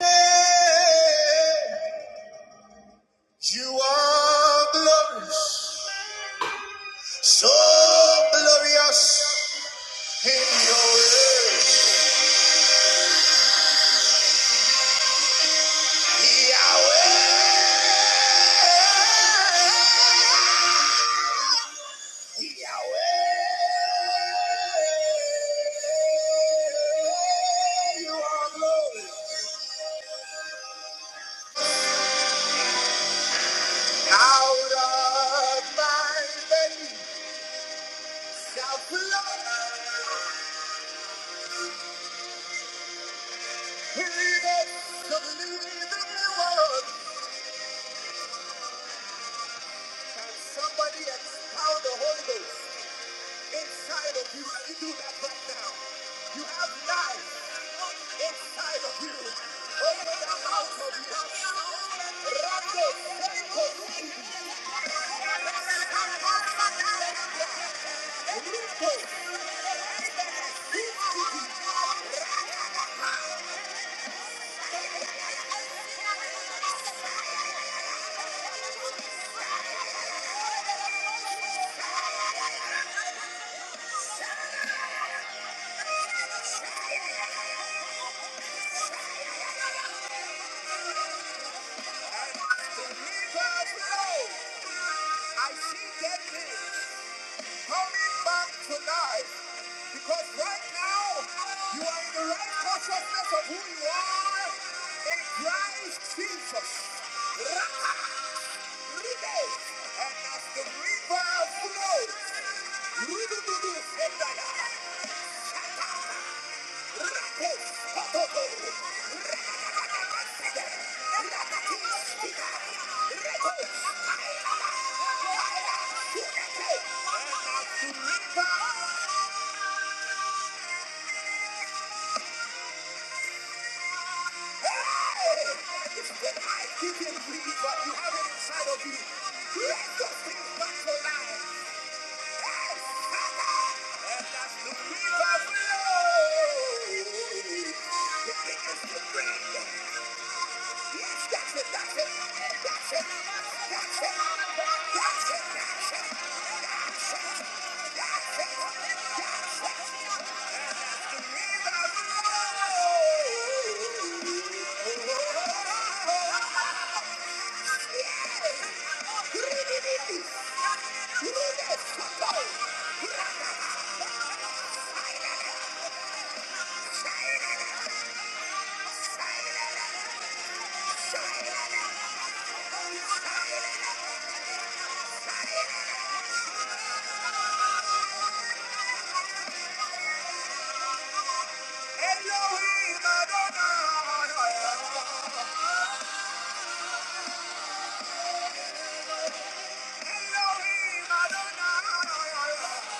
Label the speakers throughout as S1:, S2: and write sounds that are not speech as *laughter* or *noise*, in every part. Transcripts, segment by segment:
S1: Hey, You are glorious, so glorious in your ways, Yahweh. Yahweh, you are glorious. Out of my belly shall come the living water. Can somebody expound the Holy Ghost inside of you? Can you do that right now? You have life inside of you. Open the mouth of you. Rando, Seiko, Rico, Rico, Rico, Rico, I see dead things. coming back tonight because right now you are in the right consciousness of who you are in Christ Jesus. *laughs* Raka, ride, And as the river flows, rudududu, sendaya, rako, kototo, rakakakakasida, rakakakakasida, reko, ayala, ayala, kuneke. And as the river Hey! It's the life you can but you have it inside of you. Let those things come to life. Hey, Father, and that's the breath of life. The thing is to breathe. Yes, that's it, that's it, that's it, that's it, that's it, that's it, that's it, that's it. Elohim Adonai. Elohim Adonai.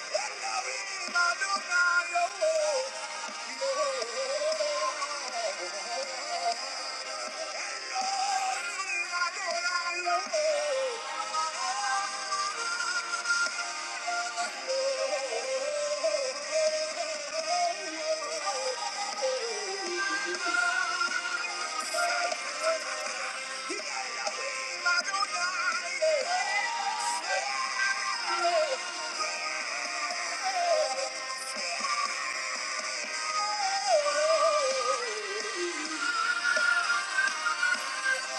S1: Elohim Adonai. Oh, yeah. If you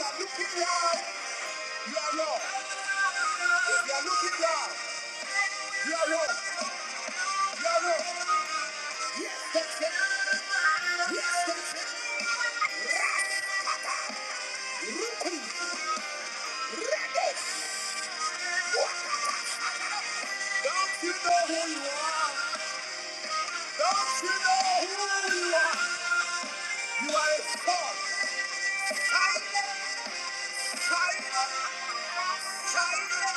S1: are looking down, you are wrong. If you are looking down, you are wrong. You are wrong. Yes, that's it. Yes, that's it. Right. Ruku. Ready. Don't you know who you are? Don't you know who you are? You are a star. China, China, China.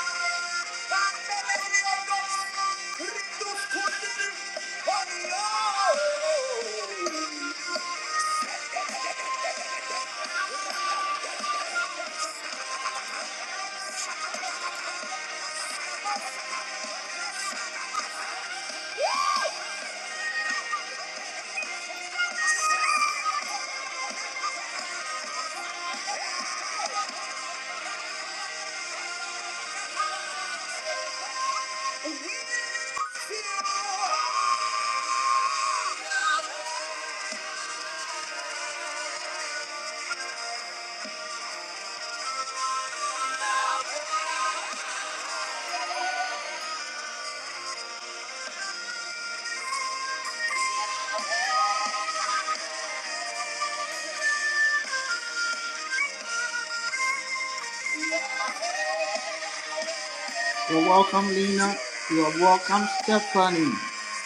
S1: You're welcome, Lena. You are welcome, Stephanie.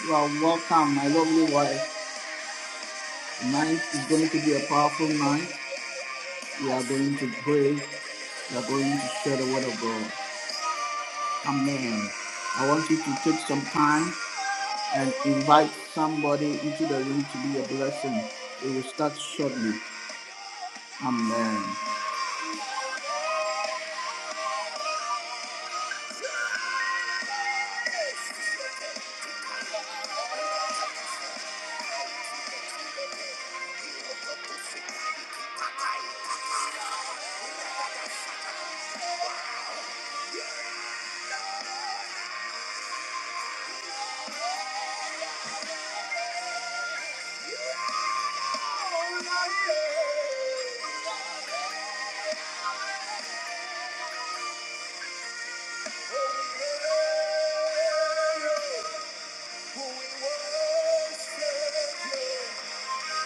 S1: You are welcome, my lovely wife. Tonight is going to be a powerful night. We are going to pray. We are going to share the word of God. Amen. I want you to take some time and invite somebody into the room to be a blessing. We will start shortly. Amen.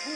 S1: We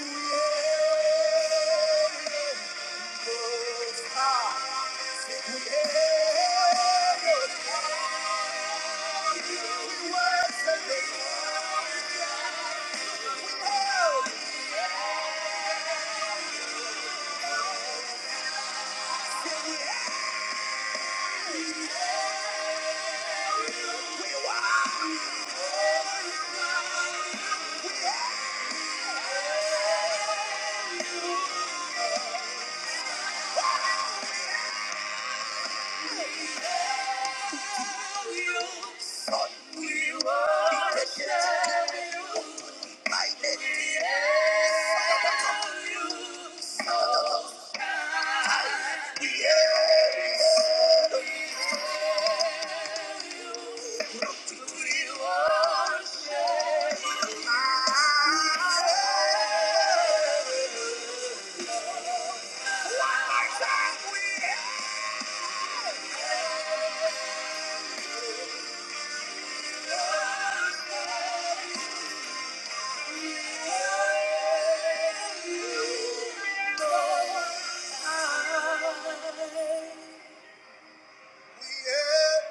S1: have.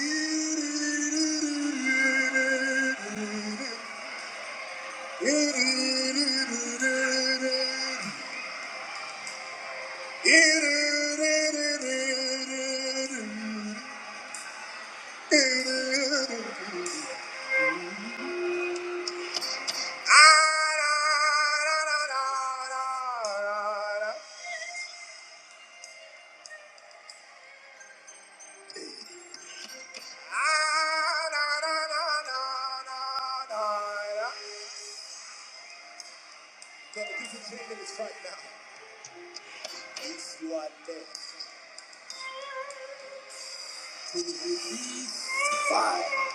S1: *laughs* Right now, if you are dead, could you release fire?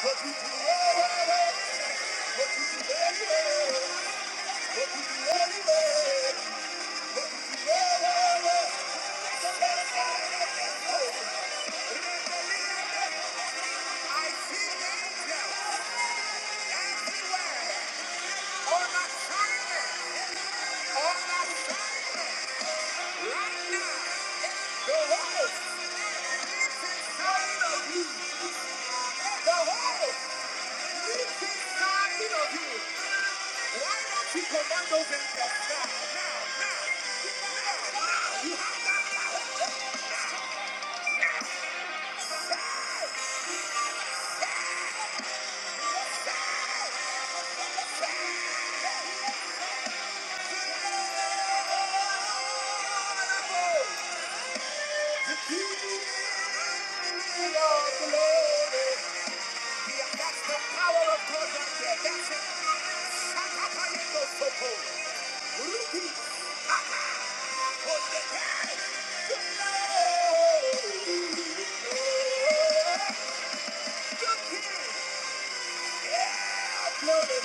S1: What you do anyway, what you do anyway, what you do anyway, what you do anyway, somebody got it up and over. And I believe that I see them now, everywhere. On my assignment, on the the right now. whole whole of of you. the whole is inside of you. Why don't you command those angels now? That's the power of God right there. That's it. Sakapayeko soko. Ruki. Aka. Otekai. Glory. Glory. Yeah, glory.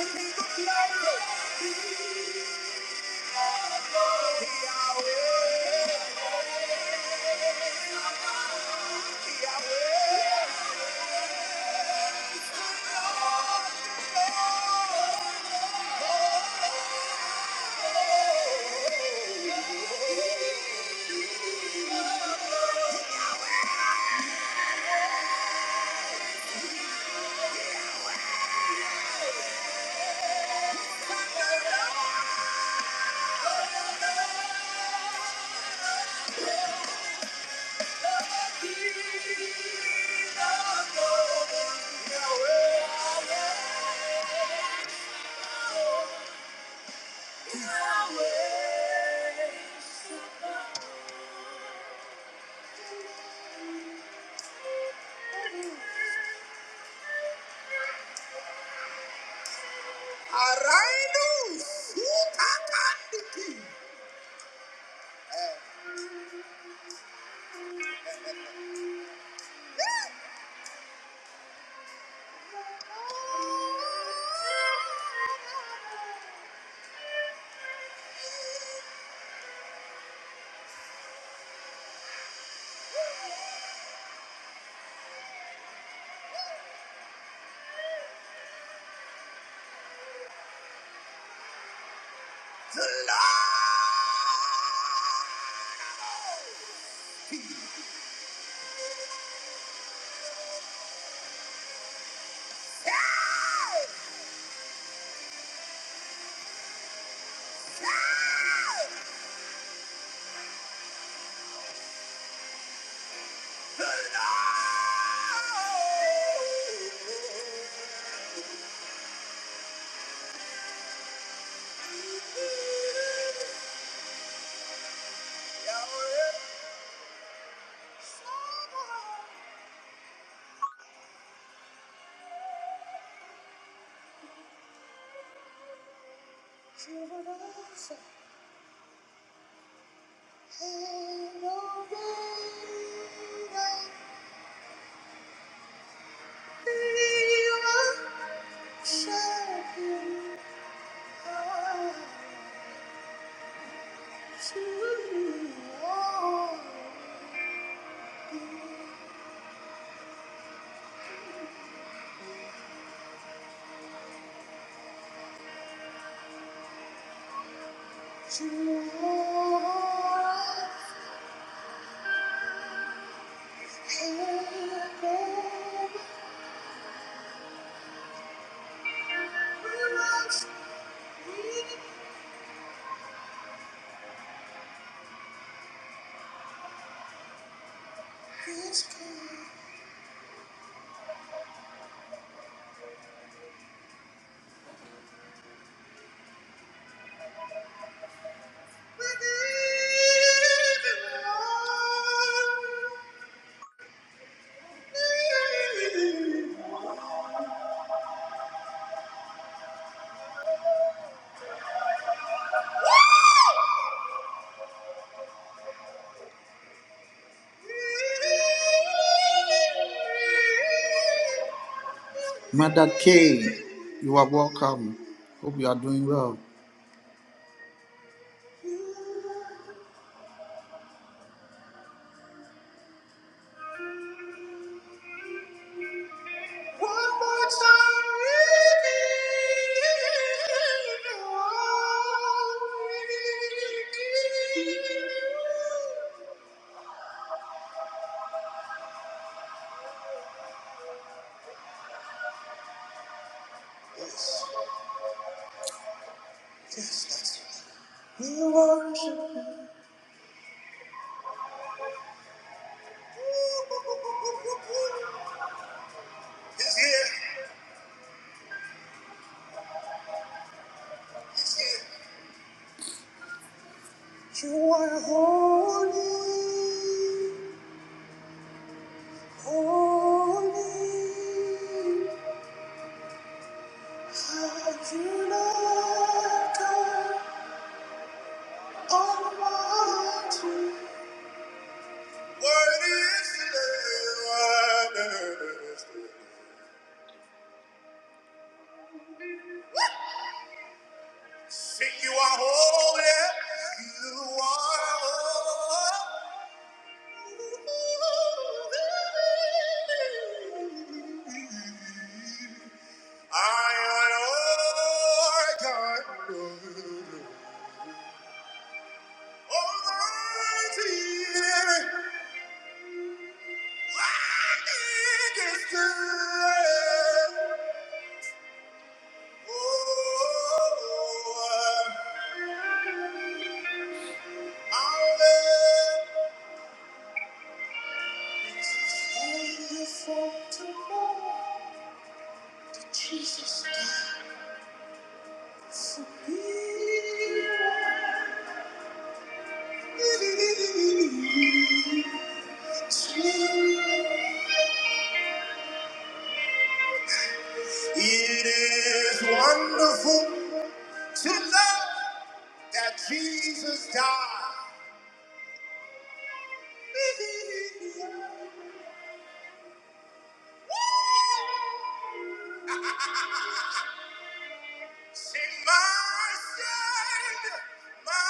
S1: I believe the glory. Arainu sukandiki. Thank you. Mother K, you are welcome. Hope you are doing well. One more time. We worship you. He's here. You are holy. Only have you loved her all is the Lamb. Sing you are holy, you are holy. I adore God. Almighty, worthy is the Lamb. Jesus died for me. It is wonderful to know that Jesus died. Say, my sin, my,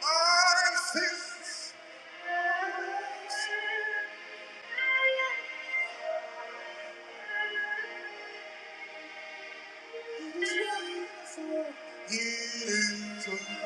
S1: my sins. Jesus, Jesus.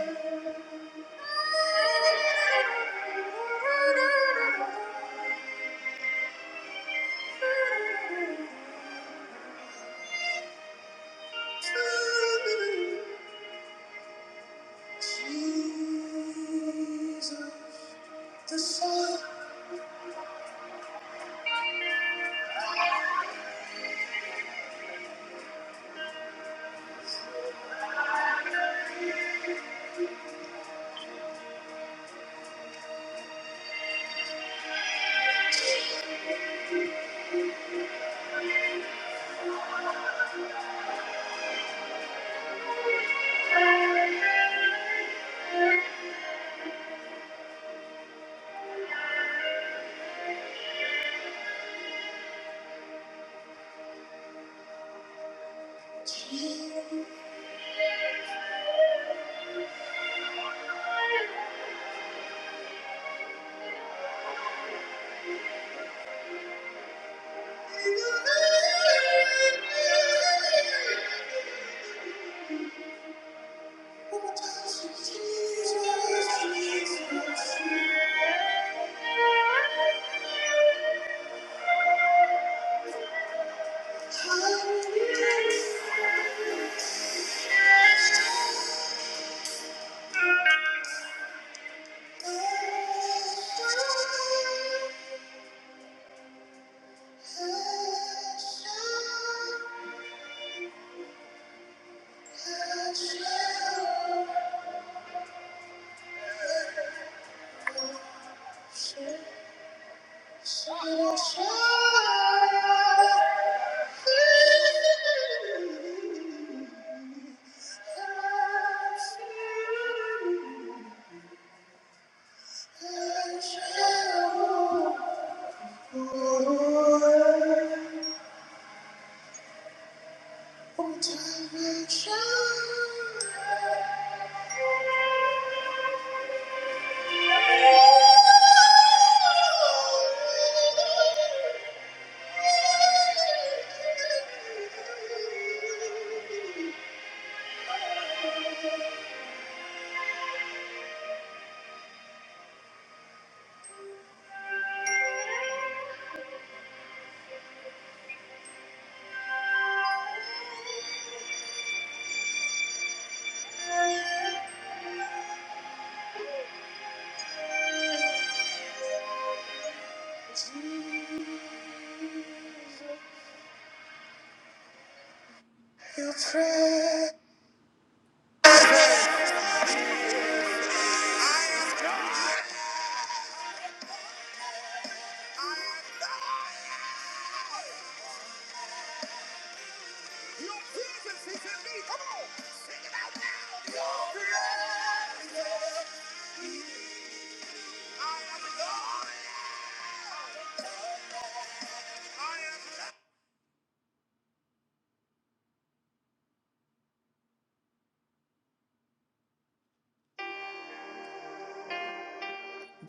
S1: Thank you.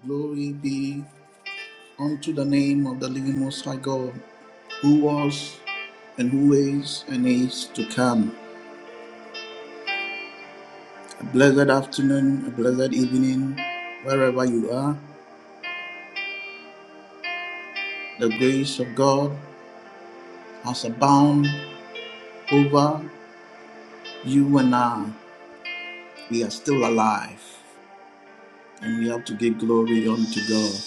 S1: Glory be unto the name of the living Most High God, who was and who waits and is to come. A blessed afternoon, a blessed evening, wherever you are. The grace of God has abounded over you and I. We are still alive and we have to give glory unto God.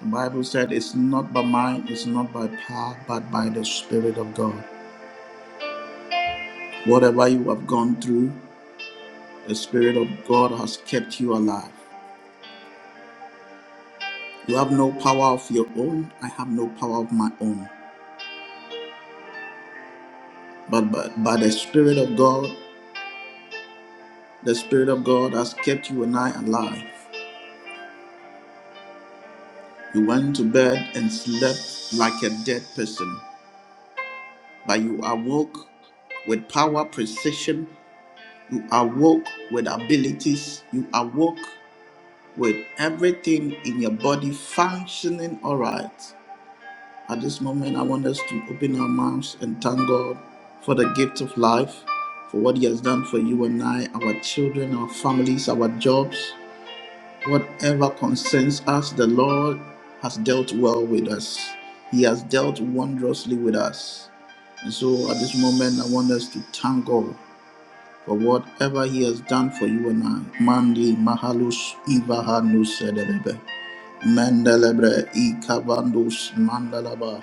S1: The Bible said it's not by might, it's not by power, but by the Spirit of God. Whatever you have gone through, the Spirit of God has kept you alive. You have no power of your own. I have no power of my own. but but by the Spirit of God, the Spirit of God has kept you and I alive. You went to bed and slept like a dead person, but you awoke with power, precision. You awoke with abilities. You awoke with everything in your body functioning all right. At this moment, I want us to open our mouths and thank God for the gift of life, for what He has done for you and I, our children, our families, our jobs. Whatever concerns us, the Lord has dealt well with us. He has dealt wondrously with us. And so at this moment, I want us to thank God for whatever He has done for you and I. Mandi Mahalus Ivaha no Sedelebe. Mendelebre Ikabandus Mandalaba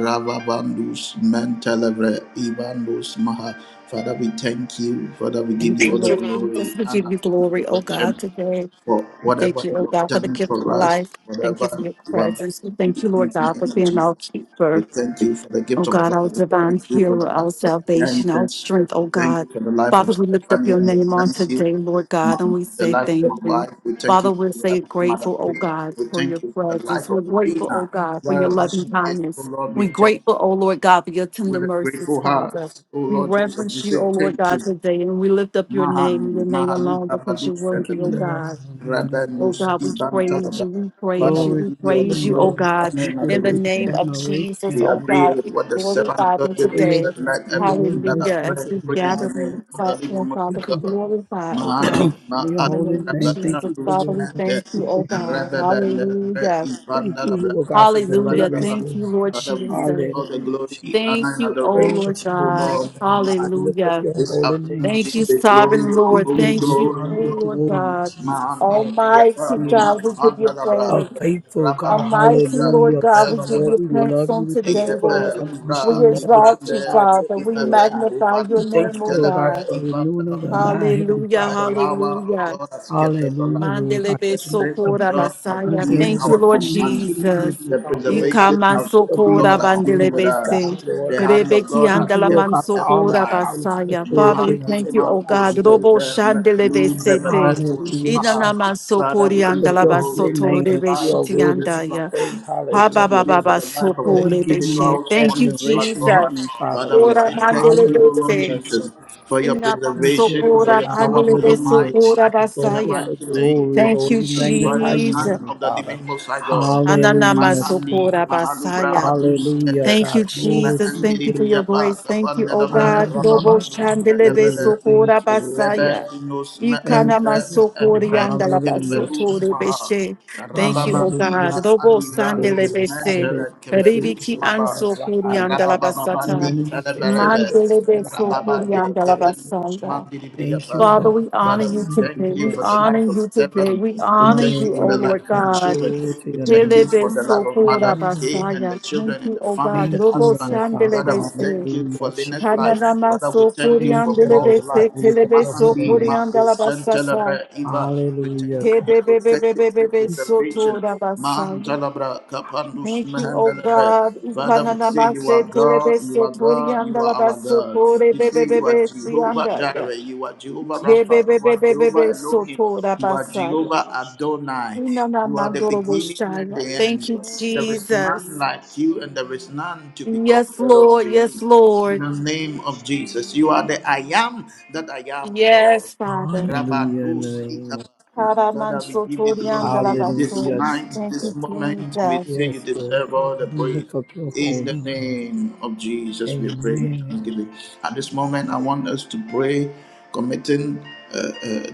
S1: Ravabandus Mentelebre Ibandus Maha. Father, we thank you. Father, we give
S2: Thank
S1: you
S2: you,
S1: all the
S2: Lord
S1: glory,
S2: Jesus. We give
S1: honor,
S2: you
S1: and
S2: glory, oh God,
S1: adoration
S2: today.
S1: for
S2: We Thank
S1: whatever
S2: you, oh
S1: you have
S2: God, for the
S1: done
S2: gift of
S1: for us,
S2: life. Thank you for
S1: whatever
S2: your
S1: you are about
S2: presence. We
S1: to
S2: thank
S1: do
S2: you, Lord
S1: in the
S2: God, for
S1: name of
S2: being our
S1: Jesus.
S2: keeper.
S1: We thank you for the
S2: Oh
S1: gift of
S2: God,
S1: life.
S2: our
S1: We
S2: divine
S1: thank you for the
S2: healer, our
S1: life of
S2: salvation, our
S1: Bianca.
S2: strength,
S1: We
S2: oh
S1: thank
S2: God.
S1: you for the life of
S2: Father, we lift up
S1: Stephanie.
S2: your
S1: We
S2: name on
S1: thank
S2: today,
S1: you
S2: Lord God, and
S1: my-
S2: we
S1: the
S2: say
S1: life of my
S2: thank you.
S1: wife. We thank you
S2: Father,
S1: for
S2: we
S1: the
S2: say
S1: life of Mother
S2: grateful, oh
S1: Kate.
S2: God,
S1: We
S2: for your
S1: thank you for the
S2: presence.
S1: life of
S2: We're grateful, oh
S1: Lena.
S2: God, for your
S1: Wherever
S2: loving
S1: she is, oh
S2: kindness.
S1: Lord, we
S2: We're
S1: thank
S2: grateful,
S1: you
S2: oh Lord God, for your tender
S1: with a
S2: mercies,
S1: grateful heart.
S2: Father.
S1: Oh
S2: We
S1: Lord Jesus, we
S2: reverence you,
S1: say
S2: oh Lord
S1: thank
S2: God,
S1: you.
S2: today, and we lift up your name, your
S1: Mahandi,
S2: name alone,
S1: Mahaluda
S2: because
S1: Badu
S2: you're
S3: Thank
S2: worthy, oh
S3: you,
S1: Sedede,
S3: Lord
S2: God.
S3: God. Hallelujah.
S2: Oh
S1: Rabendo
S2: God, we
S1: Skiban
S2: praise
S1: Talaba.
S2: you, we praise you,
S1: Father,
S3: Glory
S2: we
S1: we
S3: to
S1: give you
S3: your
S1: all the
S2: praise you,
S3: name,
S2: oh
S3: Lord
S1: glory
S2: God,
S3: God.
S1: honor,
S3: We
S1: and
S2: in
S3: give
S2: the
S3: you
S2: name
S1: adoration.
S2: of
S3: admiration,
S2: Jesus,
S1: We
S2: oh
S3: Heavenly
S1: agree
S3: Father,
S2: God,
S1: with
S2: we
S1: what the servant of
S2: glorify you
S1: God gave
S3: for
S1: you
S3: your
S2: today.
S1: said.
S3: goodness
S1: Let
S3: and your
S1: everything that
S3: mercy,
S1: has
S2: Hallelujah. As
S1: breath
S2: we
S3: Heavenly
S1: praise the
S2: gather
S3: Father.
S2: in the
S1: name of the living
S2: platform,
S1: Most
S3: We
S2: Father,
S1: High
S2: we
S3: come
S1: God.
S2: glorify, oh
S3: *clears throat*
S1: Mahandi
S2: God,
S3: for your
S2: in the
S1: ma'alu
S3: holy
S2: name of
S3: name. Thank
S1: rabaka
S2: Jesus.
S3: you for
S1: rus
S2: Father,
S3: your
S2: we
S3: Holy
S2: thank
S1: mantes
S2: you, oh
S3: Spirit, Heavenly
S2: God.
S1: rababanda
S3: Father.
S2: Hallelujah.
S3: Thank
S1: ibanda
S3: you, Lord
S1: rabaka
S3: God, for
S2: Hallelujah.
S3: deliverance,
S1: rabadadaba.
S2: Thank
S3: Lord
S2: you, Lord
S3: God.
S1: Father, we
S2: Jesus.
S1: give you all the
S3: Hallelujah,
S1: glory,
S3: Jesus.
S2: Thank
S1: honor, and
S2: you, oh
S1: adoration,
S3: Glory
S2: Lord
S3: to your
S1: O
S2: God.
S3: name,
S1: Lord,
S3: Lord God.
S1: tonight.
S3: We lift up
S2: Hallelujah.
S3: your
S1: This
S3: holy name,
S1: afternoon we
S2: Thank you,
S1: say
S3: Jesus.
S2: sovereign
S1: glory,
S3: We
S2: Lord.
S1: glory,
S3: give
S2: Thank
S3: you
S2: you,
S3: honor
S1: glory,
S2: oh
S3: and
S1: glory.
S2: Lord
S3: glory,
S2: God.
S3: Jesus,
S1: Mahandi
S3: Lord God,
S1: priya
S3: for
S2: Almighty
S1: panu
S3: being
S2: God, we give you
S1: mahanda
S2: praise.
S3: a,
S1: Labra.
S3: a faithful
S1: The
S3: God.
S2: Almighty Lord
S3: Hallelujah,
S2: God, we
S3: Jesus,
S2: give
S3: Lord.
S2: you
S3: We
S2: thanks
S3: love you.
S2: on
S3: We thank
S2: today,
S3: you for
S2: Lord.
S3: the unconditional
S2: We
S3: love that you
S2: exalt you,
S3: provide to
S2: Father.
S3: us,
S2: We
S3: Lord God.
S2: magnify
S3: We
S2: your
S3: thank
S2: name,
S3: you,
S2: oh
S3: Lord God,
S2: God.
S3: for a renewing of the mind, Heavenly
S2: Hallelujah,
S3: Father, Lord God.
S1: power of
S2: hallelujah.
S1: God has kept us alive.
S3: Hallelujah, Lord God.
S2: Mandelebe
S1: The
S3: Keeping us
S1: strength
S3: from
S1: of
S2: sokora
S1: God has
S2: basaya.
S1: been
S3: undangerous,
S2: Thank you,
S1: our
S2: Lord
S3: unseen,
S1: companion.
S3: sitting
S2: Jesus.
S3: here,
S1: The
S3: Father, Lord God,
S1: preservation
S2: Ikama
S1: of
S3: for
S1: of
S3: being
S1: God
S2: sokora
S3: an
S1: has been with
S2: bandelebe
S3: all-knowing
S1: us.
S2: se.
S3: God, Lord
S1: The
S3: God.
S1: hand of
S2: Rebeki
S1: God
S3: Thank
S1: has
S3: you, Lord
S1: kept
S2: andalaman
S3: God, for
S1: us
S3: all the
S2: sokora
S1: alive.
S3: power that you
S2: basaya.
S3: bestowed
S2: Father, we
S3: in us,
S1: Mahani
S2: thank you,
S3: Heavenly
S2: O
S1: Mahu
S3: Father,
S2: God.
S3: Lord
S2: Robo
S1: Shente
S3: God.
S1: Mekalu
S2: shandelebe sete.
S1: Bebebeku
S3: Hallelujah,
S1: Shmaha.
S3: Jesus.
S2: Inanaman
S1: Father, we
S2: sokori
S3: Lift
S1: give
S3: up
S1: you
S3: your holy
S1: glory for
S2: andalabasoto
S3: name
S1: the
S3: that
S2: rebe
S3: you
S1: life
S3: are
S2: shiti
S1: of
S3: worthy
S1: this
S3: to be
S2: andaya.
S3: praised.
S1: platform. We
S2: Haba
S1: thank
S3: Hallelujah,
S1: you for
S3: God.
S2: baba
S1: the life of
S3: Lord,
S1: the
S3: we
S2: sokore
S3: give you
S2: beshe.
S3: much
S1: individuals
S2: Thank
S1: on
S2: you,
S1: this
S3: admiration,
S1: platform.
S2: Jesus.
S3: Heavenly Father,
S1: Father, we
S3: Lord
S2: Ora
S1: say
S3: God.
S1: thank
S2: mandelebe
S1: you, Lord
S2: se.
S3: Hallelujah,
S1: Jesus,
S3: Jesus.
S1: for your
S3: Thank you,
S1: preservation, for
S3: Lord
S2: Inamasokora
S1: your
S3: God.
S1: power, for your
S3: Hallelujah,
S1: might.
S2: kandelebesokora
S3: Jesus.
S1: In the
S3: Lord, you're
S2: basaya.
S3: so
S1: mighty name
S3: glory,
S1: of
S2: Thank
S3: Lord.
S2: you,
S3: We
S1: Jesus Christ,
S3: magnify
S1: the
S3: you,
S2: Jesus.
S1: Son
S3: Heavenly
S1: of the
S3: Father.
S1: Living Most High God.
S3: Hallelujah,
S1: Ma'andi
S2: Ananamasokora
S3: Jesus.
S1: Mahalubra
S2: basaya.
S1: Badus et
S3: Hallelujah,
S2: Thank
S3: God.
S2: you,
S3: Glory to
S2: Jesus.
S1: Ma'andi
S3: your
S2: Thank you for
S3: name.
S2: your
S1: Ribriapa
S2: grace. Thank you, oh
S1: Kapanedabra
S2: God. Robo
S3: Hallelujah,
S1: Rababandus
S3: God.
S1: Me'evere
S3: Glory.
S2: shandelebesokora
S3: Thank you, Lord
S1: Lebe
S2: basaya.
S3: Jesus.
S1: Inus
S3: Thank
S1: Me'ente
S3: you, Lord God.
S2: Ikanamasokori
S1: Me'edivre
S3: Hallelujah,
S1: Kevedus
S3: Jesus.
S2: andalabasotore
S1: Maha
S2: beshe. Thank you, oh
S1: Rababandi
S3: Hallelujah.
S2: God. Robo
S1: Ma'ali Randus
S3: Glory.
S2: sandelebese.
S3: Hallelujah.
S1: Mentele
S3: This is the
S1: Kevedus
S2: Ribiki
S3: praise
S1: Maba
S3: of the Lord
S2: ansokori
S3: Higher.
S1: Rabababandi
S2: andalabasata.
S3: Hallelujah. Get to the
S1: Kelebelebe
S3: praise of the Lord Higher, God
S2: Mandelebesokori
S3: of
S1: Rababande
S3: the city.
S1: Kevedus
S2: andalabasanda.
S1: Mandi
S3: Thank you,
S2: Father,
S1: Ribriapa
S3: Lord.
S2: we honor
S1: Father, we
S2: you
S1: thank
S2: today. We
S1: you
S3: Hallelujah.
S1: for the
S3: Jesus.
S2: honor
S1: life of
S2: you today.
S1: Stephen.
S2: We
S1: We
S2: honor
S1: thank you
S2: you,
S1: for
S2: O
S1: the
S3: Hallelujah.
S1: life
S2: Lord
S1: of the
S3: God.
S2: God.
S1: children.
S3: Glory to
S1: We
S3: your
S1: thank
S3: name.
S1: you for the life of Mother Kay
S3: Hallelujah.
S1: and the
S2: Helebesokora-basaya.
S1: children
S2: Thank
S1: and
S2: you,
S1: the
S2: O
S1: family,
S2: God.
S1: the
S3: Thank
S2: Robo
S3: you,
S1: husband.
S3: Lord God.
S1: Father, we
S2: Shandelebese.
S1: thank you for
S3: Hallelujah,
S1: Lynette's
S3: Jesus.
S1: life.
S2: Kananama
S1: Father, we thank you
S3: Thank
S1: for
S3: you, Lord
S1: Paul's
S3: God.
S1: life.
S2: Sokoriandelebese.
S3: We lift up your holy
S1: Ma'andi,
S3: name.
S1: Ma'o,
S2: Telebesokoriandalabasasa.
S1: Santalabra, Eva. We
S3: Hallelujah,
S1: thank you for
S3: God.
S1: your protection, for your
S2: Hebebebebebebe
S1: preservation. Ma'an,
S2: Sotorabasaya.
S1: Talabra, Kapandus,
S2: Thank you, O
S4: Blessed be
S1: Mahandalabra.
S2: God.
S4: your
S1: Father, we say
S4: name, O
S1: you
S2: Ikananamase
S1: are
S4: God Most
S1: God,
S4: High.
S1: you
S2: telebese
S1: are God, you are our God. We say you are
S2: toriandalabasotorebebebebe
S4: Honor,
S1: Jehovah
S4: power,
S1: Jireh, you are Jehovah Rapha, you
S4: glory,
S1: are Jehovah
S2: Yebebebebebe
S1: Elohim,
S2: soto
S1: you are
S2: rabasaya.
S1: Jehovah
S4: majesty,
S1: Adonai.
S2: Inana
S1: You are the
S2: mandoro
S1: beginning and the
S2: boshaya.
S4: and
S2: Thank
S1: end.
S2: you,
S1: There
S4: honor
S1: is
S4: are
S1: none
S2: Jesus.
S1: like
S4: yours
S1: you, and
S4: forever,
S1: there is
S4: Lord.
S1: none to be
S2: Yes,
S1: compared unto
S2: Lord. Yes,
S1: you. In
S2: Lord.
S1: the name
S4: We
S1: of
S4: extol your
S1: Jesus, you
S4: name
S1: are
S4: on
S1: the I
S4: high.
S1: am that I am God.
S2: Yes, Father.
S3: Hallelujah in the
S1: Rabanus
S4: Hallelujah.
S3: name of
S2: Karaman
S1: Father, we give you
S2: soto rianda
S1: glory this
S2: rabaso.
S3: Hallelujah,
S1: night,
S2: Thank
S1: this
S2: you,
S3: Jesus.
S1: moment.
S4: Be
S1: We
S2: Jesus.
S1: say you
S3: Yes, Lord
S1: deserve
S4: glorified, O
S3: God,
S1: all the
S3: we
S4: God,
S1: praise.
S3: lift up your
S4: at this
S1: In the
S3: holy
S4: hour.
S3: name.
S4: Be
S1: name of
S4: glorified, O
S1: Jesus, we
S4: Lord.
S1: pray with
S3: Amen.
S1: thanksgiving. At this
S4: Amen.
S1: moment, I want us to pray, committing uh, uh,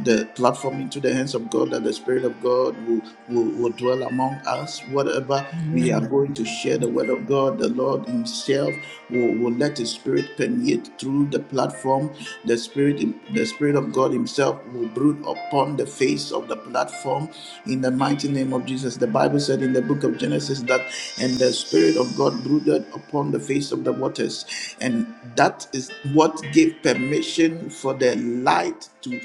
S1: the platform into the hands of God, that the Spirit of God will, will, will dwell among us. Whatever we are
S3: Amen.
S1: going to share, the Word of God, the Lord Himself will, will let His Spirit permeate through the platform. The Spirit, the Spirit of God Himself yourself will brood upon the face of the platform in the mighty name of Jesus. The Bible said in the book of Genesis that, and the Spirit of God brooded upon the face of the waters. And that is what gave permission for the light to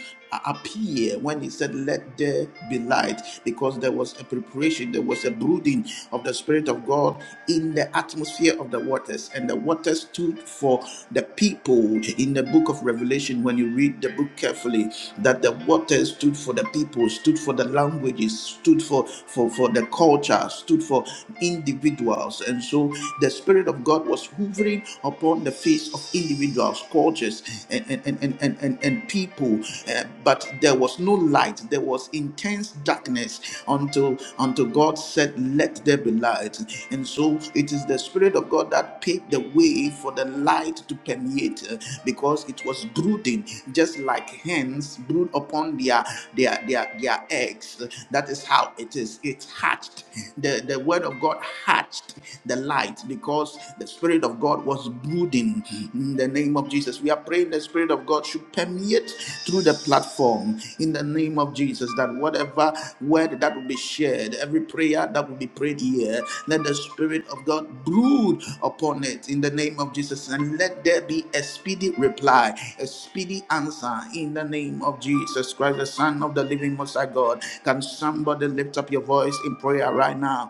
S1: appear when he said let there be light because there was a preparation there was a brooding of the spirit of god in the atmosphere of the waters and the waters stood for the people in the book of revelation Revelation, when you read the book carefully, that the water stood for the people, stood for the languages, stood for, for, for the culture, stood for individuals. And so the Spirit of God was hovering upon the face of individuals, cultures, and, and, and, and, and, and and people. Uh, but there was no light, there was intense darkness until, until God said, Let there be light. And so it is the Spirit of God that paved the way for the light to to permeate uh, because it was brooding just like hens brood upon their their their, their eggs that is how it is it hatched the the word of god hatched the light because the spirit of god was brooding in the name of jesus we are praying the spirit of god should permeate through the platform in the name of jesus that whatever word that will be shared every prayer that will be prayed here let the spirit of god brood upon it in the name of Jesus. And let there be a speedy reply, a speedy answer in the name of Jesus Christ, the Son of the living Most High God. Can somebody lift up your voice in prayer right now?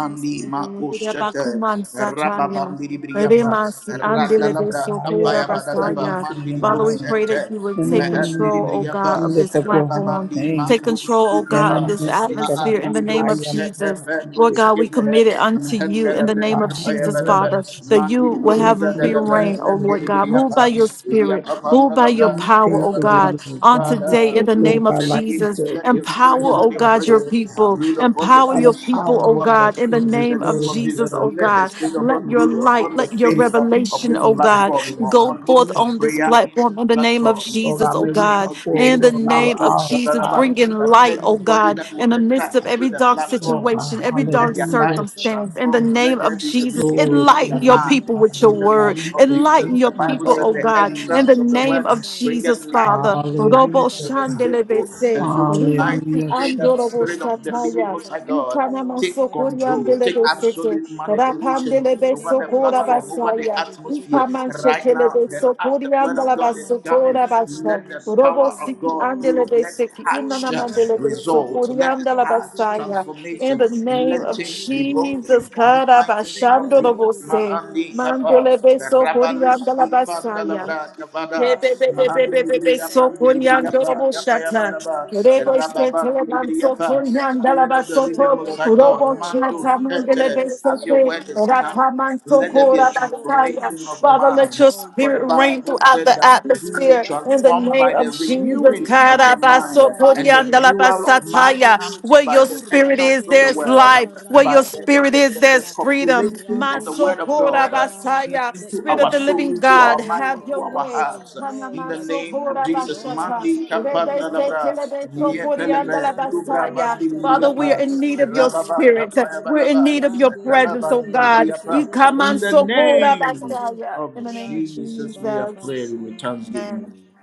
S2: Yes, Lord. Ida
S1: Makushata
S2: Bakuman Sataya.
S1: Rababandi Briapa
S3: God,
S2: Remasi
S3: we lift
S2: Andele
S3: you
S2: de
S3: up
S1: Randalabra
S3: high,
S1: Kapaya
S3: God, for the
S1: Badadaba
S2: Basaya.
S3: least in the
S1: Mandi
S2: Father, we
S3: Messiah.
S1: Bruce
S2: pray that
S1: Enter
S2: you
S4: Rokoto
S3: No,
S2: would
S3: no,
S2: take
S3: no, no, no,
S4: rebeke
S1: Mahandi
S2: control,
S3: no,
S2: oh
S4: sekere
S3: no.
S2: God,
S3: We
S1: Briapa
S2: of
S4: basaya
S3: lift
S2: this
S3: up your
S4: rabas
S3: holy
S2: platform.
S4: kotoro.
S1: Rababandi
S3: name,
S2: Take
S3: God.
S1: Mantus
S2: control, oh
S3: Yeah,
S2: God,
S3: no,
S2: of
S1: Pitava
S3: no,
S2: this
S3: no,
S4: Rande
S3: shake it
S4: kebe
S3: up,
S2: atmosphere
S3: ah,
S2: in
S1: Maandi
S2: the
S4: bebe
S2: name
S3: ah,
S2: of
S1: Bruce
S3: yeah, my
S2: Jesus.
S3: mama, she
S2: Lord
S3: said,
S2: God, we commit it
S1: Ependus
S2: unto
S1: Father, brood
S2: you in the name
S3: God,
S2: of
S3: have
S1: the
S3: your
S2: Jesus,
S3: way,
S2: Father,
S3: Lord.
S2: that you will have
S3: Lord, we
S2: free
S3: thank
S2: reign, oh
S3: you,
S2: Lord
S3: Heavenly
S2: God.
S3: Father.
S2: Move by your spirit, move by your
S3: Lord, you
S2: power, oh
S3: paved the way,
S2: God,
S3: Lord
S2: on
S3: God. You
S2: today in
S3: spoke,
S2: the
S3: Lord
S2: name of
S3: God,
S1: ten
S3: life
S1: gate,
S2: Jesus.
S3: into
S1: let your
S3: existence,
S2: Empower,
S1: spirit
S3: Heavenly
S1: let
S2: oh
S1: your
S3: Father,
S2: God, your
S3: Lord
S1: presence
S3: God.
S2: people.
S1: brood upon the
S2: Empower
S3: by
S2: your
S3: the
S1: face of
S3: power,
S2: people,
S1: the
S2: oh
S3: Lord God,
S2: God,
S3: that
S1: waters.
S2: in the
S3: you have
S1: In the
S2: name of
S1: name
S3: restored in
S1: of
S3: the
S2: Jesus,
S3: blood
S1: Jesus,
S2: oh
S3: of the
S1: let the
S2: God.
S1: Spirit of
S3: tapping
S1: God
S2: Let
S3: through,
S2: your
S1: brood
S3: Lord
S2: light,
S1: upon
S3: God.
S1: the
S2: let your
S3: And
S1: face of, of
S2: revelation,
S3: speak to
S1: this
S2: oh
S3: me,
S2: God,
S3: Father,
S1: platform,
S3: Lord God.
S2: go
S1: upon
S2: forth
S1: this
S2: on this
S1: prayer
S3: Hallelujah.
S2: platform
S1: incense
S2: in the name of
S1: platform
S3: Lord
S2: Jesus,
S3: God,
S1: in
S2: oh
S3: may
S1: the
S3: we
S1: name
S3: come
S2: God.
S1: of
S2: In
S3: forward,
S2: the
S1: Jesus.
S3: Lord God, with
S2: name of
S1: Marcos,
S3: all
S2: Jesus, bring
S3: power.
S4: We
S2: in
S1: That
S2: light, oh
S1: anybody
S2: God,
S1: that will
S2: in the
S1: enter
S2: midst of
S1: into
S2: every
S1: the
S2: dark
S3: Lord
S1: platform, uh,
S2: situation,
S3: God,
S2: every
S1: let
S2: dark
S1: their life
S3: hallelujah,
S1: be
S2: circumstance.
S4: covet your
S2: In the
S1: transformed.
S3: Jesus.
S2: name
S1: Let there
S2: of
S1: be
S4: presence.
S1: a
S2: Jesus,
S3: Glory
S4: Come
S1: renewing of
S3: to the
S2: enlighten
S1: their
S2: your
S3: name,
S2: people
S1: mind
S3: God,
S2: with your
S1: in
S3: Lord
S1: the
S2: word
S3: God.
S1: name
S3: We
S1: of
S3: just
S1: Jesus.
S2: Enlighten
S3: thank
S1: The
S2: your
S3: you
S1: Bible
S2: people,
S3: right
S1: said
S2: oh
S1: the
S3: now in the
S2: God,
S3: name
S2: in the
S1: entrance
S4: and
S1: of the
S4: take
S2: name
S1: word
S3: of
S2: of
S3: Jesus.
S4: control.
S1: bringeth
S2: Jesus,
S1: light and
S2: Father.
S4: Rende
S2: Robo
S1: understanding to
S3: Hallelujah,
S1: the
S4: barabashoto.
S3: God.
S4: Come
S1: simple.
S4: and
S2: shandelebese,
S1: And so
S4: lead.
S1: tonight we
S2: rimansi
S3: Hallelujah,
S1: pray
S4: Come and
S1: that the
S3: Jesus.
S4: take
S2: andorobo
S4: the
S1: Spirit of the
S4: lead,
S1: living
S2: shataya,
S4: Spirit
S1: Most
S4: of
S1: High God
S4: Lord.
S1: Take
S4: Kariba
S1: control, take
S4: soto rododo
S2: ikanamansokoriandelebesete,
S1: absolute
S4: shaba.
S1: manipulation over the
S4: Rende bere
S1: platform, over
S4: beke
S1: the
S4: deke
S2: rapandelebesokorabasaya,
S4: deke deke
S1: atmosphere.
S4: deke deke
S1: Right
S4: deke
S1: now,
S4: deke de.
S1: that as the word of God is
S4: Ramando
S1: coming,
S2: ikamanshekelebesokorandalabasotorabasha,
S1: let
S4: rododododo.
S1: the
S4: Spirit
S2: robo
S1: power
S4: of the
S1: of
S2: siki
S1: God do.
S4: Lord.
S1: Let it
S2: andelebeseki,
S1: hatch uh,
S4: Kora ba ba ba ba ba
S1: results.
S4: ba ba.
S1: Let it
S4: Eke de
S1: hatch
S4: de de
S2: inanamandelebesokoriandalabasaya.
S4: de. Take
S2: In
S1: transformation.
S2: the name
S1: Let
S4: control.
S2: of
S4: La de
S1: change be
S4: de de bo
S1: broken.
S2: Jesus,
S4: shaba
S1: In the mighty name of
S4: Ra
S2: Karabashando
S4: de de
S1: Jesus,
S4: de de de
S2: Robose,
S4: bo
S1: Ma'andi
S4: shaba ba
S2: Mandele
S1: Kappa,
S4: ba
S1: the
S2: Beso
S4: Kura da
S2: Corianda
S4: da
S1: Rabalus
S2: la
S4: da da da da da
S2: basaya,
S4: da.
S1: Ipandalabra
S2: Karabashandorobose,
S4: Mandere
S1: Mahandi
S2: Mandelebe Sokoriandalabasaya,
S4: baba
S2: Rebebebebebebe
S1: Libriya
S4: baba
S1: Pandi
S4: dia
S1: Libriya
S4: de de
S1: Pa,
S4: de
S1: Yapaya
S4: se te
S2: Sokoriandoroboshata,
S4: de
S1: Balaba,
S4: de de de.
S1: Rababa
S2: Rebesheteleban
S1: Libriya Pa, Spirit of the
S4: Show
S1: living
S2: Sokoriandalabasoto,
S1: Most
S4: off,
S1: High God,
S4: Lord.
S1: Manto,
S2: Robochata
S4: Karida
S1: Shete,
S4: Dede,
S2: Mandelebe
S1: as
S4: Spirit
S1: your
S4: of
S2: Sete,
S4: a
S1: word is
S4: Living
S1: coming,
S4: God.
S2: Rataman
S1: let
S4: May
S1: there
S4: you
S1: be a
S4: show off
S2: Sokorabasaya.
S4: and
S1: transformation of
S4: show
S2: Father,
S4: up,
S2: let
S1: mind.
S2: your
S4: oh
S1: For the
S2: spirit
S4: God.
S2: reign
S1: Bible
S2: throughout
S1: said
S2: the
S1: that
S4: Rande de de
S1: be
S2: atmosphere in the
S4: bakura
S1: transformed
S4: da
S2: name
S1: by
S2: of
S1: the
S4: shebe
S2: Jesus.
S1: renewing
S4: bebe.
S1: of your mind,
S2: Karabaso
S4: Rakado
S1: and the
S2: Corianda la
S4: shaba de
S1: renewal
S4: be
S1: of
S4: de de
S1: mind
S4: de
S2: basataya,
S4: de.
S1: comes
S2: Where
S1: by
S2: your
S1: the
S4: Kurra
S2: spirit
S4: de
S1: entrance
S2: is,
S4: ke
S1: of
S4: de
S1: the
S2: there's
S4: de de de
S1: word
S2: life. Where your
S1: by the,
S4: karamando do
S1: the,
S2: spirit
S1: the,
S4: do
S2: is,
S1: the, the
S4: shaba.
S2: there's freedom.
S1: population of the
S4: Rabo
S1: Word of
S4: shika ba
S2: Masokora
S1: God uh, in-
S2: Basaya,
S4: Let
S1: into
S2: Spirit
S4: no
S2: of
S1: our
S2: the
S1: soul,
S2: living
S4: man
S1: into
S2: God,
S1: our mind,
S2: have
S4: glory
S1: into
S2: your
S4: in
S1: our
S2: way.
S1: hearts.
S4: themselves,
S1: uh, In
S4: Lord,
S1: the
S4: but
S1: name of
S4: you,
S2: Hanamasokora
S4: O
S1: Jesus,
S4: Lord,
S2: Bashata,
S1: Mandi
S4: Spirit of the
S1: Kapanda
S2: Rebese
S4: Lord.
S1: Labra,
S2: telebesokori
S4: Rika de
S2: andala
S1: Yeteleve,
S4: karodo
S1: Lubra
S2: basaya.
S1: Bandi
S4: bosika
S2: Father, we
S4: baleka
S2: are
S1: Libriapa,
S2: in
S4: soto
S2: need of your
S4: rodo do do
S1: Rababa
S4: do
S2: spirit.
S4: do
S1: Kapaya
S4: do
S2: We're in
S1: Balaba,
S2: need of your
S4: lande de
S2: presence,
S1: Rababa
S2: oh
S4: beke de
S2: God.
S4: beke
S1: Libriapa.
S4: zede de
S1: In the
S4: beke de de
S2: Ikamansokora
S4: de de de
S1: name
S4: de
S2: Basaya.
S1: of
S2: In the name of
S4: rande ke
S1: Jesus, we
S4: baba
S1: are
S2: Jesus.
S1: praying with
S4: basaya
S1: thanksgiving.
S2: Amen.
S4: hallelujah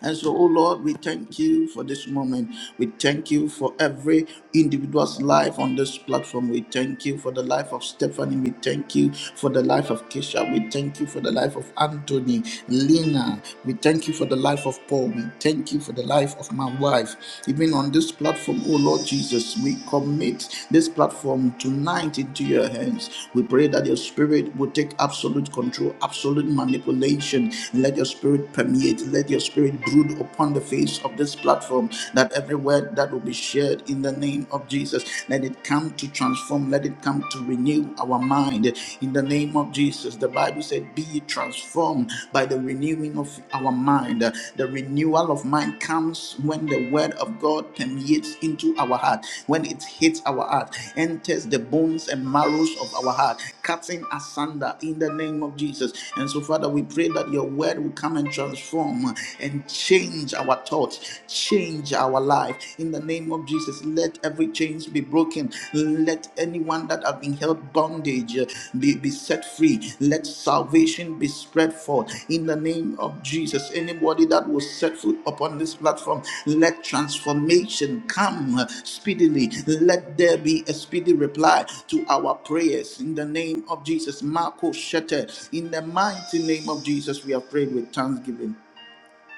S1: And so, oh Lord, we thank you for this moment. We thank you for every individual's life on this platform. We thank you for the life of Stephanie. We thank you for the life of Keisha. We thank you for the life of Anthony, Lena. We thank you for the life of Paul. We thank you for the life of my wife. Even on this platform, oh Lord Jesus, we commit this platform tonight into your hands. We pray that your spirit will take absolute control, absolute manipulation. Let your spirit permeate. Let your spirit Spirit brood upon the face of this platform, that every word that will be shared in the name of Jesus, let it come to transform, let it come to renew our mind. In the name of Jesus, the Bible said, Be ye transformed by the renewing of our mind. The renewal of mind comes when the word of God permeates into our heart, when it hits our heart, enters the bones and marrows of our heart cutting asunder in the name of Jesus. And so, Father, we pray that your word will come and transform and change our thoughts, change our life in the name of Jesus. Let every chains be broken. Let anyone that have been held bondage uh, be, be set free. Let salvation be spread forth in the name of Jesus. Anybody that will set foot upon this platform, let transformation come speedily. Let there be a speedy reply to our prayers in the name of Jesus. Marco Shetter, in the mighty name of Jesus, we have prayed with thanksgiving.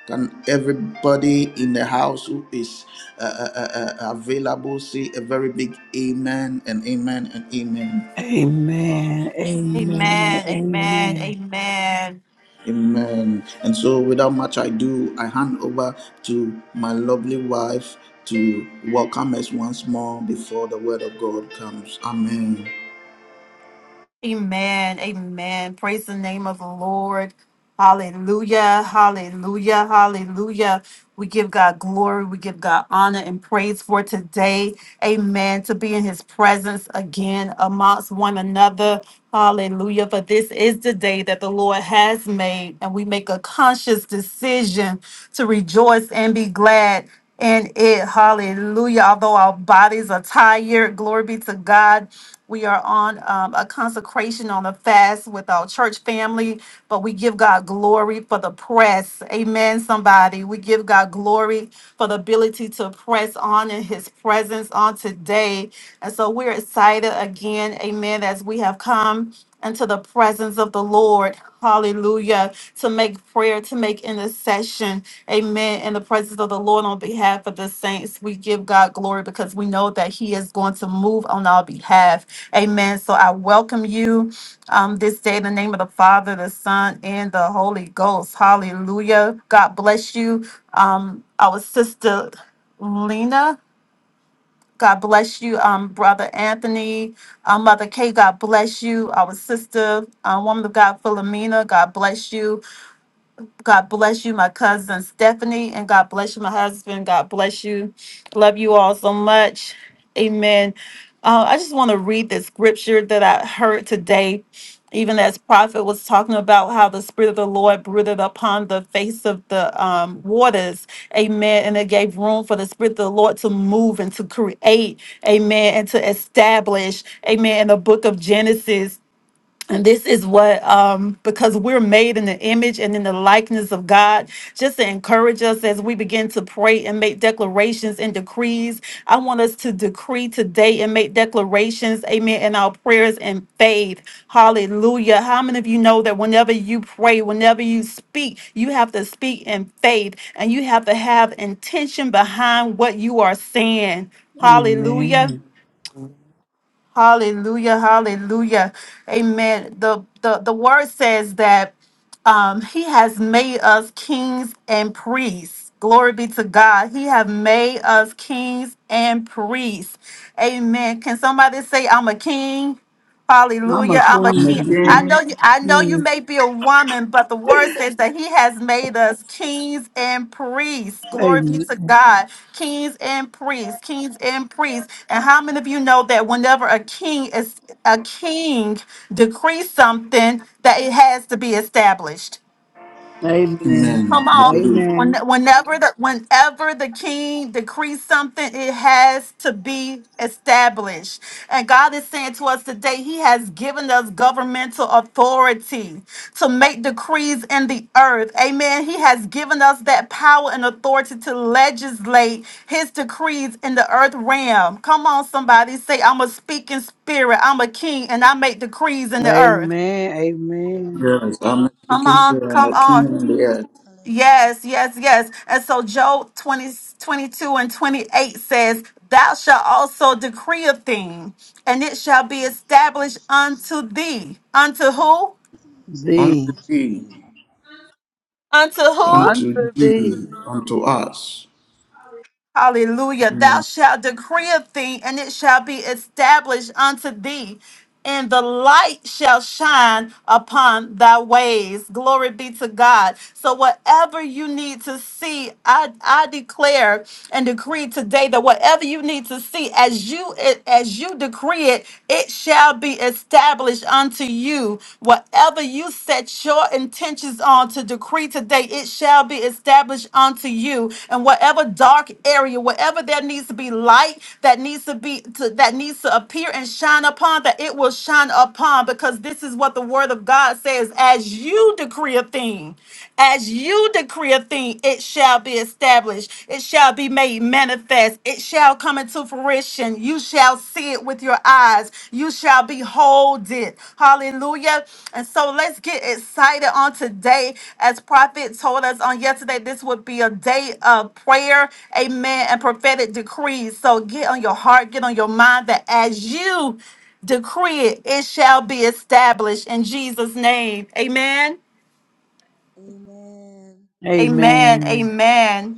S1: Can everybody in the house who is uh, uh, uh, uh, available say a very big amen and amen and amen?
S3: Amen, amen,
S2: Amen. Amen.
S3: amen.
S2: Amen.
S1: Amen. And so, without much ado, I hand over to my lovely wife to welcome us once more before the word of God comes. Amen.
S2: Amen. Amen. Praise the name of the Lord. Hallelujah. Hallelujah. Hallelujah. We give God glory. We give God honor and praise for today. Amen. To be in his presence again amongst one another. Hallelujah. For this is the day that the Lord has made, and we make a conscious decision to rejoice and be glad and it. Hallelujah. Although our bodies are tired, glory be to God. We are on um, a consecration on a fast with our church family, but we give God glory for the press. Amen, somebody. We give God glory for the ability to press on in his presence on today. And so we're excited again, amen, as we have come into the presence of the Lord. Hallelujah. To make prayer, to make intercession. Amen. In the presence of the Lord on behalf of the saints, we give God glory because we know that He is going to move on our behalf. Amen. So I welcome you um, this day in the name of the Father, the Son, and the Holy Ghost. Hallelujah. God bless you. Um, our sister Lena. God bless you, um, Brother Anthony. Uh, Mother Kay, God bless you. Our sister, uh, woman of God, Philomena, God bless you. God bless you, my cousin Stephanie, and God bless you, my husband. God bless you. Love you all so much. Amen. Uh, I just want to read the scripture that I heard today, even as Prophet was talking about how the Spirit of the Lord brooded upon the face of the um, waters. Amen. And it gave room for the Spirit of the Lord to move and to create. Amen. And to establish. Amen. In the book of Genesis. And this is what, um, because we're made in the image and in the likeness of God, just to encourage us as we begin to pray and make declarations and decrees. I want us to decree today and make declarations, amen, in our prayers and faith. Hallelujah. How many of you know that whenever you pray, whenever you speak, you have to speak in faith and you have to have intention behind what you are saying? Hallelujah.
S3: Amen.
S2: Hallelujah, hallelujah. Amen. The the, the word says that um, he has made us kings and priests. Glory be to God. He have made us kings and priests. Amen. Can somebody say I'm a king?
S3: I'm a
S2: Hallelujah. I'm a
S1: I'm
S2: king.
S1: a
S3: queen.
S2: I know
S1: king.
S2: you I know you
S3: Amen.
S2: may be a woman, but the word says that he has made us kings and priests. Glory be to
S3: Amen.
S2: God. Kings and priests, kings and priests. And how many of you know that whenever a king is a king decrees something that it has to be established?
S3: Amen.
S1: Amen.
S3: Amen.
S1: Hallelujah.
S2: When, whenever the whenever the king decrees something, it has to be established. And God is saying to us today, He has given us governmental authority to make decrees in the earth. Amen. He has given us that power and authority to legislate His decrees in the earth realm. Come on, somebody say, I'm a speaking spirit. I'm a king, and I make decrees in the
S3: Amen.
S2: earth.
S3: Amen.
S1: Yes, I'm a
S2: Come
S1: speaking spirit.
S2: on,
S1: I'm
S2: come
S1: a king
S2: on.
S1: on the earth.
S4: hallelujah
S2: Yes, yes, yes. And so Job 20, 22, and 28 says, Thou shalt also decree a thing, and it shall be
S4: peace
S2: established
S4: peace to you
S2: unto thee. Unto
S4: mm.
S2: who?
S1: Unto
S3: Thee.
S4: unto
S1: thee,
S4: me
S2: Unto who?
S1: unto
S3: Unto thee.
S1: thee,
S4: me
S1: unto us.
S2: Hallelujah. Thou shalt decree a thing, and it shall be established unto thee, and the light shall shine upon thy ways. Glory be to God. So, whatever you need to see, I, I declare and decree today that whatever you need to see, as you as you decree it, it shall be established unto you. Whatever Whatever you set your intentions on to decree today, it shall be established unto you. And whatever dark area, wherever there needs to be light that needs to be to, that needs to appear and shine upon, that it will shine upon, because this is what the word of God says. As you decree a thing, as you decree a thing, it shall be established, it shall be made manifest, it shall shall come into fruition. You shall see it with your eyes. You shall behold it. Hallelujah. And so let's get excited on today. As Prophet told us on yesterday, this would be a day of prayer, amen, and prophetic decrees. So get on your heart, get on your mind that as you decree it, it shall be established in Jesus' name. Amen.
S4: amen
S2: Amen.
S3: Amen.
S2: Amen.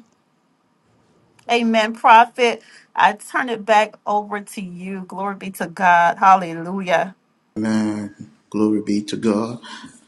S2: Amen, prophet. I turn it back over to you. Glory be to God. Hallelujah.
S1: Amen. Glory be to God.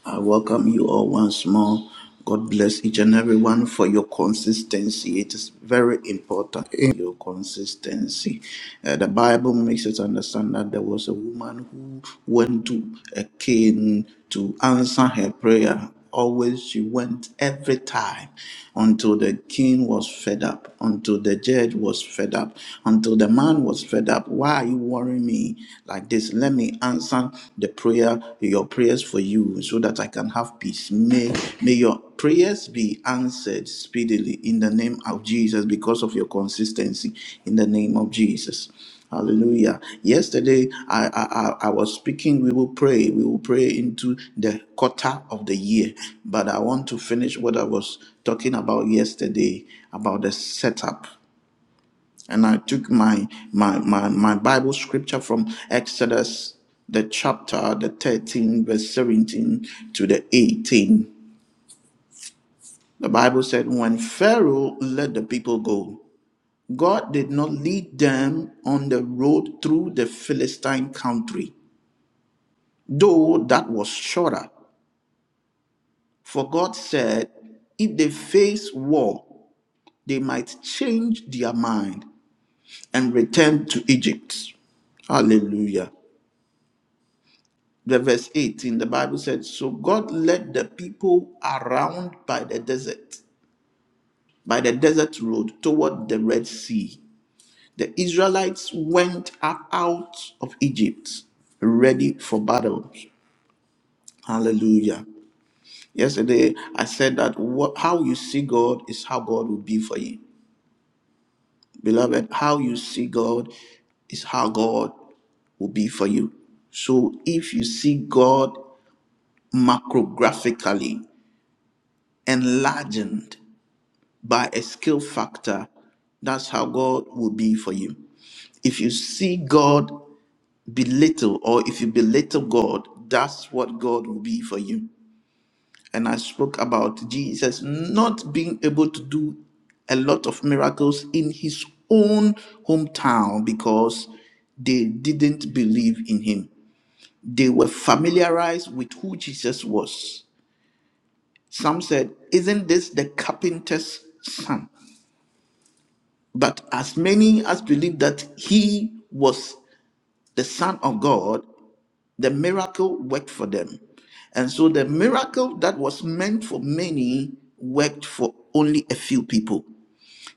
S1: I welcome you all once more. God bless each and every one for your consistency. It is very important, eh, your consistency. Uh, the Bible makes us understand that there was a woman who went to a king to answer her prayer. Always she went every time until the king was fed up, until the judge was fed up, until the man was fed up. Why are you worrying me like this? Let me answer the prayer, your prayers for you, so that I can have peace. May, may your prayers be answered speedily in the name of Jesus because of your consistency in the name
S4: amen
S1: of Jesus. Hallelujah. Yesterday, I, I, I I was speaking. We will pray. We will pray into the quarter of the year. But I want to finish what I was talking about yesterday about the setup. And I took my, my, my, my Bible scripture from Exodus, the chapter, the 13, verse 17 to the 18. The Bible said, When Pharaoh let the people go, God did not lead them on the road through the Philistine country though that was shorter. For God said, if they face war, they might change their mind and return to Egypt. Hallelujah. The verse 18, the Bible said, So God led the people around by the desert, by the desert road toward the Red Sea. The Israelites went up out of Egypt ready for battle. Hallelujah. Yesterday, I said that what, how you see God is how God will be for you. Beloved, how you see God is how God will be for you. So if you see God macrographically, enlarged by a skill factor, that's how God will be for you. If you see God belittle or if you belittle God, that's what God will be for you. and I spoke about Jesus not being able to do a lot of miracles in his own hometown because they didn't believe in him. They were familiarized with who Jesus was. Some said, Isn't this the carpenter's son? But as many as believed that he was the son of God, The miracle worked for them. And so the miracle that was meant for many worked for only a few people.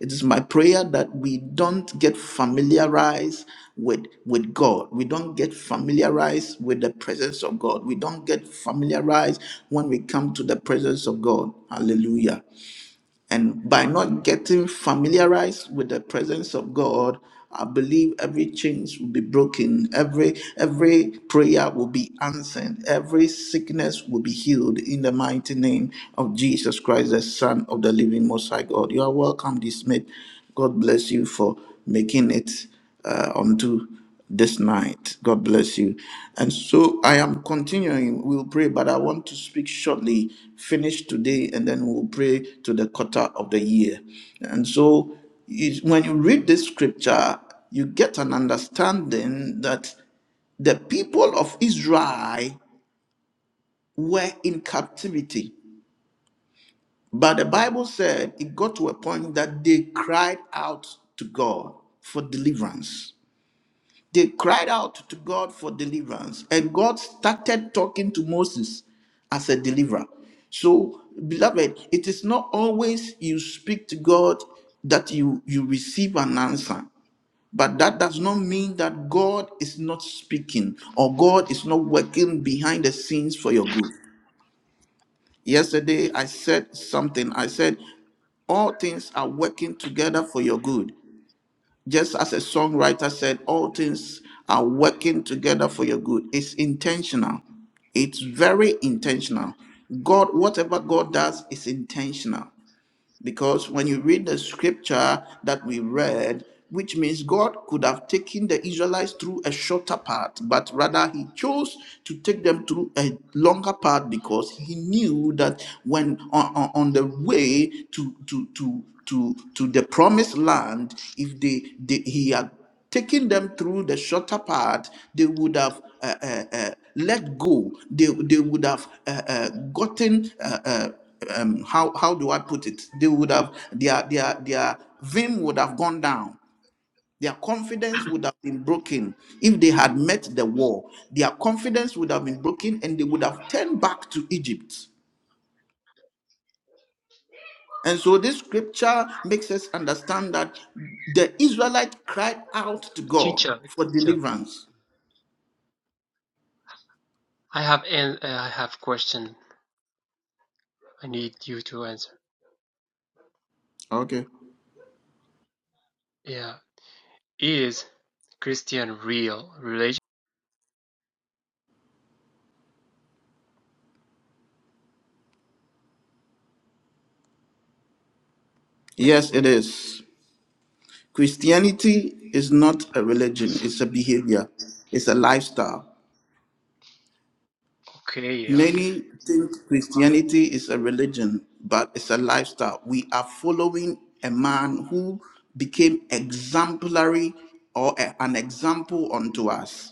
S1: It is my prayer that we don't get familiarized with, with God. We don't get familiarized with the presence of God. We don't get familiarized when we come to the presence of God. Hallelujah. And by not getting familiarized with the presence of God, I believe every chains will be broken, every every prayer will be answered, every sickness will be healed in the mighty name of Jesus Christ, the Son of the Living Most High God. You are welcome, this mate. God bless you for making it uh, unto this night. God bless you. And so I am continuing. We'll pray, but I want to speak shortly, finish today, and then we'll pray to the quarter of the year. And so you- when you read this scripture, you get an understanding that the people of Israel were in captivity. But the Bible said it got to a point that they cried out to God for deliverance. They cried out to God for deliverance, and God started talking to Moses as a deliverer. So, beloved, it is not always you speak to God that you, you receive an answer. But that does not mean that God is not speaking or God is not working behind the scenes for your good. Yesterday, I said something. I said, All things are working together for your good. Just as a songwriter said, all things are working together for your good. It's intentional. It's very intentional. God, whatever God does is intentional. Because when you read the scripture that we read, which means God could have taken the Israelites through a shorter path, but rather He chose to take them through a longer path because He knew that when on, on, on the way to to to to to the promised land, if they, they He had taking them through the shorter part, they would have uh, uh, uh, let go. They, they would have uh, uh, gotten uh, uh, um, how how do I put it? They would have their their their vim would have gone down. Their confidence would have been broken if they had met the war. Their confidence would have been broken, and they would have turned back to Egypt. And so this scripture makes us understand that the Israelite cried out to God
S5: Teacher,
S1: for
S5: teacher,
S1: deliverance.
S5: I have an uh, I have question. I need you to answer.
S1: Okay.
S5: Yeah, is Christian real religion?
S1: Yes, it is. Christianity is not a religion, it's a behavior, it's a lifestyle.
S5: Okay, yeah.
S1: Many think
S5: What about?
S1: Christianity is a religion, but it's a lifestyle. We are following a man who became exemplary or a- an example unto us.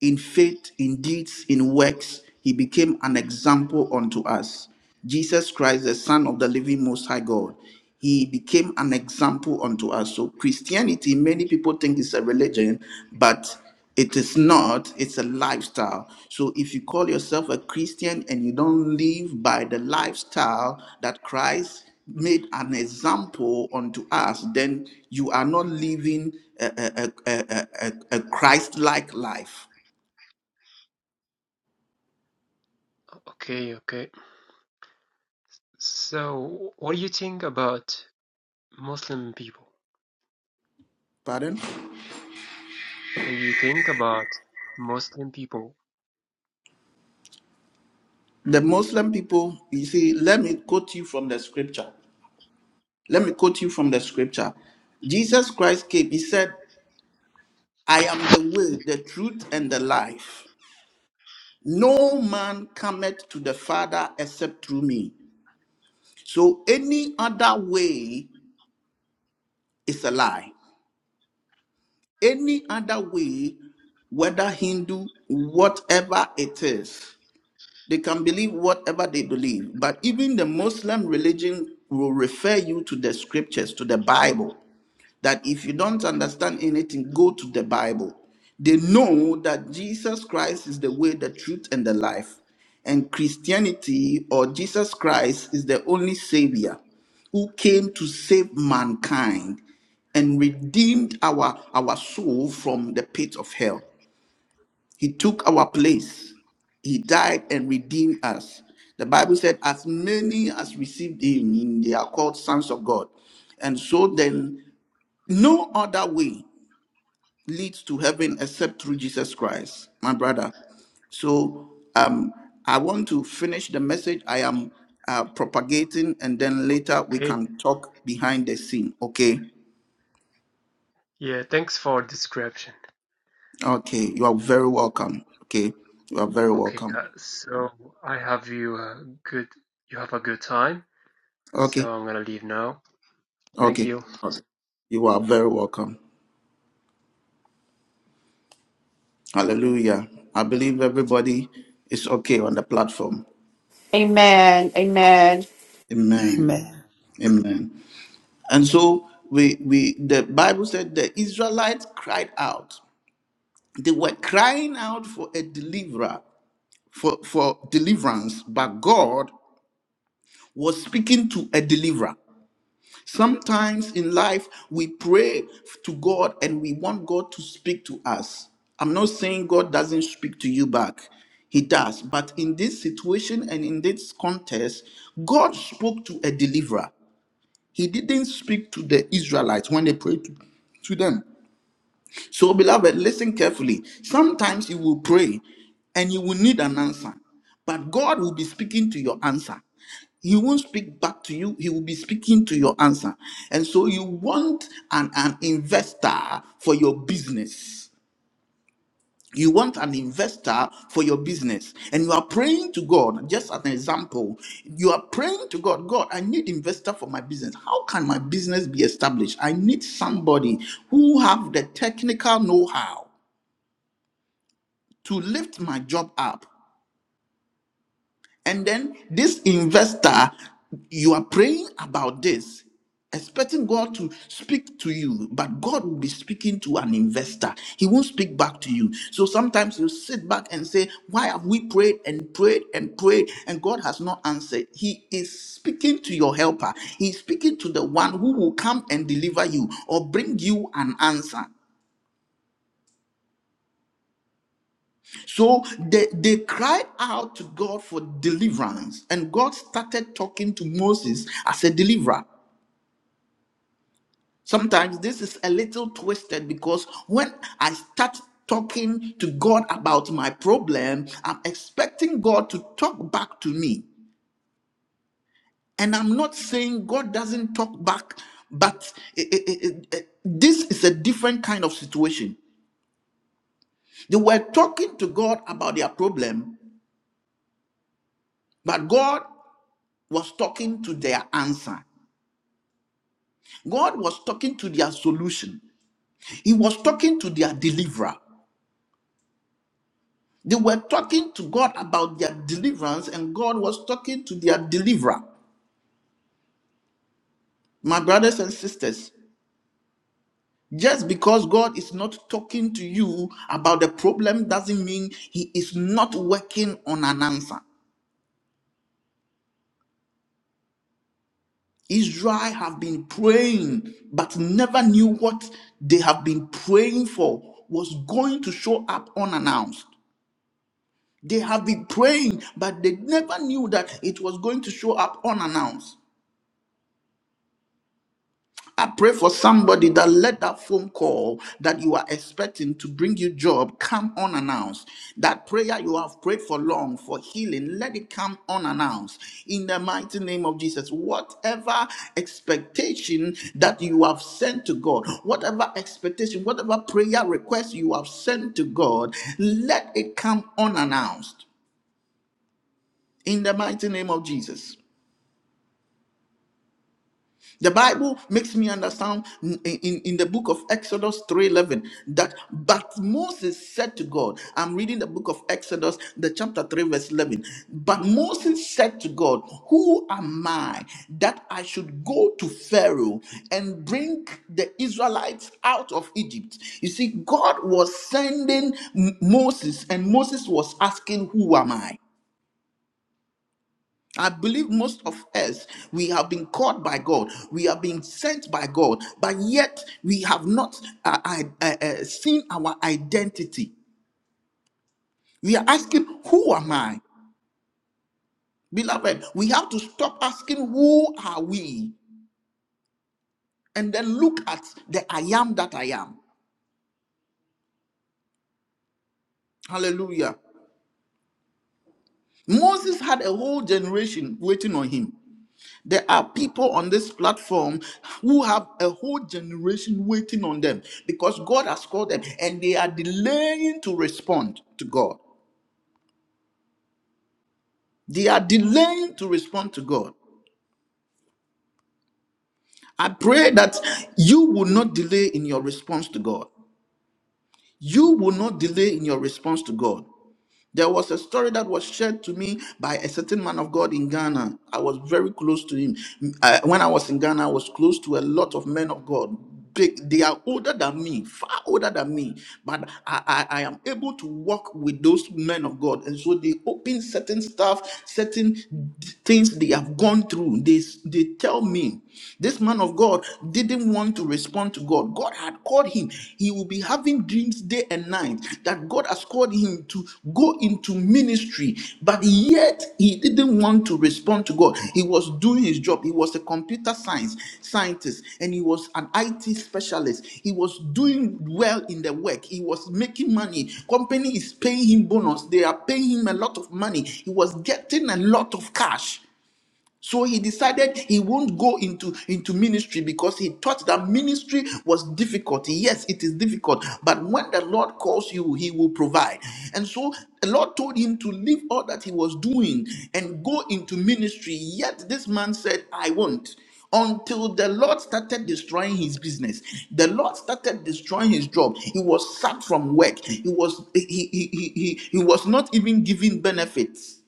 S1: In faith, in deeds, in works, he became an example unto us. Jesus Christ, the Son of the living Most High God, he became an example unto us. So, Christianity, many people think it's a religion, but it is not, it's a lifestyle. So, if you call yourself a Christian and you don't live by the lifestyle that Christ made an example unto us, then you are not living a, a, a, a, a Christ like life.
S5: Okay, okay. So, what do you think about Muslim people?
S1: Pardon?
S5: What do you think about Muslim people?
S1: The Muslim people, you see, let me quote you from the scripture. Let me quote you from the scripture. Jesus Christ came, he said, I am the way, the truth, and the life. No man cometh to the Father except through me. So any other way is a lie. Any other way, whether Hindu, whatever it is, They can believe whatever they believe, but even the Muslim religion will refer you to the scriptures, to the Bible. That if you don't understand anything, go to the Bible. They know that Jesus Christ is the way, the truth, and the life. And Christianity or Jesus Christ is the only Savior who came to save mankind and redeemed our, our soul from the pit of hell. He took our place. He died and redeemed us. The Bible said, as many as received him, they are called sons of God. And so then, no other way leads to heaven except through Jesus Christ, my brother. So um, I want to finish the message I am uh, propagating, and then later we
S5: Okay.
S1: can talk behind the scene. Okay.
S5: Yeah, thanks for description.
S1: Okay. You are very welcome. Okay. You are very
S5: Okay,
S1: welcome.
S5: uh, so I have you a good. You have a good time.
S1: Okay.
S5: So I'm gonna leave now. Thank
S1: Okay.
S5: you.
S1: You are very welcome. Hallelujah. I believe everybody is okay on the platform.
S2: Amen. Amen.
S1: Amen.
S3: Amen.
S1: Amen. And so we we the Bible said the Israelites cried out. They were crying out for a deliverer, for, for deliverance, but God was speaking to a deliverer. Sometimes in life, we pray to God and we want God to speak to us. I'm not saying God doesn't speak to you back, He does. But in this situation and in this context, God spoke to a deliverer. He didn't speak to the Israelites when they prayed to, to them. So, beloved, listen carefully. Sometimes you will pray and you will need an answer, but God will be speaking to your answer. He won't speak back to you, He will be speaking to your answer. And so, you want an, an investor for your business. You want an investor for your business, and you are praying to God. Just as an example, you are praying to God. God, I need investor for my business. How can my business be established? I need somebody who have the technical know-how to lift my job up. And then this investor, you are praying about this, expecting God to speak to you, but God will be speaking to an investor. He won't speak back to you. So sometimes you sit back and say, Why have we prayed and prayed and prayed and God has not answered? He is speaking to your helper, He's speaking to the one who will come and deliver you or bring you an answer. So they, they cried out to God for deliverance, and God started talking to Moses as a deliverer. Sometimes this is a little twisted because when I start talking to God about my problem, I'm expecting God to talk back to me. And I'm not saying God doesn't talk back, but it, it- it- it- this is a different kind of situation. They were talking to God about their problem, but God was talking to their answer. God was talking to their solution. He was talking to their deliverer. They were talking to God about their deliverance, and God was talking to their deliverer. My brothers and sisters, just because God is not talking to you about the problem doesn't mean He is not working on an answer. Israel have been praying, but never knew what they have been praying for was going to show up unannounced. They have been praying, but they never knew that it was going to show up unannounced. I pray for somebody that let that phone call that you are expecting to bring you job come unannounced. That prayer you have prayed for long for healing, let it come unannounced. In the mighty name of Jesus, whatever expectation that you have sent to God, whatever expectation, whatever prayer request you have sent to God, let it come unannounced. In the mighty name of Jesus. The Bible makes me understand in, in, in the book of Exodus 3:11 that but Moses said to God, I'm reading the book of Exodus, the chapter 3 verse 11. But Moses said to God, who am I that I should go to Pharaoh and bring the Israelites out of Egypt? You see God was sending M- Moses and Moses was asking, who am I? I believe most of us, we have been called by God, we have been sent by God, but yet we have not uh, I- uh, uh, seen our identity. We are asking, Who am I? Beloved, we have to stop asking, Who are we? and then look at the I am that I am. Hallelujah. Moses had a whole generation waiting on him. There are people on this platform who have a whole generation waiting on them because God has called them and they are delaying to respond to God. They are delaying to respond to God. I pray that you will not delay in your response to God. You will not delay in your response to God. There was a story that was shared to me by a certain man of God in Ghana. I was very close to him. Uh, when I was in Ghana, I was close to a lot of men of God. Big, they are older than me, far older than me, but I, I, I am able to walk with those men of God. And so they open certain stuff, certain things they have gone through. They, they tell me this man of God didn't want to respond to God. God. God had called him. He will be having dreams day and night that God has called him to go into ministry, but yet he didn't want to respond to God. He was doing his job. He was a computer science scientist and he was an IT specialist. He was doing well in the work. He was making money. Company is paying him bonus. They are paying him a lot of money. He was getting a lot of cash. So he decided he won't go into, into ministry because he thought that ministry was difficult. Yes, it is difficult, but when the Lord calls you, he will provide. And so the Lord told him to leave all that he was doing and go into ministry. Yet this man said, I won't until the Lord started destroying his business. The Lord started destroying his job. He was sacked from work. He was he he he, he, he was not even given benefits.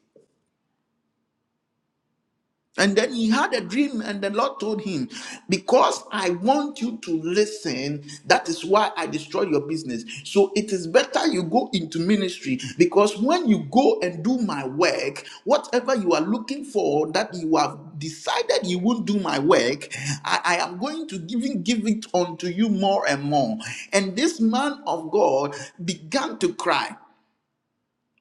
S1: And then he had a dream, and the Lord told him, Because I want you to listen, that is why I destroy your business. So it is better you go into ministry because when you go and do my work, whatever you are looking for that you have decided you won't do my work, I, I am going to even give it unto you more and more. And this man of God began to cry.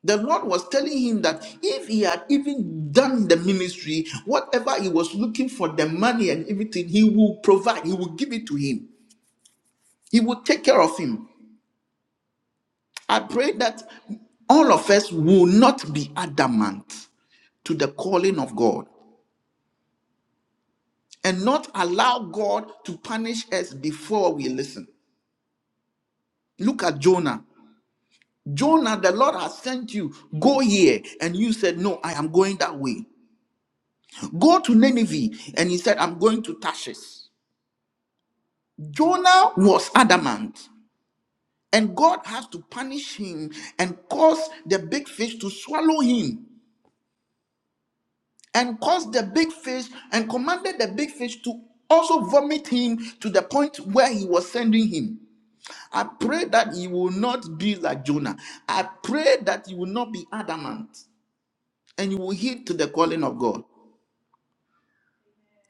S1: The Lord was telling him that if he had even done the ministry, whatever he was looking for, the money and everything, he will provide, he will give it to him, he will take care of him. I pray that all of us will not be adamant to the calling of God and not allow God to punish us before we listen. Look at Jonah. Jonah, the Lord has sent you, go here. And you said, No, I am going that way. Go to Nineveh. And he said, I'm going to Tarshish. Jonah was adamant, and God has to punish him and cause the big fish to swallow him, and cause the big fish and commanded the big fish to also vomit him to the point where he was sending him. I pray that you will not be like Jonah. I pray that you will not be adamant and you will heed to the calling of God.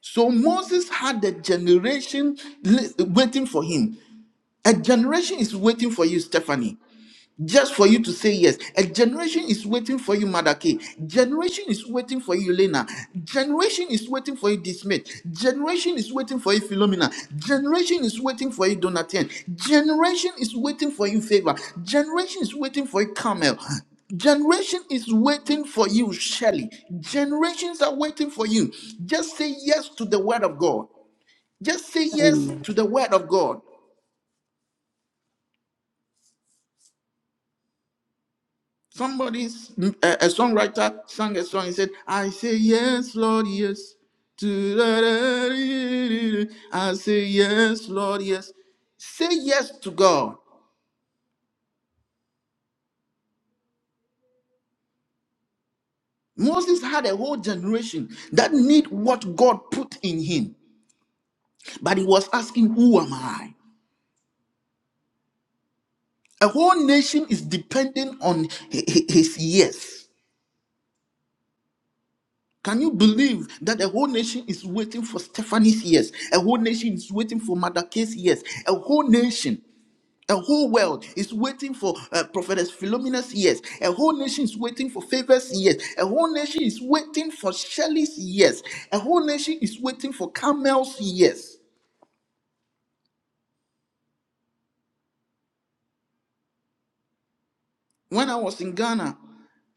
S1: So Moses had a generation li- waiting for him. A generation is waiting for you, Stephanie. just for you to say yes. A generation is waiting for you, Mother K. Generation is waiting for you, Lena. Generation is waiting for you, Dismith. Generation is waiting for you, Philomena. Generation is waiting for you, Donatien. Generation is waiting for you, Favor. Generation is waiting for you, Carmel. Generation is waiting for you, Shelley. Generations are waiting for you. Just say yes to the word of God. Just say yes
S3: Amen.
S1: to the word of God. Somebody, a songwriter sang a song. He said, I say yes, Lord, yes. I say yes, Lord, yes. Say yes to God. Moses had a whole generation that need what God put in him, but he was asking, Who am I? A whole nation is depending on hi- hi- his yes. Can you believe that a whole nation is waiting for Stephanie's yes? A whole nation is waiting for Madake's yes. A whole nation. A whole world is waiting for uh, Prophetess Philomena's years. A whole nation is waiting for Favor's years. A whole nation is waiting for Shelley's years. A whole nation is waiting for Carmel's years. When I was in Ghana,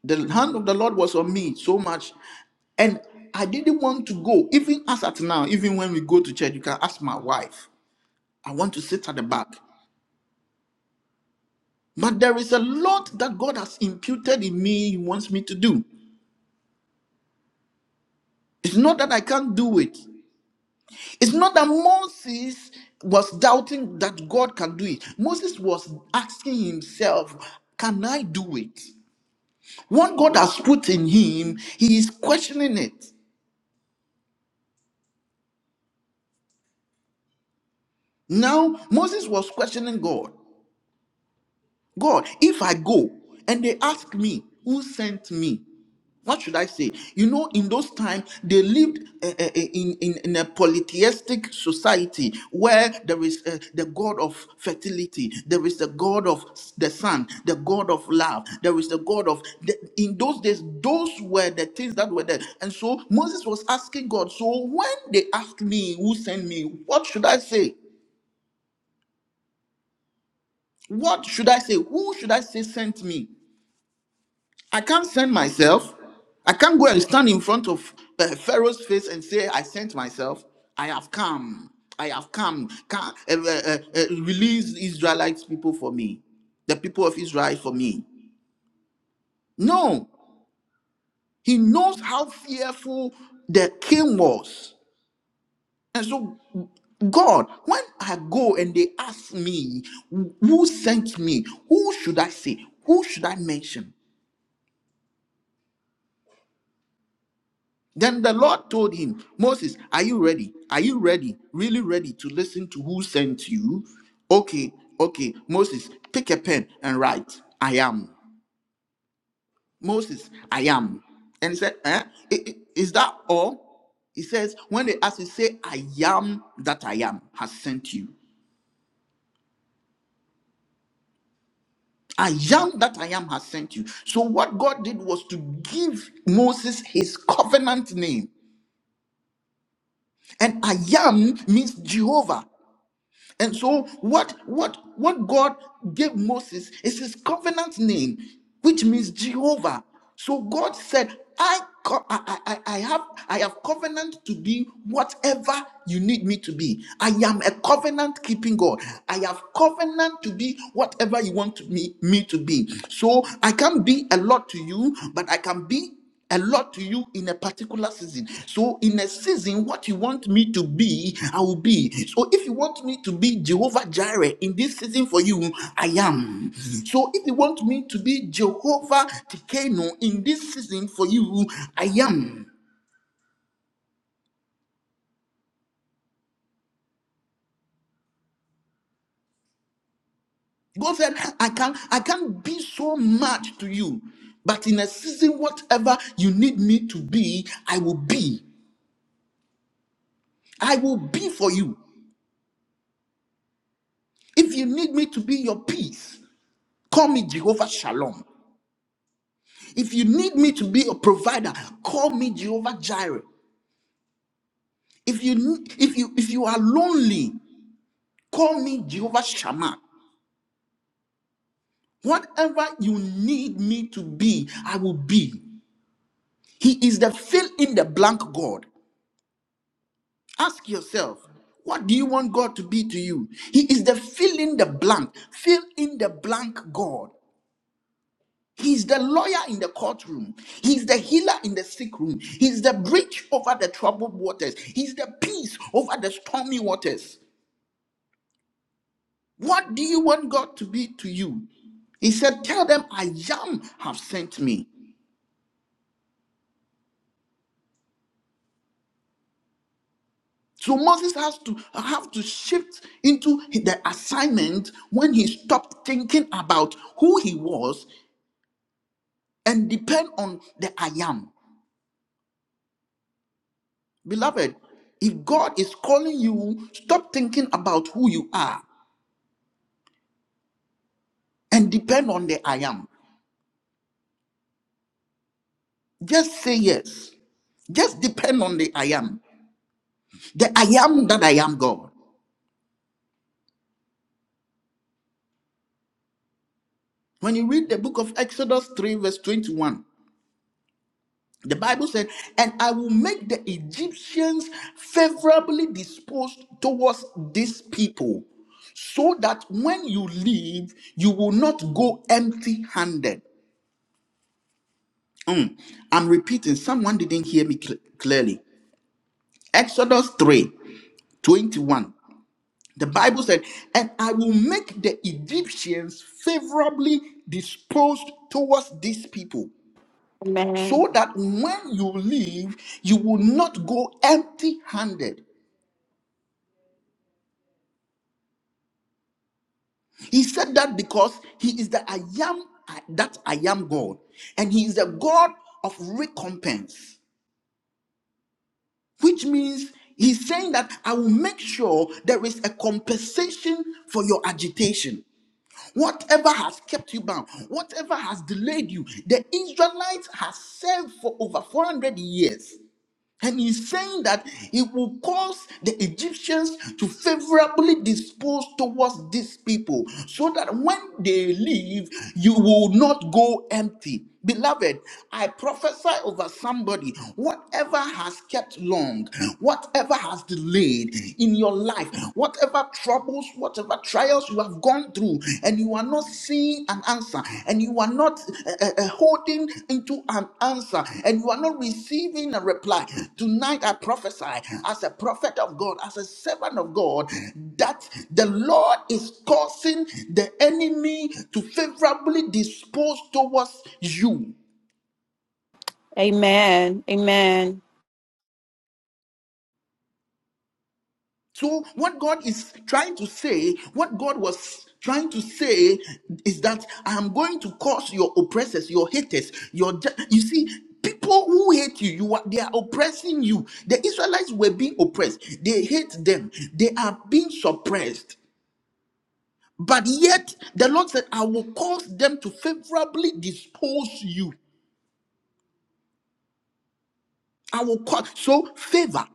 S1: the hand of the Lord was on me so much, and I didn't want to go. Even as at now, even when we go to church, you can ask my wife. I want to sit at the back. But there is a lot that God has imputed in me, He wants me to do. It's not that I can't do it. It's not that Moses was doubting that God can do it. Moses was asking himself, Can I do it? What God has put in him, he is questioning it. Now, Moses was questioning God God, if I go and they ask me, Who sent me? what should I say? You know, in those times, they lived uh, uh, in, in, in a polytheistic society where there is uh, the God of fertility, there is the God of the sun, the God of love, there is the God of. The, in those days, those were the things that were there. And so Moses was asking God, So when they ask me who sent me, what should I say? What should I say? Who should I say sent me? I can't send myself. I can't go and stand in front of uh, Pharaoh's face and say, I sent myself. I have come. I have come. Can, uh, uh, uh, uh, release Israelites people for me, the people of Israel for me. No, he knows how fearful the king was. And so, God, when I go and they ask me, who sent me? Who should I say? Who should I mention? Then the Lord told him, Moses, are you ready? Are you ready? Really ready to listen to who sent you? Okay, okay. Moses, pick a pen and write, I am. Moses, I am. And he said, eh? I- i- Is that all? He says, When they ask you, say, I am that I am has sent you. I am that I am has sent you. So, what God did was to give Moses his covenant name. And I am means Jehovah. And so what what what God gave Moses is his covenant name, which means Jehovah. So God said, I co- I, I, I have I have covenant to be whatever you need me to be. I am a covenant keeping God. I have covenant to be whatever you want to me, me to be. So I can be a lot to you, but I can be a lot to you in a particular season. So, in a season, what you want me to be, I will be. So, if you want me to be Jehovah Jireh in this season for you, I am. So, if you want me to be Jehovah Tikeno in this season for you, I am. God said, I can I can't be so much to you, but in a season, whatever you need me to be, I will be. I will be for you. If you need me to be your peace, call me Jehovah Shalom. If you need me to be a provider, call me Jehovah Jireh. If you if you if you are lonely, call me Jehovah Shammah. Whatever you need me to be, I will be. He is the fill in the blank God. Ask yourself, what do you want God to be to you? He is the fill in the blank, fill in the blank God. He's the lawyer in the courtroom. He's the healer in the sick room. He's the bridge over the troubled waters. He's the peace over the stormy waters. What do you want God to be to you? He said, Tell them I am have sent me. So Moses has to have to shift into the assignment when he stopped thinking about who he was and depend on the I am. Beloved, if God is calling you, stop thinking about who you are and depend on the I am. Just say yes. Just depend on the I am. The I am that I am God. When you read the book of Exodus 3, verse 21, the Bible said, And I will make the Egyptians favorably disposed towards this people, so that when you leave, you will not go empty handed. Mm. I'm repeating, someone didn't hear me cl- clearly. Exodus 3 21. The Bible said, and I will make the Egyptians favorably disposed towards these people,
S2: Amen.
S1: so that when you leave, you will not go empty handed. He said that because he is the I am that I am God, and he is the God of recompense, which means he's saying that I will make sure there is a compensation for your agitation. Whatever has kept you bound, whatever has delayed you, the Israelites have served for over 400 years. And he's saying that he will cause the Egyptians to favorably dispose towards these people so that when they leave, you will not go empty. Beloved, I prophesy over somebody whatever has kept long, whatever has delayed in your life, whatever troubles, whatever whatever trials you have gone through and you are not seeing an answer and you are not uh, uh, uh, holding into an answer and you are not receiving a reply, tonight I prophesy as a prophet of God, as a servant of God, that the Lord is causing the enemy to favorably dispose towards you.
S2: Amen. Amen.
S1: So, what God is trying to say, what God was trying to say is that I am going to cause your oppressors, your haters, your ju- you see. People who hate you, you are, they are oppressing you. The Israelites were being oppressed. They hate them. They are being suppressed. But yet, the Lord said, I will cause them to favorably dispose you. I will cause. So, favor.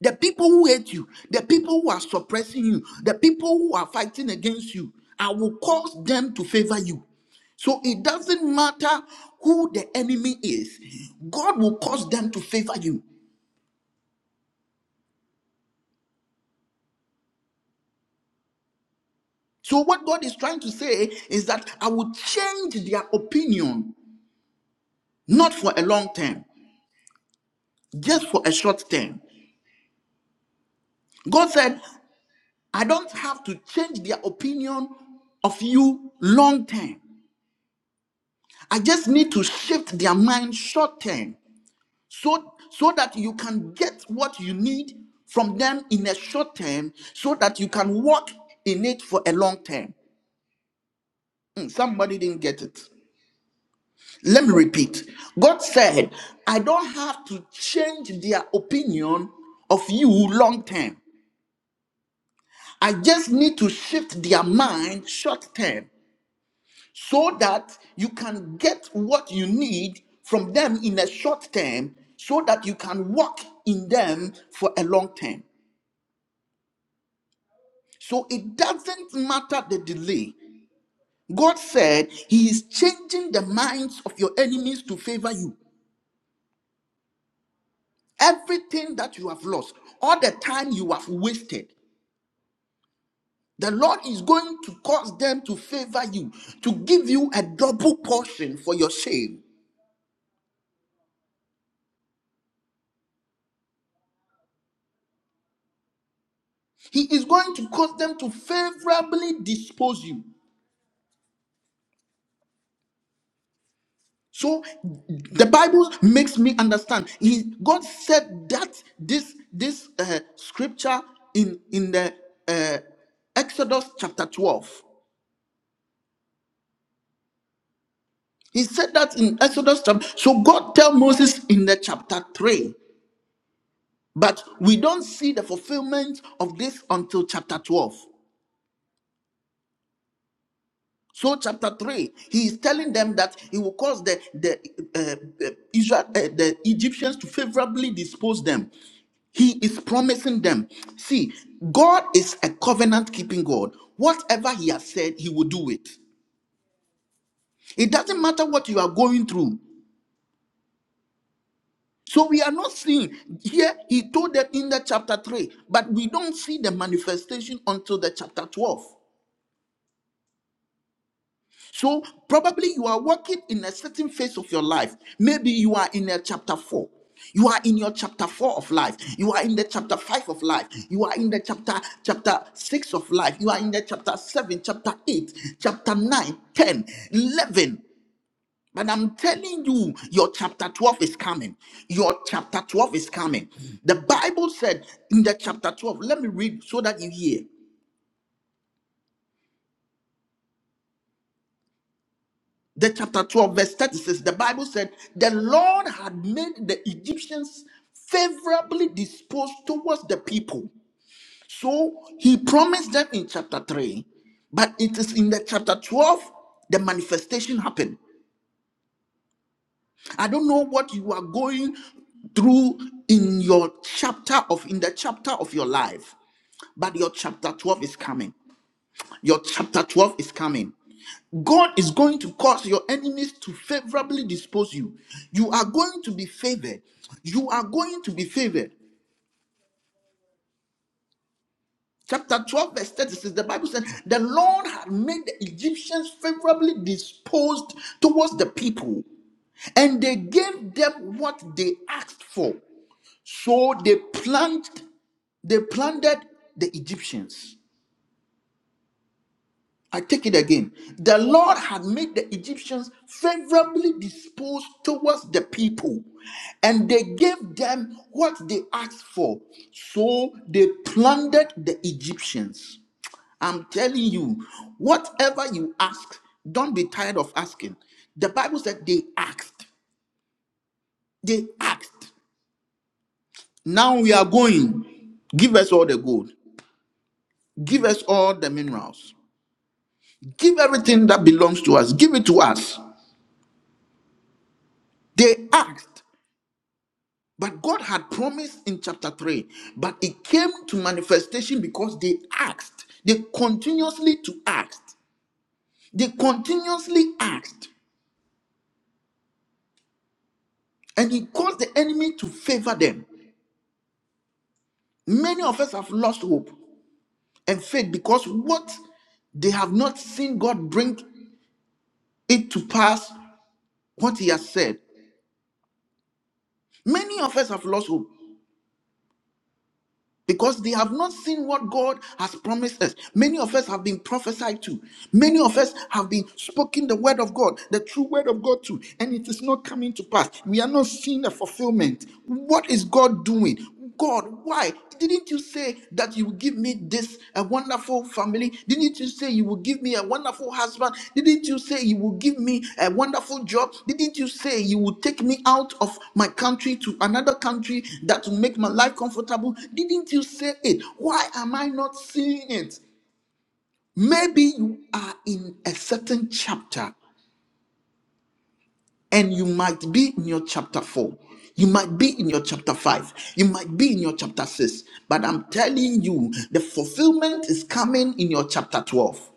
S1: The people who hate you, the people who are suppressing you, the people who are fighting against you, I will cause them to favor you. So it doesn't matter who the enemy is, God will cause them to favor you. So what God is trying to say is that I will change their opinion, not for a long term, just for a short term. God said, I don't have to change their opinion of you long term. I just need to shift their mind short term. so so that you can get what you need from them in a short term so that you can walk in it for a long term Mm, somebody didn't get it let me repeat god said i don't have to change their opinion of you long term i just need to shift their mind short term so that you can get what you need from them in a short term so that you can walk in them for a long term So it doesn't matter the delay. God said He is changing the minds of your enemies to favor you. Everything that you have lost, all the time you have wasted, the Lord is going to cause them to favor you, to give you a double portion for your shame. He is going to cause them to favorably dispose. So the Bible makes me God said that this this uh, scripture in in the uh, Exodus chapter 12. He said that in Exodus chapter. So God tell Moses in the chapter 3, but we don't see the fulfillment of this until chapter 12. So chapter 3, he is telling them that he will cause the the uh, uh, Israel uh, the Egyptians to favorably dispose them. He is promising them. See, God is a covenant keeping God. Whatever He has said, He will do it. No matter what. He told them in the chapter 3, but we don't see it until the chapter 12. Five, Maybe in the chapter 4. You are in your chapter 4 of life. You are in the chapter 5 of life. You are in the chapter chapter 6 of life. You are in the chapter 7, chapter 8, chapter 9, 10, 11. But I'm telling you, your chapter 12 is coming. Your chapter 12 is coming. The Bible said in the chapter 12, let me read so that you hear. The chapter 12, verse 36, the Bible said, The Lord had made the Egyptians favorably disposed towards the people. So he promised them in chapter 3, but it is in the chapter 12 the manifestation happened. I don't know what you are going through in your chapter of in the chapter of your life, but your chapter 12 is coming. Your chapter 12 is coming. God is going to cause your enemies to favorably dispose you. You are going to be favored. You are going to be favored. Chapter 12, verse 36, the Bible said, The Lord had made the Egyptians favorably disposed towards the people, and they gave them what they asked for. So they plant, they planted the Egyptians. I take it again. The Lord had made the Egyptians favorably disposed towards the people, and they gave them what they asked for. So they plundered the Egyptians. I'm telling you, whatever you ask, don't be tired of asking. The Bible said they asked. They asked. Now we are going. Give us all the gold. Give us all the minerals. Give everything that belongs to us. Give it to us. They asked, but God had promised in chapter 3, but it came to manifestation because they asked. They continuously to asked. They continuously asked, and it caused the enemy to favor them. Many of us have lost hope and faith because what they have not seen God bring it to pass what He has said. Many of us have lost hope. because they have not seen what God has promised us. Many of us have been prophesied to. Many of us have been spoken the word of God, the true word of God to, and it is not coming to pass. We are not seeing a fulfillment. What is God doing? God, why didn't you say that you would give? me this a wonderful family didn't you say you will give me a wonderful husband didn't you say you will give me a wonderful job didn't you say you will take me out of my country to another country that will make my life comfortable didn't you say it why am i not seeing it maybe you are in a certain chapter and you might be in your chapter 4 you might be in your chapter 5 you might be in your chapter 6 but i'm telling you the fulfillment is coming in your chapter 12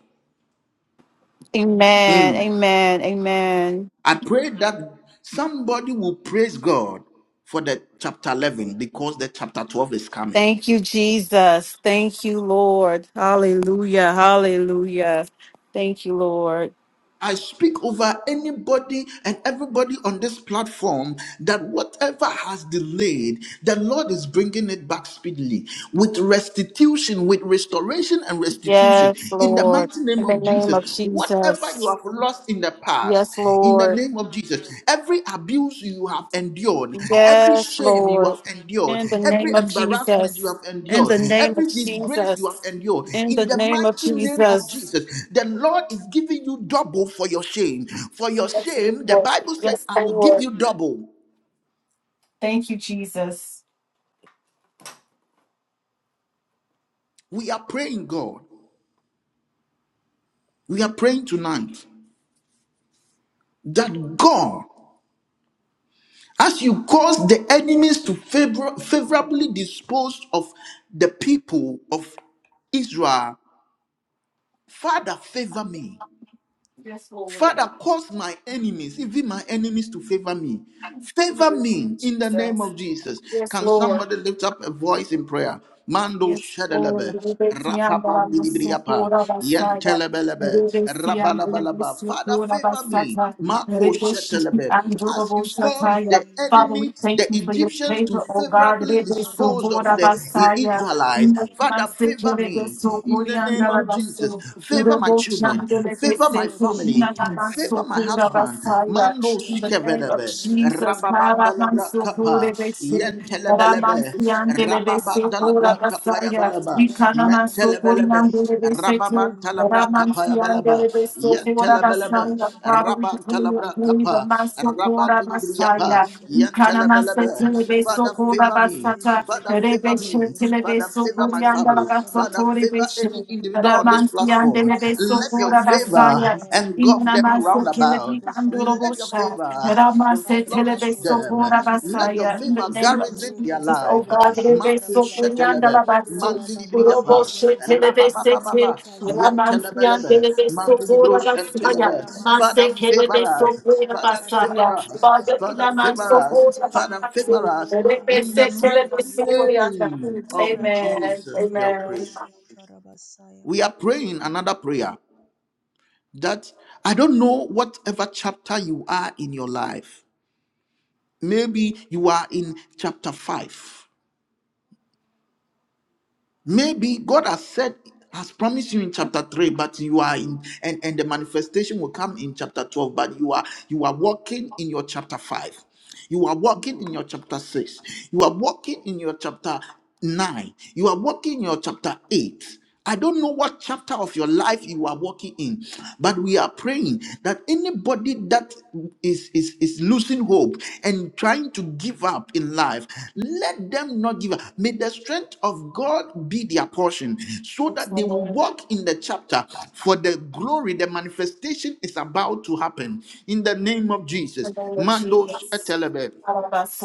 S2: Amen.
S1: Mm.
S2: Amen. Amen.
S1: i pray that somebody will praise god for the chapter 11 because the chapter 12 is coming
S2: Thank you, Jesus. Thank you, Lord. Hallelujah. Hallelujah. Thank you, Lord.
S1: I speak over anybody and everybody on this platform that whatever has delayed, the Lord is bringing it back speedily with restitution, with restoration and restitution
S2: Yes,
S1: in the
S2: Lord.
S1: mighty
S2: In
S1: name
S2: the
S1: of
S2: name
S1: Jesus.
S2: of
S1: Whatever you
S2: Jesus.
S1: have lost in the past,
S2: Yes,
S1: in the
S2: Lord.
S1: name of Jesus. Every abuse you have endured, every
S2: Yes,
S1: shame you
S2: Lord.
S1: have endured,
S2: In the
S1: every
S2: name of
S1: embarrassment you
S2: Jesus.
S1: have
S2: In
S1: endured,
S2: the name of
S1: every disgrace you have
S2: Jesus.
S1: endured,
S2: In
S1: in
S2: the
S1: the
S2: name of
S1: mighty name of
S2: Jesus.
S1: Jesus, the Lord is giving you double for your shame. For your
S2: Yes,
S1: shame, the
S2: Lord.
S1: Bible said,
S2: Yes,
S1: I will give
S2: Lord.
S1: you double.
S2: Thank you, Jesus.
S1: We are praying, God. We are praying tonight that God, as you cause the enemies to favor- favorably dispose of the people of Israel Father, favor me.
S2: Yes, Lord.
S1: Father, cause my enemies, even my enemies, to favor me.
S2: In
S1: Favor
S2: the name of
S1: me in the name
S2: Jesus.
S1: of Jesus.
S2: Yes,
S1: Can
S2: Lord.
S1: somebody lift up a voice in prayer? Mando
S2: Yes, Lord,
S1: shadalebe,
S2: we Rebe
S1: rapapa
S2: Kiandara
S1: midibriapa,
S2: Masukura Basaya,
S1: yentelebelebe,
S2: Rebe Sianda Rebe
S1: rabalabalaba. Father,
S2: We
S1: favor me.
S2: Basata,
S1: Mako
S2: Rebe Shiki
S1: shetelebe. As
S2: Andurabo
S1: you
S4: Cover
S1: cause
S4: me
S2: Shataya.
S1: the
S4: O
S2: Father, we
S1: enemy,
S4: Lord
S1: the
S2: worship you,
S1: Egyptians,
S2: and
S1: to favorably
S2: we are so
S1: dispose
S2: full
S1: of
S2: of
S1: the
S2: us.
S4: Karabasoto
S2: Father, we thank you for your favor,
S4: robo
S2: O God, Rebe Sukura Basaya.
S4: shike
S1: Israelites.
S2: In the
S4: bebe
S1: Father,
S4: bebe
S2: Masiki
S1: favor
S2: Rebe
S1: me
S4: ketariando
S1: in the
S4: robo
S1: name
S2: Sukuriandara
S1: of Jesus.
S2: Basu,
S1: Favor my
S2: Urobo
S1: children
S2: Chanda
S1: children,
S2: Rebe
S1: favor my
S4: for the
S2: Seku,
S1: family,
S4: shame
S2: Unadana
S4: that I've
S1: favor my
S4: gone
S2: Sukura
S4: through.
S1: husband.
S2: Basaya.
S1: Mando
S4: Oh
S2: In the
S4: Lord,
S1: skevedebe,
S4: give
S2: mercy,
S4: me
S2: we are so
S4: double.
S2: full
S1: rababanda
S2: of
S1: labra
S2: us, Father. In the name of Jesus,
S1: kapa,
S2: Kara Mansukura
S4: Rebecca
S2: Basaya.
S4: Soto Roboshika
S1: yentelebelebe,
S2: Ramansian
S4: Rabariande de
S2: delebese
S4: de
S1: rababanda
S4: de de
S1: labra
S2: ora
S4: de
S1: kapa ya
S2: basaya.
S1: balaba,
S2: Ikanamaso
S4: Urakatande de
S1: mentelebelebe,
S2: Korian
S4: Bosha
S2: delebese,
S1: rababanta
S4: Mako
S1: labra
S4: Robo
S1: kapa ya
S4: Bobo
S2: Ramansian
S1: balaba,
S4: Bobo
S2: delebese ora
S1: yentelebelebe,
S2: basaya. Father, we
S4: Rababababababa
S1: rabanta
S2: declare your
S1: labra
S2: glory, the
S1: kapa,
S2: Masokora
S1: rabandi
S4: Ziko
S1: libriyapa,
S2: Messiah.
S4: Tondre Bekeria
S1: yentelebelebe, Father,
S2: Ikanamasetelebesokora
S1: favor me.
S2: basata.
S1: Father,
S4: Rebebebebebebebebe
S1: favor
S2: Rebeshe
S1: me. Father,
S4: Raka
S2: telebeso
S1: favor
S4: Sete
S1: my
S2: korianda la
S1: family.
S4: Rebos
S2: gasoto
S1: Father,
S4: Kariande Reke
S1: favor any
S2: rebeshe.
S4: Saraba
S1: individual on this
S2: Ramansian de
S1: platform.
S4: Koraba in
S2: Nebeso
S4: this
S1: Let your
S2: Kora
S4: season, O
S1: favor
S2: Basaya,
S4: Lord,
S1: engulf them round
S2: Inamase
S4: cause
S2: Kelebi
S1: about.
S4: people, Father,
S1: Let your
S2: Andorobosha,
S1: favor
S2: Ramase
S4: Karaba
S1: flourish
S2: Telebeso
S1: them.
S4: Setereba
S2: Kora
S4: Senderebo
S1: Let your
S2: Basaya, in
S4: Shiba,
S2: the
S1: favor
S2: name of
S1: garrison their
S4: Reke
S2: Jesus, O
S1: life.
S4: Sendereba
S2: God,
S1: Marco
S2: Nebeso
S4: Shikarababa,
S2: Kurianda
S1: Shetelebe,
S2: Labaso,
S4: Kurababa
S1: Mandilibriapa,
S2: Uroboshe
S4: Kaseterebo Shika,
S2: Telebesete,
S1: Rabababa,
S4: Leka Zondorobo
S2: Ramansian de
S1: Yentelebelebe,
S4: Shika
S2: Nebeso
S4: Bababa,
S1: Mandilibro
S2: Kora Basaya,
S1: Shetelebe.
S4: Kurra Mama
S1: Father,
S2: Mase
S4: Mama
S1: favor
S4: Ndereba
S2: Kelebeso
S1: us.
S4: to
S2: Kora
S4: act
S1: Father,
S4: at my
S2: Basaya,
S1: favor
S4: own
S1: us.
S4: terms,
S2: Father
S4: O
S1: Father,
S4: God,
S1: favor
S2: Inamanso
S1: us.
S2: Kora
S4: just
S1: Father,
S4: like, O
S1: favor
S2: Basaya,
S1: us
S4: Lord, it
S1: in the
S2: Rebese
S4: was for the
S1: mighty
S2: Telebeso
S4: Israelites.
S2: Kurianda.
S1: name
S4: Kurra
S1: of
S4: Deke
S2: Amen.
S4: Beke
S1: Jesus. We are
S4: Reba
S2: Amen.
S1: praying.
S4: Bashiantarabasaya.
S1: We are praying another prayer that I don't know whatever chapter you are in your life. Maybe you are in chapter five. Maybe God has said, has promised you in chapter 3, but you are in and, and the manifestation will come in chapter 12, but you are you are walking in your chapter 5. You are walking in your chapter 6. You are walking in your chapter 9. You are walking in your chapter 8. I don't know what chapter of your life you are walking in, but we are praying that anybody that is is is losing hope and been trying to give up in life, let them not give up. May the strength of God be their portion so
S2: Thanks,
S1: that they will
S2: Lord.
S1: walk in the chapter for the glory, the manifestation is about to happen. In the name
S2: The
S1: of Jesus.
S2: name of
S1: Mandos
S2: Jesus.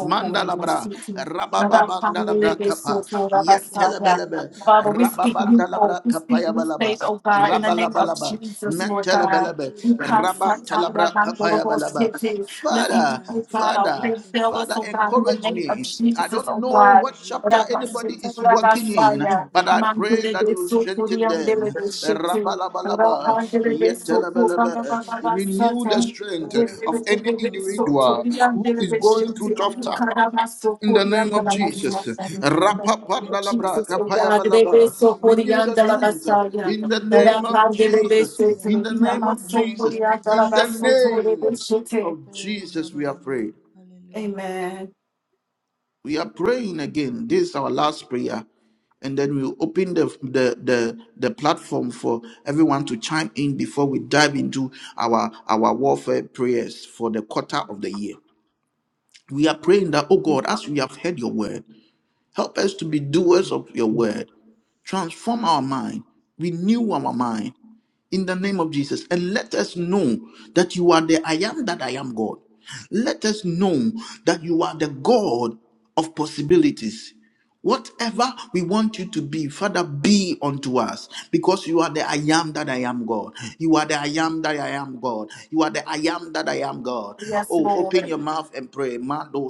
S1: Mandalabra,
S4: Mata
S1: rabababandalabra
S4: bara
S1: Kappa,
S4: sete lebo
S2: Rabakanderebesokorabasaya.
S4: koshata
S1: Yentelebelebe,
S4: rada da
S2: Father, we
S4: da da
S2: speak
S4: da da.
S2: new hope.
S1: Rababandalabra
S2: We speak new
S1: Kapayabalaba,
S2: faith, oh God, in the name of
S1: Rabalabalaba,
S2: Jesus, Lord God.
S1: Mentelebelebe,
S2: You
S4: Kura ba
S2: cast
S4: koshoto
S2: Sataya
S1: Rabantalabra
S4: robo sheba baba.
S1: Kapayabalaba.
S4: ba ba.
S2: Bandorobositi. Let me,
S1: Father,
S2: oh
S4: Mante
S2: God, our
S4: bere
S1: Father,
S2: faith fill us,
S1: Father,
S2: oh
S4: koshoto
S2: God, in
S4: roto
S2: the
S1: encourage
S4: to
S2: name of
S4: raba.
S1: me. I
S2: Jesus,
S1: don't
S2: oh
S1: know
S2: God.
S1: what chapter
S4: Zeka raba
S1: anybody
S2: Rabasita,
S1: is
S4: kaseke
S1: working
S4: reba
S1: in,
S4: soto
S2: Rabasaya.
S1: but I
S4: robo.
S1: pray that you will
S4: Reke
S1: strengthen
S4: bebe
S1: them.
S4: bebe bebe.
S2: Mandelebesokoriandelebesiti.
S1: Rabalabalaba,
S4: Mando rozo to robo
S1: yetelabalaba.
S4: shebe bebe.
S1: Renew the
S2: Rabandelebesokosarababasata.
S1: strength
S2: Jesus,
S1: of
S4: Rakata
S1: any
S4: raba baba. ba ba.
S1: individual who is going through tough
S4: Rakasata
S1: times.
S4: rababa,
S1: In the name of Jesus,
S4: rakaseta rababa,
S1: Rapapandalabra,
S2: oh God, they
S4: koto
S2: be
S1: kapayabalaba.
S2: so
S4: robobobo,
S1: renew
S2: Korean
S1: the
S2: de la
S1: strength.
S2: Basaya.
S1: In the name of
S4: rende
S2: Rapande le be
S1: Jesus,
S2: se te,
S4: lebasia,
S1: in the name
S2: inama
S1: of
S2: so
S1: Jesus,
S4: Rondo
S2: coriander
S4: robo
S2: la
S1: in the
S2: basso
S4: sika
S2: to le
S4: baba.
S2: be
S1: name
S2: shete.
S1: of
S4: Oh
S1: Jesus,
S4: raba
S1: we are
S4: baba
S1: prayed.
S4: baba. Hallelujah.
S2: Amen.
S1: We are praying again. This is our last prayer. And then we'll open the, the, the, the platform for everyone to chime in before we dive into our, our warfare prayers for the quarter of the year. We are praying that, oh God, as we have heard your word, help us to be doers of your word. Transform our mind, renew our mind in the name of Jesus, and let us know that you are the I am that I am God. Let us know that you are the God of possibilities. Whatever we want you to be, Father, be unto us because you are the I am that I am God. You are the I am that I am God. You are the I am that I am God.
S2: Yes,
S1: Oh, open
S2: Lord.
S1: your mouth and pray. Mado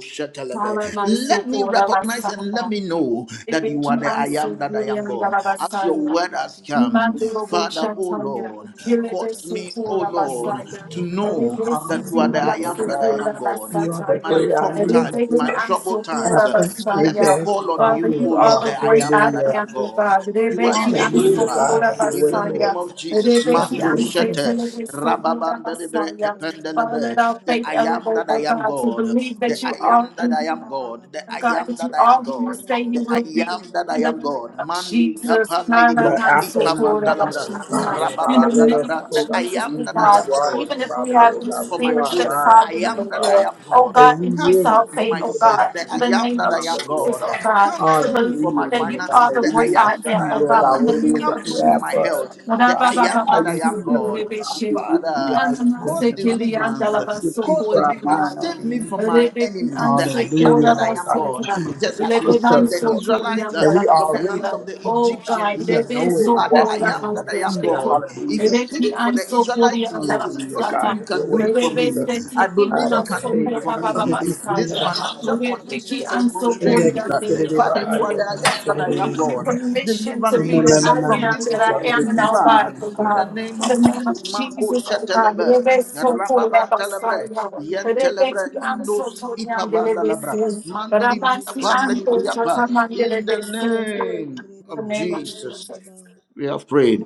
S2: Para
S1: shetelebe.
S2: man so
S1: Let me
S2: Korean
S1: recognize
S4: Sukarate
S1: and let
S2: Basaya.
S1: me
S4: lebe.
S1: know
S2: They
S1: that
S2: be
S1: you are
S4: Lebra
S1: the I
S4: bande
S2: so
S1: am
S4: de
S1: that I
S4: bo
S1: am
S2: Korean de
S1: God.
S2: la
S4: soto
S1: As
S4: roko
S1: your
S2: basaya.
S1: word has
S4: siriri.
S1: come,
S2: Mandorobo
S4: La
S1: Father,
S4: baba
S1: oh
S4: baba
S2: Shataya,
S1: Lord,
S4: kata raba
S2: Kilede
S1: cause me,
S4: kasata
S1: oh
S2: Sukura
S4: raba
S1: Lord,
S4: shete
S2: Basaya,
S1: to
S4: rababa.
S1: know that you are the
S2: Rebesitina
S3: Hallelujah,
S1: I
S3: Lord
S4: Mande
S1: am that I
S3: God.
S1: am
S2: Mansukura
S4: riri.
S1: God
S3: You are the
S1: my
S2: Basataya,
S3: great I
S1: tough
S3: am,
S1: times, in
S3: Lord
S1: my
S2: Rebeki
S3: God.
S1: troubled
S4: Oh,
S1: times.
S2: Ansukura
S1: Uh,
S4: raba baba
S3: After they
S1: Let
S4: baba
S1: me
S2: Basaya.
S3: go,
S4: baba.
S1: call on
S3: Father,
S2: Father,
S1: you,
S3: Lord
S1: O
S2: you
S4: oh
S2: are
S1: Lord,
S2: the
S3: God.
S1: that
S4: raba
S1: I
S2: great
S1: am
S4: baba
S2: I
S1: that
S4: baba.
S1: I
S3: Hallelujah.
S2: am,
S1: am
S2: O
S1: God.
S2: God.
S4: oh
S1: You
S4: raba
S1: are
S2: Rebeki
S4: baba baba.
S3: Hallelujah,
S1: Jehovah
S3: God.
S2: Ansukura
S3: Have your
S1: in
S3: way,
S1: the
S4: Ura
S1: name
S3: Lord.
S2: Basaya,
S1: of
S4: baba baba.
S1: Jesus.
S3: Have
S2: Rebeki
S3: your
S1: Mato
S3: way, Lord.
S1: shete,
S4: Ura
S2: Ansatelebe
S4: baba baba.
S2: Sukura
S1: rababanda de breke
S2: Basaya.
S4: Oh, raba
S2: Father,
S4: baba
S2: let
S1: pendelebe.
S2: our
S4: baba
S1: That
S2: faith
S1: I am
S4: baba
S2: elevate,
S1: that I
S2: O
S4: baba.
S1: am
S2: God, to
S1: God.
S2: believe
S1: That
S2: that you
S1: I am
S2: are
S1: that
S2: who
S1: I
S4: Urakata
S2: you
S1: am
S2: are.
S1: God. That
S2: O
S1: I
S4: rababababa.
S2: God,
S1: am
S2: that you
S1: that I am
S2: are who you
S1: God.
S2: say
S1: That
S2: you
S1: I
S2: will be.
S1: am that I
S2: In the
S1: am
S2: name
S1: God.
S2: of
S1: Mandi
S4: Rabadadadadadadadadadadadada.
S2: Jesus,
S1: kapande di
S3: You are
S1: bros
S3: Alpha and Omega,
S1: ipavandalabra.
S3: Lord
S4: Rabadadadadadadadada.
S2: Karabansopurabashaya.
S3: God, Lord
S2: in the
S3: God. Let
S2: name
S3: us,
S2: of
S1: Rababandalabra.
S3: Lord
S1: That
S3: God,
S1: I
S2: Jesus,
S3: see who
S1: am
S2: oh
S1: that I
S2: God,
S3: you
S1: am
S3: are, Heavenly
S1: God.
S2: even if we
S3: Father,
S2: have
S1: Come
S3: Lord
S2: your
S1: through
S4: Uradabababa
S3: God.
S1: for
S3: Renew
S1: my
S2: spirits
S3: our
S2: that
S1: children. That
S3: minds,
S4: shakarababa.
S2: find
S1: I
S2: you,
S3: Heavenly
S1: am
S2: oh
S3: Father.
S2: Lord,
S1: am
S2: oh
S1: God.
S3: And
S2: God,
S3: we
S4: Urakata
S3: will
S1: Come
S2: increase our
S1: through for
S2: faith,
S1: my
S4: rabababa
S3: receive,
S2: oh
S3: Lord
S1: business,
S2: God,
S1: the
S3: God,
S2: in
S3: you,
S2: the
S1: I am
S2: name
S4: sekiribibidi.
S1: that
S2: of
S1: I am
S3: Father, Lord
S2: Jesus,
S1: God.
S2: oh
S3: God.
S2: God,
S1: Come
S2: to
S1: through
S2: believe
S1: for
S3: Hallelujah,
S1: my
S2: that
S3: Lord
S2: you
S3: God.
S2: are
S1: finances,
S3: That
S2: the
S1: the
S3: we
S2: great
S4: Urababababababababa.
S1: I
S3: will
S2: I
S1: am that
S2: am,
S1: I
S3: see,
S2: oh
S1: am
S3: Lord
S2: God,
S3: God,
S1: God.
S2: in the
S3: what it is
S2: name
S3: that
S2: of
S1: Come
S3: you
S1: through for
S3: have
S1: my
S3: for
S2: Jesus.
S3: us,
S1: health,
S3: Lord
S1: the
S4: Urabadadadadadadadada.
S3: God.
S1: I am
S3: How
S1: that I
S3: you
S1: am
S3: see us, Lord
S1: God.
S3: God. How
S4: Irakata
S2: Rababababasokuribeshe.
S3: you
S1: Father,
S3: visualize, Lord
S4: rababababababa.
S1: cause
S3: Heavenly Father, Lord God.
S1: deliverance,
S3: That you think
S1: Cause
S3: for our
S4: Rakasata
S3: mind,
S1: deliverance.
S2: Nanamasekeliandalabasokoyalaya.
S1: Save
S4: rabababa.
S1: me
S3: Lord.
S1: from my
S2: Rebeki
S1: enemies, that
S2: ansi
S1: I am
S3: Hallelujah,
S4: Randeribeke
S2: kora
S1: that I
S3: Lord
S1: am
S3: God, that
S1: God.
S2: basata.
S3: you
S4: seteribebe.
S3: would
S1: Just as you
S3: equip
S2: Lebenam
S1: saved
S4: Hallelujah.
S1: the
S3: us, Lord God,
S2: soto
S1: Israelites
S2: yam
S1: uh,
S3: that
S2: yala
S3: we
S1: from the
S3: already
S1: hands
S2: basaya.
S3: are
S1: of the
S3: equipped,
S2: Oh
S3: Lord God, that
S2: God,
S3: we
S1: Egyptians, uh,
S3: would
S2: rebe
S3: know
S1: you
S3: it
S2: so
S3: and
S1: are the I
S3: walk
S2: kora
S3: in
S1: am
S3: and
S1: that I
S2: anguish
S1: am
S3: receive it.
S2: tetu.
S1: God.
S3: Hallelujah,
S1: If you
S3: Jesus.
S1: did
S2: Rebeki
S1: it for the
S2: anso kori
S1: Israelites,
S2: yam
S1: it
S2: yala
S1: is
S3: Hallelujah,
S1: possible
S3: God,
S2: basata.
S1: you
S3: have your
S1: can do
S3: way,
S1: it for
S2: Rebe
S1: me.
S3: Jesus.
S1: I
S2: sete
S3: God,
S1: believe you
S3: I
S2: ibna
S1: can
S2: so
S1: do
S3: behave
S1: it
S2: kora
S1: for
S3: like I thought
S1: me.
S3: it is in
S1: These
S3: the
S1: financial
S3: Bahamas.
S2: Wiki,
S1: conditions and
S2: I'm so
S3: And
S2: poor
S3: like
S1: constraints,
S2: young
S1: uh,
S3: it's good
S2: David.
S3: in the
S1: Father, you
S3: heart.
S1: are the
S3: and
S1: I am
S3: it's in
S1: that
S2: Father,
S1: I
S2: we
S3: the
S1: am
S2: give you
S1: God.
S3: Bahamas.
S2: permission
S1: Deliver
S2: to
S3: And no,
S2: be the
S3: no,
S1: me
S2: I
S3: no, no,
S1: from
S3: no,
S1: this
S2: am that
S3: Jesus, I
S2: I
S3: will
S1: sickness,
S2: am in our
S3: continue
S2: lives,
S1: deliver
S2: oh
S3: in
S1: in
S3: the
S1: the
S2: God.
S3: heart.
S1: name
S2: In the
S1: of
S2: name of
S1: Jesus. Marco
S2: Jesus, oh God. Rebe
S1: Shatelebe,
S2: soto
S1: Rababan
S2: raba
S1: Telebre,
S2: saya.
S1: Yen
S2: Rebe ki
S1: Telebre,
S2: am
S1: Indos
S2: soto young David
S1: Ipavandalabra,
S2: sin.
S1: Mandilibria
S2: Ramansi am soto
S1: Pandalibriapa,
S2: young
S1: in the
S2: David sin. In
S1: name
S2: the
S1: of
S2: name of
S1: Jesus.
S2: Jesus.
S1: We have prayed.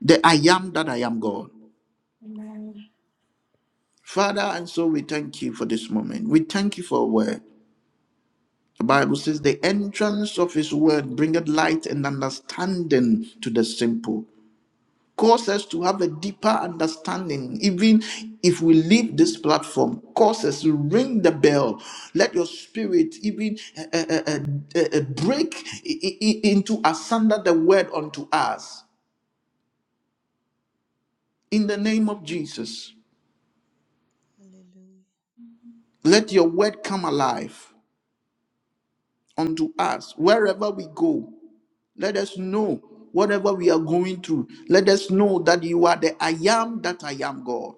S1: The I am that I am God.
S2: Amen.
S1: Father, and so we thank you for this moment. We thank you for a word. The Bible says, The entrance of his word bringeth light and understanding to the simple. cause us to have a deeper understanding even if we leave this platform cause us to ring the bell let your spirit even uh, uh, uh, uh, uh, break i- i- i- into asunder the word unto us in the name of jesus let your word come alive unto us wherever we go let us know whatever we are going through let us know that you are the i am that i am god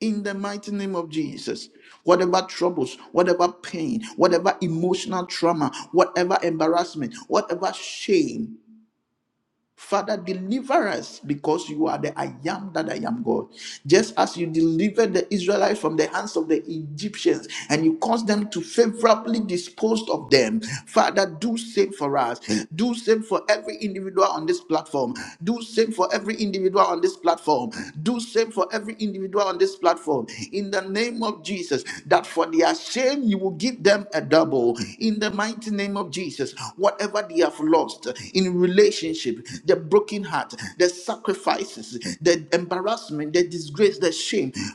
S1: in the mighty name of Jesus. Whatever troubles, whatever pain, whatever emotional trauma, whatever embarrassment, whatever shame, Father, deliver us because you are the I am that I am God. Just as you delivered the Israelites from the hands of the Egyptians and you caused them to favorably dispose of them, Father, do same for us. Do same for every individual on this platform. Do same for every individual on this platform. Do same for every on this platform in the name of Jesus that for their sake give them a double in the mighty name of Jesus whatever they have lost in relationship the broken heart the sacrifices the.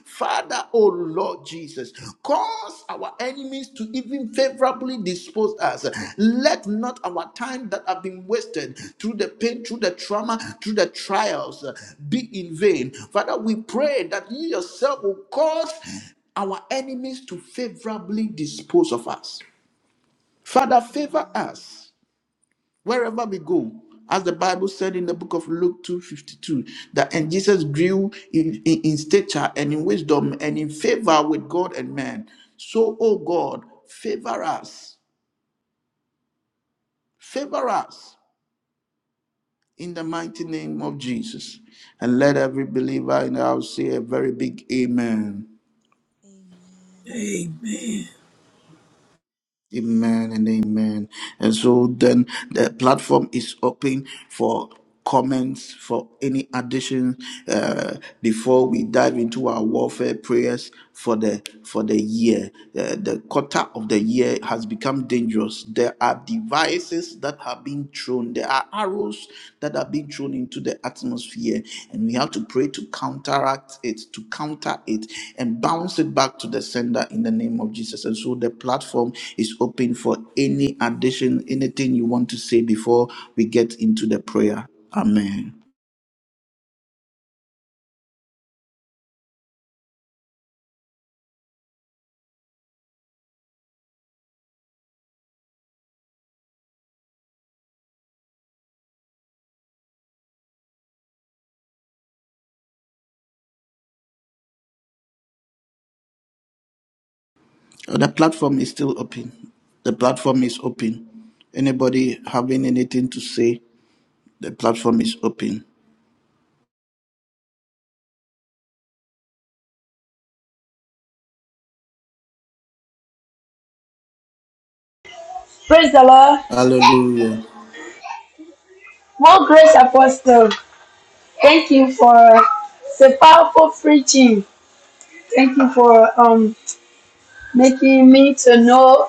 S1: Father, oh Lord Jesus, cause our enemies to even favorably dispose us. Let not our time that have been wasted through the pain, through the trauma, through the trials uh, be in vain. Father, we pray that you yourself will cause our enemies to favorably dispose of us. Father, favor
S4: Amen.
S1: us wherever we go as the bible said in the book of luke 2.52 that and jesus grew in, in, in stature and in wisdom and in favor with god and man so oh god favor us favor us in the mighty name of jesus and let every believer in the house say a very big amen
S4: Amen.
S3: Amen.
S1: Amen and amen. And so then the platform is open for comments, for any addition uh, before we dive into our warfare prayers for the for the year. Uh, the quarter of the year has become dangerous. There are devices that have being thrown. There are arrows that are being thrown into the atmosphere, and we have to pray to counteract it, to counter it, and bounce it back to the sender in the name of Jesus. And so the platform is open for any addition, anything you want to say before we get into the prayer. Amen. Uh, The platform is still open. The platform is open. Anybody having anything to say? The platform is open.
S6: Praise the Lord.
S1: Hallelujah.
S6: More grace, Apostle. Thank you for the powerful preaching. Thank you for um making me to know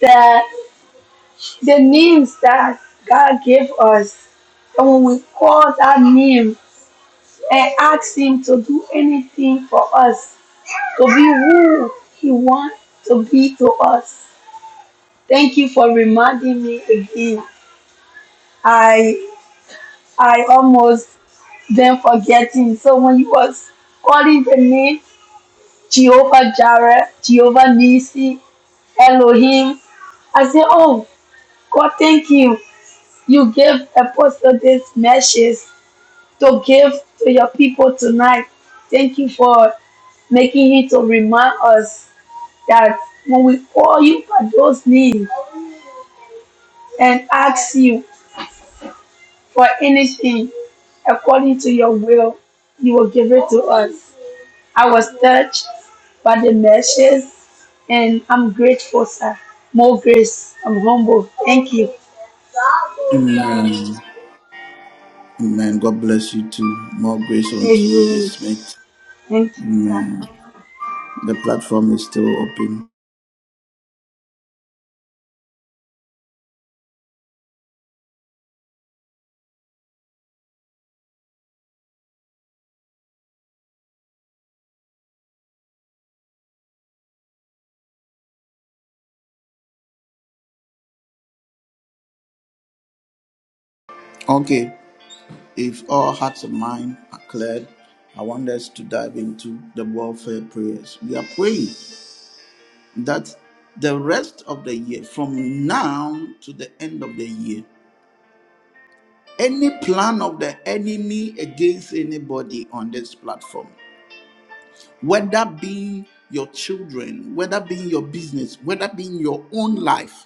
S6: that the names that God gave us, and when we call that name and ask Him to do anything for us, to be who He wants to be to us. Thank you for reminding me again. I I almost then forgetting. So when he was calling the name Jehovah Jireh, Jehovah Nisi, Elohim, I said, Oh, God, thank you. You gave Apostle this message to give to your people tonight. Thank you for making it to remind us that when we call you by those names and ask you for anything according to your will, you will give it to us. I was touched by the message, and I'm grateful, sir. More grace. I'm humble. Thank you.
S1: Amen. Amen. God bless you too. More grace unto you
S6: Amen.
S1: this night.
S6: Thank you, sir.
S1: Amen. The platform is still open. Okay. If all hearts and minds are cleared, I want us to dive into the warfare prayers. We are praying that the rest of the year, from now to the end of the year, any plan of the enemy against anybody on this platform, whether being your children, whether being your business, whether being your own life,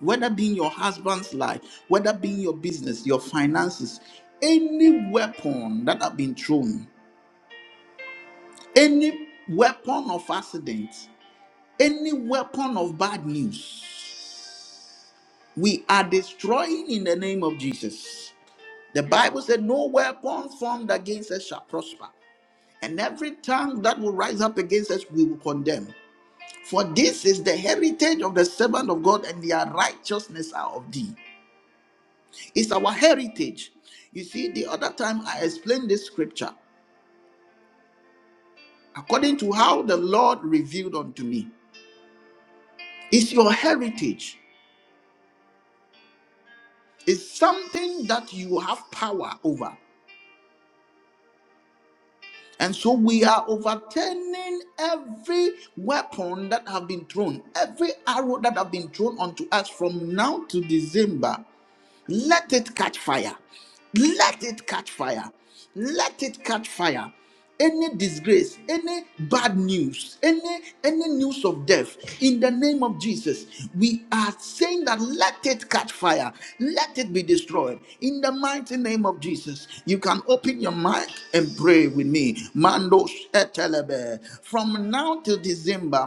S1: whether being your husband's life, whether being your business, your finances, any weapon that have been thrown, any weapon of accident, any weapon of bad news, we are destroying in the name of Jesus. The Bible said, No weapon formed against us shall prosper, and every tongue that will rise up against us, we will condemn. For this is the heritage of the servant of God, and their righteousness are of thee. It's our heritage. You see, the other time I explained this scripture according to how the Lord revealed unto me. It's your heritage, it's something that you have power over. And so we are overturning every weapon that have been thrown, every arrow that have been thrown unto us from now to December. Let it catch fire. Let it catch fire. Let it catch fire. Any disgrace, any bad news, any any news of death, in the name of Jesus, we are saying that let it catch fire, let it be destroyed. In the mighty name of Jesus, you can open your mic and pray with me. Mando shetelebe. From now till December,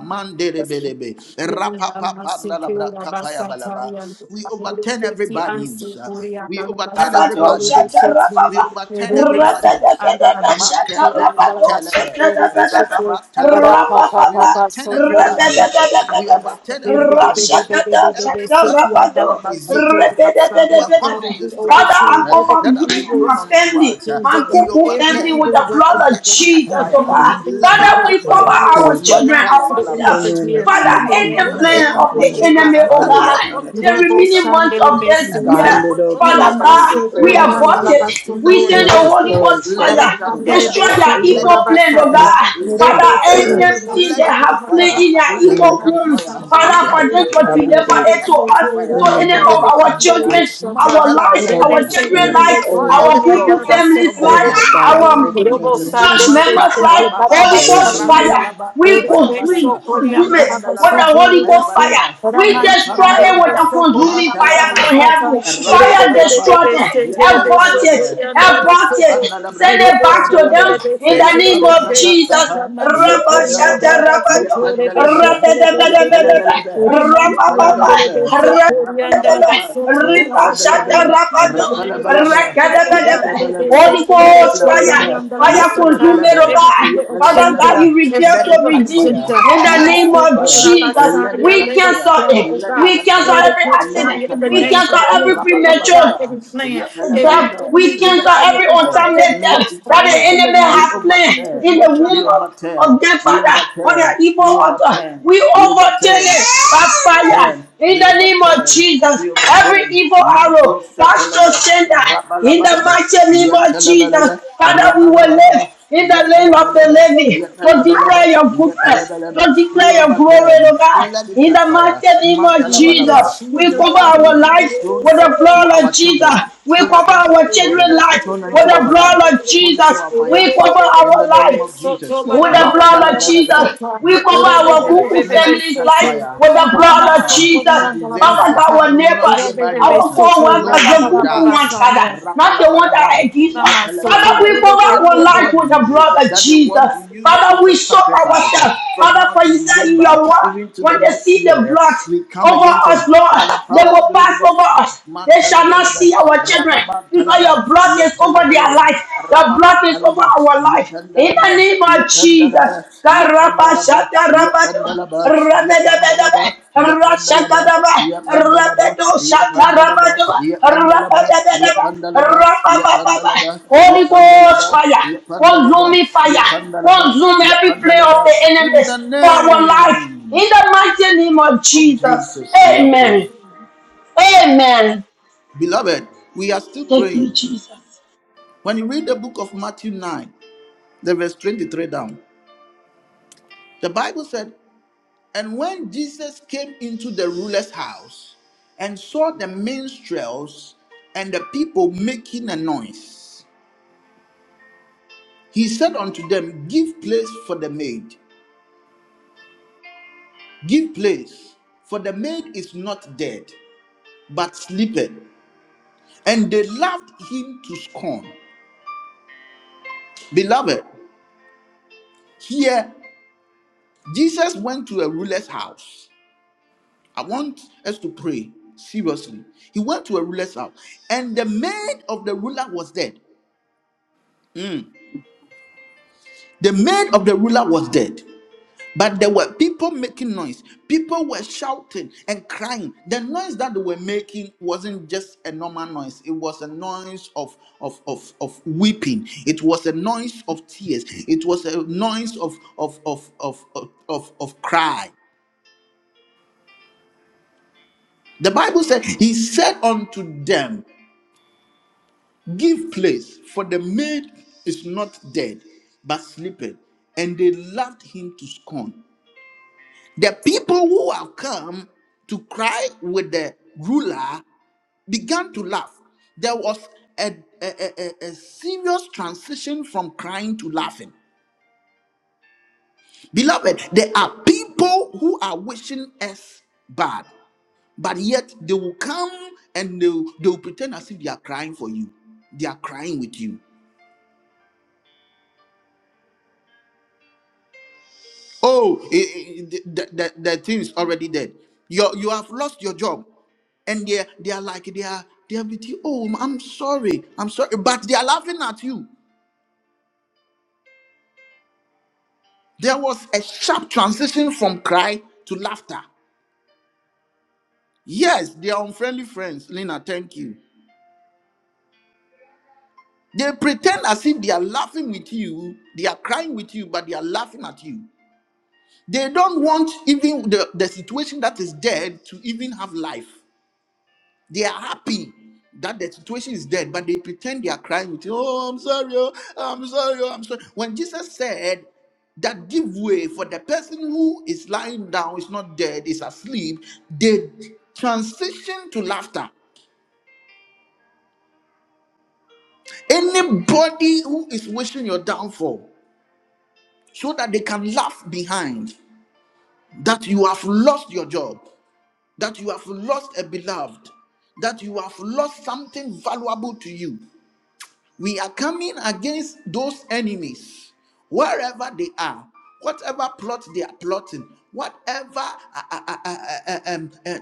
S2: Father,
S1: Mandelebelebe.
S2: we
S1: Rapa papa balaba. We overturn every bad news. uh, We overturn every
S6: rabado
S1: bad news.
S6: shata
S1: uh, We
S6: rababa.
S1: overturn every bad news. uh,
S6: Rabadabadaba shata
S1: Market
S6: rabado
S1: lefetelebe,
S6: shata rabadaba.
S1: rababa talabra. We
S6: Rabababa.
S1: overturn every bad news. We
S6: Rabadabadabadaba.
S1: overturn every bad news. uh,
S6: Rashatada
S1: Every
S6: shata
S1: weapon
S6: rabado.
S1: of disease, uh, every weapon of
S6: Rabadabadabadaba. Father, I
S1: destruction
S2: overturn
S1: uh,
S2: every
S6: cover
S1: that
S6: me
S1: have been
S6: and
S2: evil
S1: thrown
S6: my
S1: onto
S6: family,
S1: us, uh,
S2: agenda,
S6: my
S1: we
S2: God,
S6: Kuku
S2: every
S6: family
S1: overturn
S6: with
S2: evil
S6: the
S1: and
S2: weapon,
S6: blood
S2: oh
S6: of
S1: let it
S2: God.
S1: catch
S6: Jesus, oh
S1: fire.
S6: God.
S3: Hallelujah,
S2: Anything,
S1: Let it
S3: Jesus,
S6: Father,
S2: Father God,
S1: catch
S6: we
S3: for
S6: cover
S3: my
S2: dwelling
S1: fire.
S2: with
S6: our
S2: from
S3: Savior.
S6: children,
S2: now to the end of
S3: Our
S2: the
S1: Matalabalaba.
S6: ourselves.
S3: name
S2: year
S3: is
S1: Every
S3: you
S6: Father,
S3: know,
S2: in the
S6: any
S1: weapon
S3: she's
S2: name
S1: thrown
S2: of
S6: plan
S1: against
S6: of
S3: glorified. May
S6: the
S1: our
S2: Jesus,
S3: we
S2: oh
S1: children,
S6: enemy,
S2: God.
S6: oh
S3: expire
S1: every
S3: right now.
S6: God
S1: weapon
S3: That
S6: the
S1: thrown
S2: Robo
S1: against
S6: remaining
S1: our
S6: months
S2: shande
S6: of
S1: children,
S6: this
S3: we
S1: every
S6: year.
S3: bind
S2: besete.
S3: it
S1: weapon
S3: up,
S1: thrown
S2: Ina
S6: Father
S3: Lord.
S1: against
S3: I
S1: our
S3: was
S6: God,
S2: masse
S1: sons and
S6: we
S3: declaring the truth,
S2: kurianda
S1: daughters,
S6: abort
S2: la
S1: uh,
S3: Lord.
S6: it.
S2: basso
S1: in the
S6: We
S3: It
S1: name
S6: send
S2: kore
S3: is
S6: the
S1: of
S6: Holy
S2: besi.
S1: Jesus,
S3: destroyed,
S6: Ghost
S3: shall
S1: let it
S6: fire.
S1: catch
S3: return
S2: Ramande
S3: back to
S2: le
S3: the
S6: Destroy
S1: fire,
S6: their
S3: people,
S2: beso
S1: let
S3: Lord.
S6: evil
S2: kura
S1: it catch
S6: plan, oh
S3: In which
S1: fire,
S2: basata.
S6: God.
S3: it came
S1: let
S3: from.
S1: it
S6: Father,
S2: Rebe
S1: catch
S2: se
S1: fire,
S2: chere
S3: *clears throat*
S6: anything they
S2: beso
S1: let it catch
S6: have
S2: kura
S6: played
S1: fire,
S2: baba
S6: in
S2: baba
S6: their
S3: In
S1: let
S3: the
S1: it
S6: evil
S2: baba
S1: catch
S3: name
S6: wombs,
S3: of
S1: fire,
S2: basaya.
S3: Jesus,
S6: Father,
S1: let
S6: for
S3: Lord.
S1: it
S6: them
S1: catch
S6: to
S3: I
S2: Rebe
S3: have
S1: fire,
S3: your
S2: rebe
S6: deliver
S3: way,
S2: rebe
S6: it
S3: Lord.
S1: let
S6: to
S1: it
S2: so
S1: catch
S6: us,
S1: fire.
S2: kure
S3: In
S6: to
S3: the
S2: mande
S6: any of
S3: name
S2: le
S1: Let it
S6: our
S1: catch
S3: of
S2: bando
S3: Jesus,
S1: fire.
S2: robo
S3: Lord.
S6: children,
S3: God.
S2: shata.
S6: our lives,
S3: Over
S6: our
S2: Rebe
S1: Matalabalaba.
S3: my
S2: se
S1: We
S6: children's
S2: chere
S3: family,
S6: life,
S2: beso
S1: destroy
S3: over my
S1: every
S6: our
S3: house,
S2: kurianda
S6: Google
S2: la
S1: plot uh,
S2: basso
S6: family's
S1: of the
S2: kore
S3: over
S6: life,
S3: my
S1: enemy healing
S3: God,
S1: in the
S6: our
S1: name
S3: right
S2: besi.
S1: of
S3: now in
S2: Robo
S3: the
S1: Jesus.
S3: name of
S2: shande
S3: Jesus.
S6: church
S2: le
S1: Mata
S6: members'
S2: beso
S6: life,
S2: kura
S1: rababa,
S6: Holy Ghost
S3: Hallelujah.
S6: fire.
S2: basaya.
S1: rantalaba
S6: We con-
S2: Rebe
S6: we
S1: kapayabalaba,
S2: so
S6: consume
S2: kurianda
S6: it
S2: la
S6: with
S1: randalaba
S2: basso
S6: the Holy
S2: kore
S6: Ghost
S2: besi.
S1: kapayabalaba,
S6: fire.
S2: Ori
S6: We destroy it
S2: mansiandele
S1: rapandalaba,
S6: with a consuming fire from
S1: matalabalaba,
S6: heaven. Fire destroy
S1: rapandalaba,
S6: it. Abort
S1: yetalabalaba,
S6: it. Abort it.
S1: rapandalabra
S6: Send it back to
S1: kapayabalaba,
S6: them in the name of
S1: yapandalabra
S6: Jesus.
S1: kapa,
S6: Rabba shata
S1: yapandalaba,
S6: rabba do.
S1: yapandalaba,
S6: Rabba da da da
S1: yapalabalaba,
S6: Rabba
S1: yapalabalaba,
S2: beso toriandala in
S1: rapalabalaba, yapelebelebe, let it cut
S2: the name of Jesus, oh God, let they set
S6: Holy
S2: to let they
S6: Ghost
S2: so
S6: fire,
S2: one yam
S6: fire
S2: dalabasata.
S6: consume oh
S2: Every
S6: God.
S2: evil
S6: Father God,
S2: agenda,
S6: you
S2: every
S6: reveal to
S2: evil
S6: redeem
S1: fire.
S2: agenda,
S6: in the
S2: my
S1: Let it
S6: name
S1: cut
S2: soul,
S6: of
S1: fire.
S6: Jesus.
S1: Let it
S2: Rabasaya,
S6: We
S1: cut
S2: let it
S1: fire.
S6: cancel
S2: scatter,
S6: it.
S2: oh
S1: Let it
S2: God.
S6: We
S1: cut
S6: cancel
S2: Let
S1: fire.
S2: it
S6: every
S2: catch
S1: Let
S2: fire
S1: it
S6: accident.
S2: in
S1: cut
S2: the
S6: We
S1: fire.
S2: name
S6: cancel
S2: of
S6: every
S2: Jesus. Every
S6: premature
S2: plot,
S1: Rabalabalaba.
S2: every plan, every
S6: death.
S1: Yetalabalaba.
S2: enemy
S6: We cancel
S1: Let it
S2: desire,
S6: every
S1: cut
S2: oh God,
S1: fire.
S6: untimely
S2: let it
S6: death
S2: catch
S1: Let it
S6: that
S1: cut
S6: the
S2: fire in
S1: fire.
S2: the
S6: enemy
S1: We
S2: name
S6: has
S2: of
S6: planned
S2: Jesus,
S6: in
S2: oh
S1: overturn.
S6: the
S1: We
S6: womb
S2: God.
S6: of,
S1: overturn.
S6: of death,
S1: We
S6: Father, on
S1: overturn.
S6: the evil
S1: We
S6: altar.
S1: overturn.
S6: We
S1: We
S6: overturn
S1: overturn.
S6: it by fire
S1: Turn,
S6: in
S1: we
S6: the name of
S1: overturn,
S6: Jesus.
S1: we
S6: Every
S1: overturn.
S6: evil arrow,
S1: Mato
S6: Pastor
S1: Satalaba,
S6: sender in the
S1: Rabalabalaba,
S6: mighty name of Jesus,
S1: Yetalabalaba,
S6: Father, we will live
S1: Rabalabalaba,
S6: in the land of
S1: Yetalabalaba,
S6: the living to
S1: Yetalabalaba,
S6: declare your goodness
S1: Yetalabalaba,
S6: to
S1: we
S6: declare your glory,
S1: overturn.
S6: Lord God.
S1: Let it
S6: In
S1: catch
S6: the
S1: fire.
S6: mighty name
S2: the
S6: of
S2: name of
S6: Jesus,
S1: Mantalabalaba,
S6: we
S1: any
S2: Jesus,
S6: cover
S2: oh God,
S6: our
S1: arrow
S2: we will
S6: life
S2: do
S1: thrown
S6: with
S1: it
S2: so
S6: the
S2: for you,
S1: to
S6: blood of
S1: our
S6: Jesus.
S1: children,
S6: We
S1: thrown
S2: God.
S6: cover
S1: against
S6: our
S1: our
S2: We will
S1: children,
S2: do
S6: children's
S2: so for
S6: life
S2: you,
S1: thrown
S6: with
S2: God.
S1: into
S6: the
S1: our lives,
S6: blood of
S1: thrown
S6: Jesus.
S1: to our
S2: We will do
S6: We
S1: finances.
S6: cover
S1: In
S6: our
S1: the name
S6: life
S1: of
S2: so for you, God. We will do so for
S1: Jesus,
S2: you,
S6: with the
S1: Ma
S6: blood of
S1: telebelebe,
S6: Jesus.
S2: God.
S6: We
S1: le
S6: cover our
S1: telebelebe,
S6: Google
S1: let it
S6: family's
S1: catch
S6: life
S1: fire
S6: with
S2: In
S6: the
S2: the
S1: from
S2: name
S6: blood of
S2: so
S1: now
S2: for you,
S6: Jesus.
S1: to
S2: God, God.
S6: Father,
S1: December.
S6: our
S1: We will
S2: We
S1: not
S2: will
S1: hear
S6: neighbors,
S2: do
S1: bad news.
S6: our
S2: so for you,
S1: No
S2: God,
S6: co-workers,
S2: God,
S1: one
S6: the
S1: will
S6: Google ones,
S1: die.
S6: Father,
S2: yeah.
S6: not the ones that are
S1: Rapalabalaba,
S6: against us.
S2: so
S6: Father,
S2: to-
S6: we
S2: we
S1: Yakalabalaba.
S2: will
S6: cover
S2: do so
S6: our
S2: for me,
S6: life with the
S1: Anybody
S2: oh
S6: blood of
S1: that they
S6: Jesus.
S1: want to use
S2: God.
S6: Father,
S1: as a
S6: we soak
S1: sacrifice uh,
S6: ourselves.
S1: from
S6: Father,
S1: now
S6: for
S1: to
S6: you said in
S1: December,
S6: your word,
S1: even to
S6: when
S1: the
S6: they
S1: next
S6: see the
S1: year,
S6: blood,
S1: we come
S6: over
S1: against it
S6: us, Lord.
S1: by the
S6: They
S1: power
S6: will
S1: of the Holy
S6: pass over
S1: Ghost. Uh,
S6: us. They shall not
S1: Matalabalaba,
S6: see our children because
S1: Rababantalaba,
S6: your blood is over their
S1: Yatalabalaba,
S6: life. Your blood is over our life.
S1: Rababantalaba,
S6: In the
S1: Yepandalaba,
S6: name of Jesus.
S1: Yepandalaba, Yepandalaba,
S6: Karabashata rabato. Rabadabadabe.
S1: Yepandalaba, Yepandalaba,
S6: Rashakadabe.
S1: Yepandalaba,
S6: Rabato
S1: Yepandalaba, Yepandalaba,
S6: shatarabato.
S1: Yepandalaba, Yepandalaba,
S6: Rabadabadabe. Rababababa.
S1: Yepandalaba,
S6: Holy Ghost
S1: Yepandalaba,
S6: fire,
S1: Yepandalaba,
S6: consuming fire,
S1: Yepandalaba,
S6: consume every play of
S1: Yepandalaba.
S6: the
S1: In the
S6: enemies for our life. In
S1: name
S6: the mighty name of
S1: of
S6: Jesus.
S1: Jesus, we are
S6: Amen.
S1: praying.
S6: Amen.
S1: Beloved, we are still
S6: Thank you,
S1: praying.
S6: Jesus.
S1: When you read the book of Matthew 9, the verse 23 down, the Bible said. And when Jesus came into the ruler's house and saw the minstrels and the people making a noise, he said unto them, Give place for the maid, give place, for the maid is not dead, but sleepeth. And they laughed him to scorn. Beloved, here Jesus went to a ruler's house. I want us to pray seriously. He went to a ruler's house, and the maid of the ruler was dead. Hmm. The maid of the ruler was dead, but there were people making noise. People were shouting and crying. The noise that they were making wasn't just a normal noise, it was a noise of, of, of, of weeping, it was a noise of tears, it was a noise of, of, of, of, of, of, of cry. The Bible said, He said unto them, Give place, for the maid is not dead, but sleepeth. And they laughed him to scorn. The people who have come to cry with the ruler began to laugh. There was a, a, a, a- a serious transition from crying to laughing. Beloved, there are people who are wishing us bad, but yet they will come and they will, they will pretend as if they are crying for you. They are crying with you. Oh, it, it, the, the, the things already dead. You you have lost your job, and they they are like they are they are with you. Oh, I'm sorry, I'm sorry, but they are laughing at you. There was a sharp transition from cry to laughter. Yes, they are unfriendly friends. Lena, thank you. They pretend as if they are laughing with you, they are crying with you, but they are laughing at you. They don't want even the, the situation that is dead to even have life. They are happy that the situation is dead, but they pretend they are crying with, oh, I'm sorry, oh, I'm sorry, oh, I'm sorry. When Jesus said that give way for the person who is lying down, is not dead, is asleep, they transition to laughter. Anybody who is wishing your downfall so that they can laugh behind that you have lost your job, that you have lost a beloved, that you have lost something valuable to you. We are coming against those enemies wherever they are, whatever plot they are plotting, whatever uh, uh, uh, uh, uh, um, uh,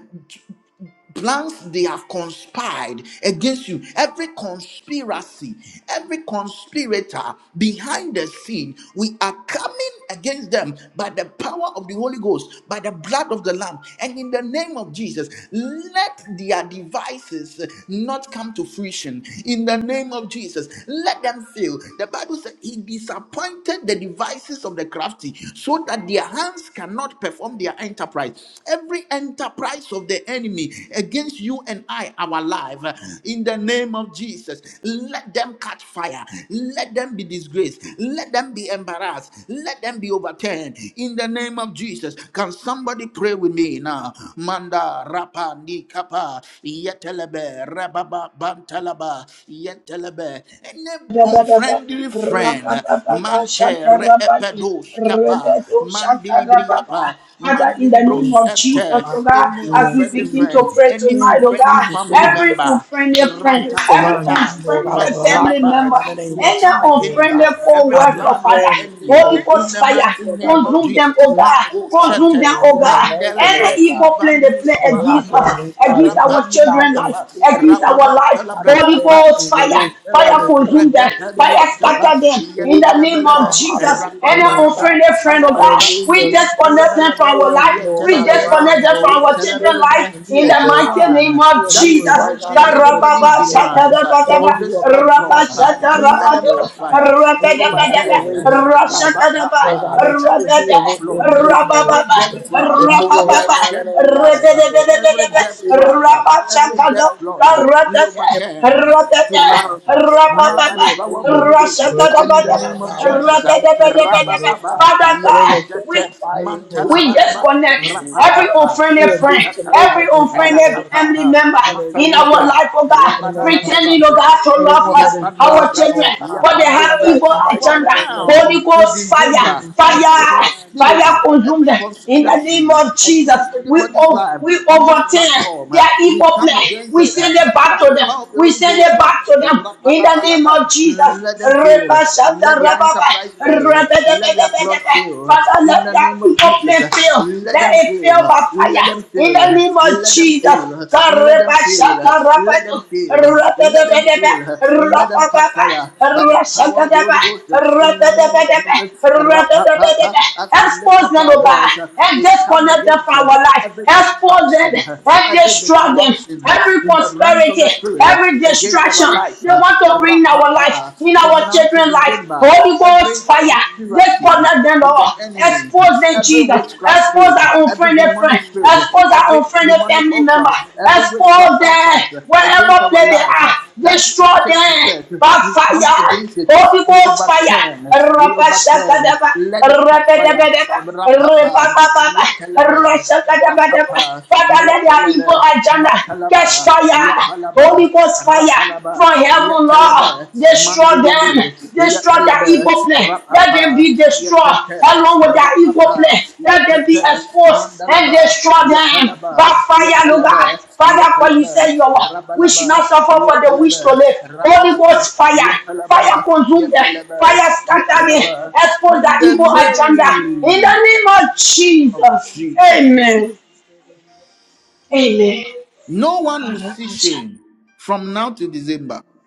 S1: plans they have conspired against you every conspiracy every conspirator behind the scene we are coming against them by the power of the holy ghost by the blood of the lamb and in the name of jesus let their devices not come to fruition in the name of jesus let them fail the bible said he disappointed the devices of the crafty So so that their hands cannot perform their enterprise. Every enterprise of the enemy against you and I, our life, uh, in the name of Jesus, let them catch fire. Let them be disgraced. Let them be embarrassed. Let them be overturned. In the name of Jesus, can somebody pray with me now? Manda rapa ni kapa yetelebe rababa bantalaba yetelebe any unfriendly friend, mante re epedos kapa
S6: Rebedo Shakarababa.
S1: mandilibriapa,
S6: Father, in the name
S1: mandilibros
S3: Yes,
S6: of
S3: Lord.
S6: Jesus,
S1: ete,
S6: oh God,
S1: any
S3: In the
S6: as
S3: name
S6: we
S1: unfriendly
S6: begin to
S1: friend,
S3: Jesus.
S6: pray
S1: any
S3: In
S6: tonight, oh
S1: unfriendly
S6: God,
S3: the
S1: family
S3: name
S6: every
S1: member,
S6: unfriendly friend,
S3: Lift
S6: every
S3: around us,
S1: ratatata,
S3: Lord
S6: unfriendly
S3: God, of the
S6: family
S3: locker right
S1: mantalaba,
S6: member,
S3: now, in the name
S1: we
S3: of
S6: and the
S3: Jesus,
S1: come
S3: Lord
S1: against
S6: unfriendly
S3: God.
S1: every
S3: I
S6: co-worker,
S1: plan of
S6: Father,
S3: declare
S1: the
S3: and
S4: Rakataria
S3: decree,
S1: enemy
S6: Holy
S3: Lord
S1: in
S4: robo
S6: Ghost
S1: the
S6: fire,
S4: soto
S1: mighty
S4: robo
S3: God.
S1: name of
S4: bobo
S6: consume them,
S1: Jesus.
S4: bobo.
S6: oh God,
S1: Mako
S3: Father,
S6: consume
S1: shete,
S6: them,
S3: Lord,
S6: oh
S4: Oh
S3: we are
S6: God.
S3: real amazing,
S4: Lord,
S6: Any
S3: Lord
S4: let
S6: evil
S3: God.
S4: them be
S6: plan they play
S1: mendelebre,
S6: against
S4: exposed
S3: Blocking
S4: and
S1: Mahanda,
S6: us,
S4: be
S3: Heavenly Father
S6: against
S3: in the
S6: our
S4: disgraced, oh
S3: spot
S4: God.
S6: children's
S3: in this
S1: Rapanilibriapa,
S6: life,
S3: team, Lord
S6: against
S3: God.
S6: our life,
S3: I
S6: Holy
S3: declare
S1: Rababantalabrakapa,
S4: Karatatatatata.
S6: Ghost
S3: clean that it is
S6: fire, Fire
S1: Yentelebe,
S3: every
S6: consume
S3: person
S6: them.
S4: Those
S6: Fire
S3: disappear.
S1: Repepenustapa,
S6: scatter
S4: enemies,
S6: them.
S3: The
S6: In
S3: witch
S6: the
S4: Father
S6: name
S1: Yentelebelebe,
S6: of
S4: Lord,
S3: from
S4: that
S6: Jesus.
S3: hallelujah,
S4: come
S6: Any
S4: out
S3: Lord
S4: as
S3: God.
S6: unfriendly
S1: Rapanalabrakapa,
S6: friend of
S4: They
S6: God,
S4: are
S1: Yabalaba,
S4: on
S6: we
S3: Hallelujah,
S4: my
S3: Jesus.
S6: disconnect them
S1: Yentelebelebe,
S4: side.
S6: from our
S3: Anyone,
S6: life.
S4: Father,
S3: Lord
S6: We
S3: God,
S1: Yetelebelebe,
S3: around
S6: disconnect
S3: me,
S4: expose
S6: them
S4: them
S3: Lord
S6: from
S3: God,
S4: and
S6: our
S3: they
S4: let
S3: tell
S6: children's
S4: them be
S6: life.
S1: Yetelebelebe.
S3: you you
S6: In
S3: are
S6: the
S4: disgraced.
S6: mighty
S3: blocking.
S6: name
S1: Anyone
S3: You
S6: of
S3: are
S1: that is
S3: moving
S6: Jesus.
S4: Expose
S3: right
S4: them
S3: now
S6: *laughs*
S4: and
S1: wishing
S3: in the
S4: let
S3: name
S4: them
S3: of
S4: be
S1: anybody's
S3: Jesus,
S6: Karababa,
S3: Lord God.
S1: demise
S4: disgraced.
S1: uh,
S6: shakadabadaba,
S3: Those
S1: on
S3: who
S1: this
S3: are coming
S4: Expose them
S6: rapa,
S4: and
S1: platform,
S3: against
S4: let
S3: me
S1: uh,
S4: them
S3: on
S4: be
S3: my
S1: let
S3: child,
S1: them
S4: disgraced in
S6: shakarabado,
S1: catch
S3: Lord
S4: the
S3: God
S4: name
S1: fire.
S4: of
S1: We
S3: that
S4: Jesus.
S3: you have your
S6: rakadabadaba,
S3: way,
S1: overturn.
S3: Heavenly
S4: Rekatorodi
S3: Father.
S4: bababa
S6: rashakadaba,
S3: Oh
S1: Papa.
S3: God, that you will
S1: Every
S3: do a
S6: rakada,
S1: death
S3: work in
S1: plot, uh,
S3: them,
S4: shabarabakata
S3: Lord
S1: every
S6: rabababa,
S1: death
S3: Jesus.
S1: trap, uh,
S3: Remove it
S1: we
S3: right
S4: rakodoshima
S6: rapapapa,
S3: now in
S1: overturn
S3: the
S1: to
S3: name of
S4: mandorodo
S1: life. uh,
S4: soto.
S3: Jesus.
S1: Every
S3: I
S6: redededededede,
S1: death
S3: pray, Lord
S4: Expose
S1: trap,
S3: God,
S4: them,
S1: uh,
S4: O
S3: that I
S1: every
S3: pray,
S4: Lord, and let
S1: death
S6: rapachakado,
S4: them be
S1: plot, uh,
S3: Lord God,
S1: we
S6: Karatata,
S4: disgraced.
S1: overturn
S3: that
S1: uh, to
S6: ratata,
S4: Karata
S1: life.
S3: around
S1: uh,
S3: her,
S4: tata
S3: Lord God,
S1: Now
S3: that
S4: tata
S3: you
S1: by the
S6: rapapapa,
S1: power
S3: will
S1: of
S3: move
S1: the Holy
S3: them,
S1: Ghost uh, and
S3: block
S1: in the
S3: them,
S6: rasatadabadaba,
S4: mantorosoto
S1: name
S3: Lord
S1: of
S3: God, right
S1: Jesus.
S3: now in
S1: uh,
S3: the name of Jesus,
S6: ratadabadabadaba.
S3: Lord
S1: Rabababa,
S3: God.
S6: Father
S3: That they
S6: God,
S3: will catch
S4: Katarabababababa,
S6: we
S3: on
S1: yetetete,
S3: fire, it will turn
S6: we
S1: mantalabalaba,
S3: into
S4: Rabababababa,
S3: you,
S6: disconnect
S3: Heavenly
S6: every
S3: Father.
S1: rapapapa,
S3: You
S6: unfriended
S3: will
S4: Rabababababa,
S6: friend,
S3: disconnect,
S6: every
S1: matatata,
S3: Heavenly Father,
S6: unfriended
S4: Darabababa,
S3: Lord God.
S6: family
S1: rapapapa,
S6: member in
S4: Ratatatatata,
S6: our
S3: Hallelujah,
S1: matatata,
S3: Jesus,
S6: life, oh
S3: in
S6: God,
S3: the name
S4: Ratatatat.
S3: of
S6: pretending,
S1: rabadabadaba.
S6: oh
S3: Jesus.
S6: God,
S4: Expose
S6: to
S4: them
S6: love
S4: and
S3: Anyone
S6: us,
S4: let
S3: that
S4: them
S3: is
S4: be
S6: our
S3: blocked,
S1: Yapandalabra,
S4: disgraced, O
S3: Lord
S6: children,
S3: God,
S4: Lord!
S6: but they have
S1: yapandalabra.
S6: evil
S3: distraction
S4: Expose
S3: right
S4: them,
S3: now in
S4: O
S6: agenda.
S1: From
S4: mighty
S3: the
S1: now
S4: God!
S3: name
S6: Holy
S1: to
S6: Ghost
S4: Let them be
S6: fire,
S3: of
S1: December,
S4: disgraced.
S1: every
S3: Jesus.
S6: fire,
S4: Ba
S6: fire
S1: conspirator,
S4: Rababababa,
S6: consume
S1: every
S6: them, in the
S4: Rababababa,
S6: name
S1: conspiracy
S6: of Jesus,
S1: against
S6: we
S1: anybody's
S6: over
S1: life
S4: Rabababababa,
S6: we
S1: on this
S6: overturn
S1: platform,
S4: Rababababa,
S1: uh,
S6: their
S1: we
S6: evil
S1: come
S6: plan.
S1: against
S6: We
S1: it uh,
S6: send it back
S1: by
S4: Rabababababa,
S6: to
S1: the
S6: them.
S1: power of the
S6: We
S1: Holy
S6: send
S4: Rabababababa,
S6: it
S1: Ghost. uh,
S6: back to them. In
S4: Rabababababa,
S6: the name
S1: rapalabalaba.
S6: of Jesus.
S1: Let them fail.
S6: Reba
S1: Let
S6: shata
S4: Shakarababa
S1: their
S6: rababa.
S1: enterprise fail.
S6: Rebe
S4: Rekete
S6: de be
S1: Let
S6: de
S1: their
S4: Rebeke
S6: be de
S1: plot fail.
S4: Serebekete
S6: Father, let
S1: In the
S6: their
S1: name of
S6: evil
S1: Jesus,
S6: plan
S1: uh,
S4: Korekete
S6: fail.
S1: let
S6: Let
S4: Rebekete
S1: them
S6: it fail
S1: fail.
S6: by
S4: Rebekete
S1: Let. Let
S6: fire.
S4: Rebeke
S1: them
S6: In
S1: feel.
S6: the
S4: Sekerebebe
S6: name of
S1: Let them feel.
S6: Jesus.
S1: Let
S4: Korabababa
S1: them feel. Let
S6: Karepashatarapatu,
S1: them
S4: Rabandebe
S1: feel. Let them
S6: ratatatatata,
S1: feel. Let them
S4: Sekerededededededededededededede
S1: catch
S6: rapapapa,
S1: fire by the
S4: Rata
S1: power of
S4: Tata
S1: the
S6: rashatatapa,
S1: Holy
S4: Tata
S1: Ghost.
S4: Tata
S1: In the
S4: Tata
S1: name of
S4: Raka
S6: ratatatatata,
S4: Tata
S1: Jesus,
S4: Tata
S1: Ra-pa-pa-pa.
S6: ratatatatata.
S4: Raka
S1: as we
S4: Tata
S1: lift
S6: Expose
S4: Tata
S1: up
S6: them,
S1: our
S6: O
S4: Ya
S6: God,
S1: voice,
S6: and
S1: we
S4: Rata
S1: come
S6: disconnect them
S4: Katakaya
S1: against
S6: from
S1: uh,
S6: our life.
S1: every
S4: Rata
S6: Expose
S4: Tata
S6: them
S1: distraction, uh,
S4: Tata
S6: and
S1: every
S6: destroy
S4: Raka
S6: them.
S4: Tata
S1: disruption uh,
S6: Every
S4: Tata
S1: in the realms of
S6: prosperity,
S1: the spirit
S6: every
S1: uh,
S4: Korabababasu
S1: against our
S4: torobo
S6: distraction
S1: life.
S6: they
S1: uh,
S6: want
S4: sharaba
S6: to bring in our life,
S1: Ra-pa-pa.
S6: in
S1: From
S6: our
S1: now
S4: Rozodoboshika
S1: to
S6: children's life.
S1: December,
S6: Holy
S4: Raboshkaba
S1: every
S6: Ghost fire,
S1: conspiracy
S6: disconnect
S4: Ndarabadia
S6: them
S1: of the
S6: all.
S1: enemy,
S6: Expose them,
S4: Reketerebe
S1: every
S6: Jesus.
S1: witchcraft
S6: Expose
S1: spirit,
S6: our
S4: Rebekesete
S1: every
S6: unfriendly
S1: demonic
S6: friend.
S1: spirit,
S6: Expose our
S1: every
S4: Kurabakosaya
S6: unfriendly
S1: demonic
S6: family member.
S1: utterance,
S4: Ramberibe
S1: every
S4: Seribe
S1: witchcraft
S6: Expose them
S1: utterance
S6: wherever
S1: against our
S6: place they
S1: life uh,
S6: are.
S1: that
S6: Destroy
S1: should take
S6: them
S1: effect.
S6: by
S1: We
S4: Orororororororororororo
S1: come
S6: fire.
S1: against it.
S6: Holy
S1: We
S4: Rokosoto
S6: Ghost fire.
S4: Rorororo
S1: overturn. We
S6: Rabba shaka
S1: overturn.
S6: daba.
S4: Rokosoto
S1: Let it
S4: Robobo
S1: catch
S6: Rabba daba
S1: fire.
S6: daba. Rabba
S4: Rebendele
S6: deba
S1: Rapapa,
S4: Bendele Bendele
S6: deba.
S1: yetelebe,
S4: Bosika Baba
S6: Rashakadabadaba.
S4: Yaka
S1: rapapa,
S4: Rababa
S6: Father, let their evil
S1: yetelebe,
S4: Rabada
S6: agenda
S4: Bada Bada
S6: catch
S4: Bada
S1: matalaba,
S6: fire.
S4: Bada Bada
S6: Holy
S1: Yapalaba,
S6: Ghost fire
S1: Rapalaba,
S6: from
S4: Rabababababa,
S6: heaven, Lord.
S1: Yatalaba,
S6: Destroy
S4: rabababababa,
S1: Mandilibri,
S6: them. Destroy their
S1: Yapalaba,
S6: evil
S4: rabababababa,
S6: plan. Let them
S1: Rapapa,
S6: be destroyed
S4: rabababababa,
S1: Yatata,
S4: sika
S6: along with their evil
S1: Rapapa,
S6: plan.
S4: rabababababa,
S6: Let them be
S1: Yatata,
S4: korababa
S6: exposed
S4: sika
S6: and
S1: Mandalaba,
S6: destroy
S4: rababo shika
S6: them. By
S1: Yapalaba,
S4: bababa,
S6: fire, Lord God.
S1: Yapalaba,
S6: Father, for
S4: rakatabababa
S6: you say
S1: Yapalaba,
S4: shika
S6: your word.
S4: bababa.
S6: We should
S1: Rabalaba,
S6: not suffer
S4: Oh
S6: for the wish to
S1: Yatalaba,
S6: live.
S4: Lord,
S6: Holy
S1: Rapalaba,
S6: Ghost fire.
S4: karakatarianda,
S6: Fire
S1: Yapalaba,
S6: consume them.
S4: eh,
S1: Yapalaba,
S6: Fire scatter them.
S4: rikiterebebebe.
S1: Yapalaba,
S4: my
S6: Expose the
S1: in the
S4: hidden
S6: evil
S4: enemies,
S6: agenda.
S4: oh God,
S6: In
S1: name
S6: the
S4: that
S6: name of
S4: would
S1: of
S6: Jesus.
S4: always want to
S1: Jesus.
S4: come out
S6: Amen.
S4: is there, there, my friends, and not
S6: Amen.
S4: expose them
S1: No
S4: and
S1: one will
S4: everything.
S1: see
S6: Karabasha.
S1: shame from now to December.
S4: Mm.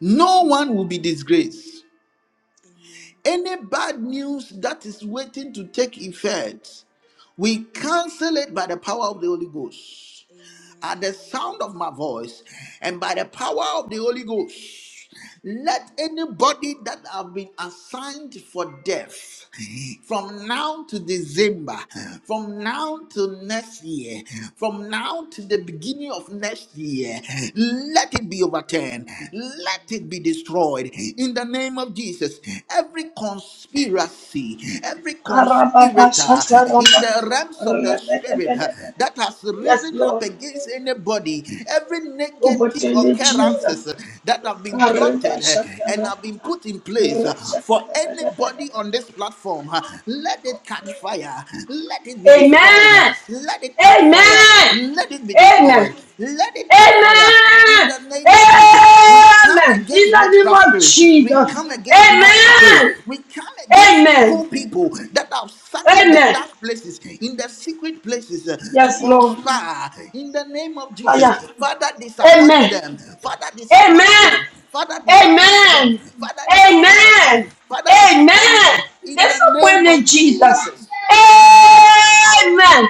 S1: No one will be disgraced.
S4: Amen.
S1: Any bad news that is waiting to take effect, we cancel it by the power of the Holy Ghost at the sound
S4: Amen.
S1: of my voice and by the power of the Holy Ghost. Let anybody that have been assigned for death from now to December, from now to next year, from now to the beginning of next year, let it be overturned, let it be
S4: Amen.
S1: destroyed in the name of Jesus. Every conspiracy conspiracy, every
S6: Karababasha.
S1: conspirator in
S6: Karababa.
S1: the realms of the spirit uh,
S6: Rabadabadabada.
S1: that has
S6: Yes,
S1: risen up
S6: Lord.
S4: Amen.
S1: against anybody, every
S4: Mm,
S1: negative
S6: Overturn it,
S1: occurrences
S6: Jesus.
S1: uh, that have been plotted uh,
S6: Karabasha.
S1: and have been
S6: Karababa.
S1: put in place uh, for
S6: Rashabadabadabada.
S1: anybody
S4: mm.
S1: on this platform, uh, let it catch fire, let it be
S4: Amen.
S1: destroyed, uh, let it catch fire, let it be destroyed,
S4: Amen.
S1: let it catch fire, in
S6: Amen.
S1: the name of Jesus, we come
S6: Amen. In
S1: against
S6: the name
S1: witchcraft
S6: of
S1: spirits. We
S6: Jesus.
S1: come against demonic spirit.
S6: Amen.
S1: We come against
S4: Yes,
S6: Amen.
S1: evil
S4: Lord.
S1: people that have sat in the
S6: Amen.
S1: dark places, in the secret places uh, to
S6: Yes, Lord.
S1: conspire. In the name of Jesus,
S6: Fire.
S1: Father, disappoint
S6: Amen.
S1: them. Father, disappoint
S6: Amen.
S1: them. Father,
S4: Yes,
S1: disappoint
S4: Lord.
S1: them.
S6: Amen.
S1: Father, disappoint them.
S6: Amen.
S1: Father, disappoint
S6: Amen.
S1: them. In
S6: This
S1: the name
S6: appointment,
S1: of
S6: Jesus.
S1: Jesus.
S6: Amen.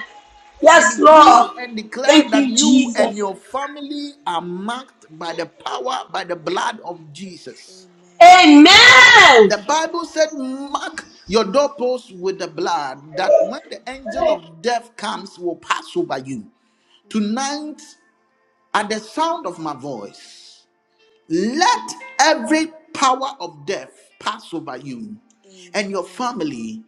S1: I
S6: Yes,
S1: decree
S6: Lord.
S1: and declare
S6: Thank
S1: that
S6: you,
S1: you and
S6: Jesus.
S1: your family are marked by the power, by the blood of Jesus.
S6: Amen.
S4: Amen.
S1: The Bible said, Mark your doorposts with the blood, that when the
S4: Mm,
S1: angel of death comes, will pass over you.
S4: mm.
S1: Tonight, at the sound of my voice, let every power of death pass over you and your
S4: Amen.
S1: family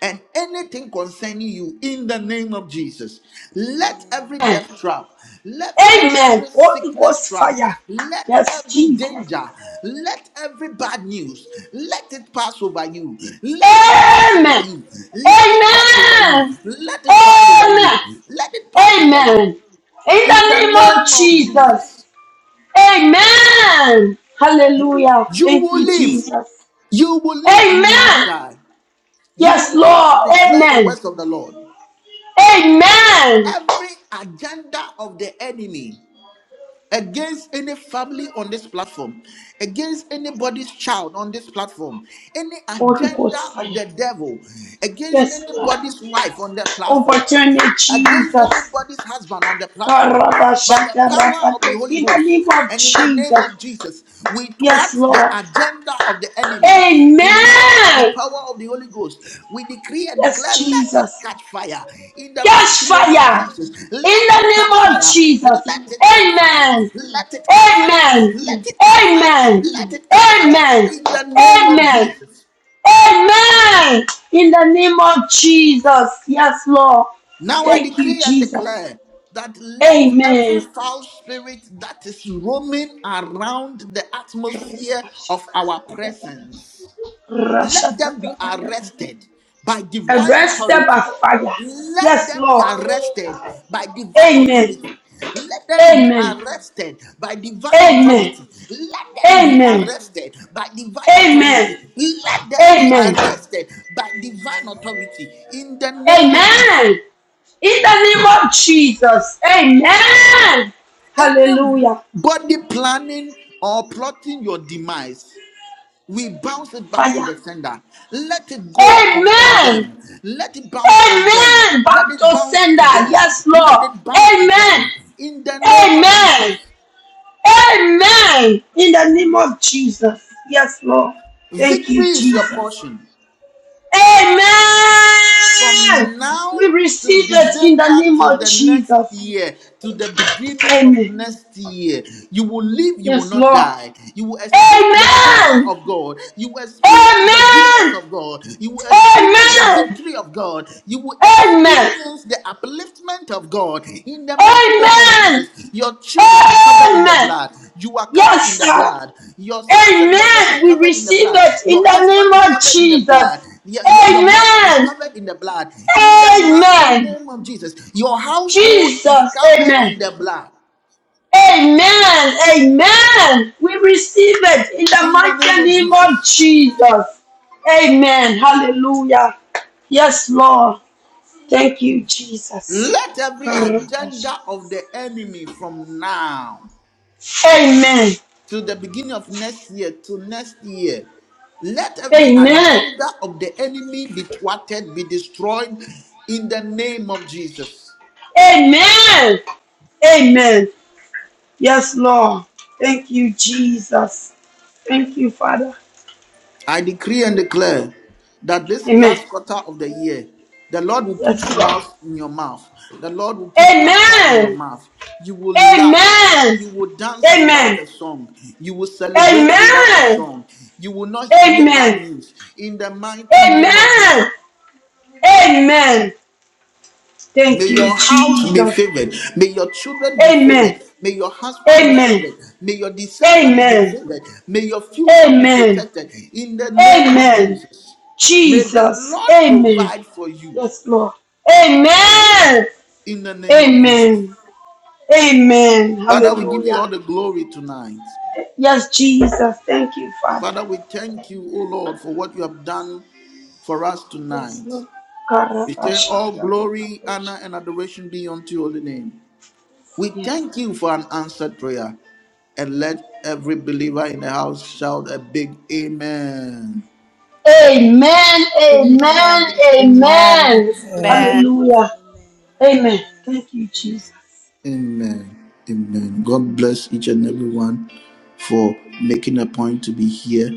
S1: and anything concerning you in the name of Jesus. Let
S4: Amen.
S1: every death trap, let, let
S6: Amen.
S1: every
S6: Holy
S1: sickness
S6: Ghost
S1: trap,
S6: fire.
S1: let
S6: Yes,
S1: every
S6: Jesus.
S1: danger, let every bad news, let it pass over you. Let it pass over
S6: Amen.
S1: you. Let it pass over you.
S6: Amen.
S1: Let it pass over
S6: Amen.
S1: you. Let it pass over you.
S6: Amen. In
S1: In
S6: the
S1: the
S6: name of
S1: name of
S6: Jesus.
S1: Jesus.
S6: Amen. Hallelujah.
S1: You
S6: Thank
S1: will
S6: you,
S1: live.
S6: Jesus.
S1: You will live, you will not
S6: Amen.
S1: die. You will
S6: Yes,
S1: live to
S6: Lord.
S1: declare the
S6: Amen.
S1: words of the Lord.
S6: Amen.
S1: Every agenda of the enemy against any family on this platform, against anybody's child on this platform, any
S6: Holy
S1: agenda
S6: Ghost fire.
S1: of the devil against
S6: Yes, Lord.
S1: anybody's wife on that platform
S6: Overturn it,
S1: against
S6: Jesus.
S1: anybody's husband on the platform by the power of the
S6: Karabashakarabate.
S1: Holy
S6: In the name
S1: Ghost
S6: of
S1: and in the name
S6: Jesus.
S1: of Jesus. We thwart
S6: Yes,
S1: the
S6: Lord.
S1: agenda of the enemy tonight by the
S6: Hey,
S1: power of the Holy Ghost. We decree and
S6: Yes,
S1: declare, let it
S6: Jesus.
S1: catch fire in the
S6: Yes,
S1: mighty name of
S6: fire.
S1: Jesus.
S6: In
S1: Let
S6: the
S1: it catch
S6: name of
S1: fire.
S6: Jesus.
S1: Let it catch fire.
S6: Amen.
S1: Let it catch fire.
S6: Amen.
S1: Let it catch fire.
S6: Amen.
S1: Let it catch fire
S6: Amen.
S1: in the name of
S6: Amen.
S1: Jesus.
S6: In the name of Jesus. Yes, Lord.
S1: Now I
S6: Thank you,
S1: decree and
S6: Jesus.
S1: declare that let
S6: Amen.
S1: every foul spirit that is roaming around the atmosphere of our presence, let them be arrested by divine
S6: Arrested
S1: authority.
S6: by fire.
S1: Let
S6: Yes,
S1: them be
S6: Lord.
S1: arrested by divine
S6: Amen.
S4: Amen.
S1: authority. Let them be
S6: Amen.
S1: arrested by divine
S6: Amen.
S4: Amen.
S1: authority. Let them be
S6: Amen.
S1: arrested by divine
S6: Amen.
S1: authority. Let them be
S6: Amen.
S1: arrested by divine
S4: Amen.
S1: authority. In the name of Jesus.
S6: Amen. In the name of
S4: Amen.
S6: Jesus. Amen. Hallelujah.
S1: Anybody planning or plotting your demise, we
S4: Mm.
S1: bounce it back to
S6: Fire.
S1: the sender. Let it go o-
S4: Amen.
S1: on
S6: Amen.
S1: them. Let it bounce on them.
S6: Amen. Back
S1: Let it
S6: to
S1: bounce
S6: sender.
S1: to them.
S6: Yes, Lord.
S1: Let it bounce to
S6: Amen.
S1: them. In the name of
S6: Amen.
S1: Jesus.
S6: Amen. In the name of Jesus. Yes, Lord. Thank
S1: Victory
S6: you,
S1: is your
S6: Jesus.
S1: portion.
S6: Amen.
S1: from
S6: We
S1: now to
S6: receive it in the
S1: December
S6: name
S1: to
S6: of
S1: the next
S6: Jesus.
S1: year, to the beginning of
S6: Amen.
S1: next year, you will live, you will
S6: Yes,
S1: not
S6: Lord.
S1: die. You will experience the favor
S6: Amen.
S1: of God. You will experience the goodness
S6: Amen.
S1: of God. You will experience the
S6: Amen.
S1: victory of God. You will experience the upliftment of God in the mighty name of
S6: Amen.
S1: Jesus. Your children are covered in the
S6: Amen.
S1: blood. You are covered in
S6: Yes,
S1: the
S6: sir.
S1: blood. Your sons and daughters are
S6: Amen. We
S1: covered in the
S6: receive
S1: blood.
S6: it in
S1: Your
S6: the name
S1: husband is
S6: of
S1: covered in the blood.
S6: Jesus.
S1: Your, your, your marriage is
S6: Amen.
S1: covered in the blood. In the mighty
S6: Amen.
S1: name of Jesus. Your household is
S6: Jesus.
S1: covered
S6: Amen.
S1: in the blood.
S6: Amen. Amen. We receive it in the
S1: In the name
S6: mighty
S1: of
S6: name of
S1: Jesus.
S6: Jesus. Amen. Hallelujah. Yes, Lord. Thank you, Jesus.
S1: Let every agenda of the enemy from now
S6: Amen.
S1: to the beginning of next year to next year. Let every
S6: Amen.
S1: agenda of the enemy be thwarted, be destroyed in the name of Jesus.
S6: Amen. Amen. Yes, Lord. Thank you, Jesus. Thank you, Father.
S1: I decree and declare that this
S6: Amen.
S1: last quarter of the year, the Lord will put
S6: Yes, Lord.
S1: smiles in your mouth. The Lord will put laughter in your
S6: Amen.
S1: mouth. You will laugh.
S6: Amen.
S1: You will dance without
S6: Amen.
S1: a song. You will celebrate without a
S6: Amen.
S1: song. You will not hear bad
S6: Amen.
S1: news. In the mighty name of
S6: Amen.
S1: Jesus.
S6: Amen.
S1: May
S6: Thank you,
S1: your house be
S6: Jesus.
S1: favored. May your children be favored.
S6: Amen.
S1: May your husband be
S6: Amen.
S1: favored. May your descendants be
S6: Amen.
S1: favored. May your future be
S6: Amen.
S1: protected. In the name of
S6: Amen.
S1: Jesus. May the
S6: Jesus.
S1: Lord
S6: Amen.
S1: provide for you.
S6: Yes, Lord. Amen.
S1: In the name of Jesus.
S6: Amen. Amen.
S1: Father, we give you
S6: Hallelujah.
S1: all the glory tonight.
S6: Yes, Jesus. Thank you, Father.
S1: Father, we thank you, O Lord, for what you have done for us
S6: Yes,
S1: tonight.
S6: Lord.
S1: We say, All glory, honor, and adoration be unto your holy name. We
S6: Yes.
S1: thank you for an answered prayer. and let every believer in the house shout a big amen.
S6: Amen. Amen.
S2: Amen. Amen.
S6: Amen.
S3: Yeah.
S2: Amen.
S4: Amen.
S6: Hallelujah.
S4: Amen.
S6: Amen.
S4: Amen.
S6: Thank you, Jesus.
S4: Amen.
S1: Amen. Amen. God bless each and everyone for making a point to be here.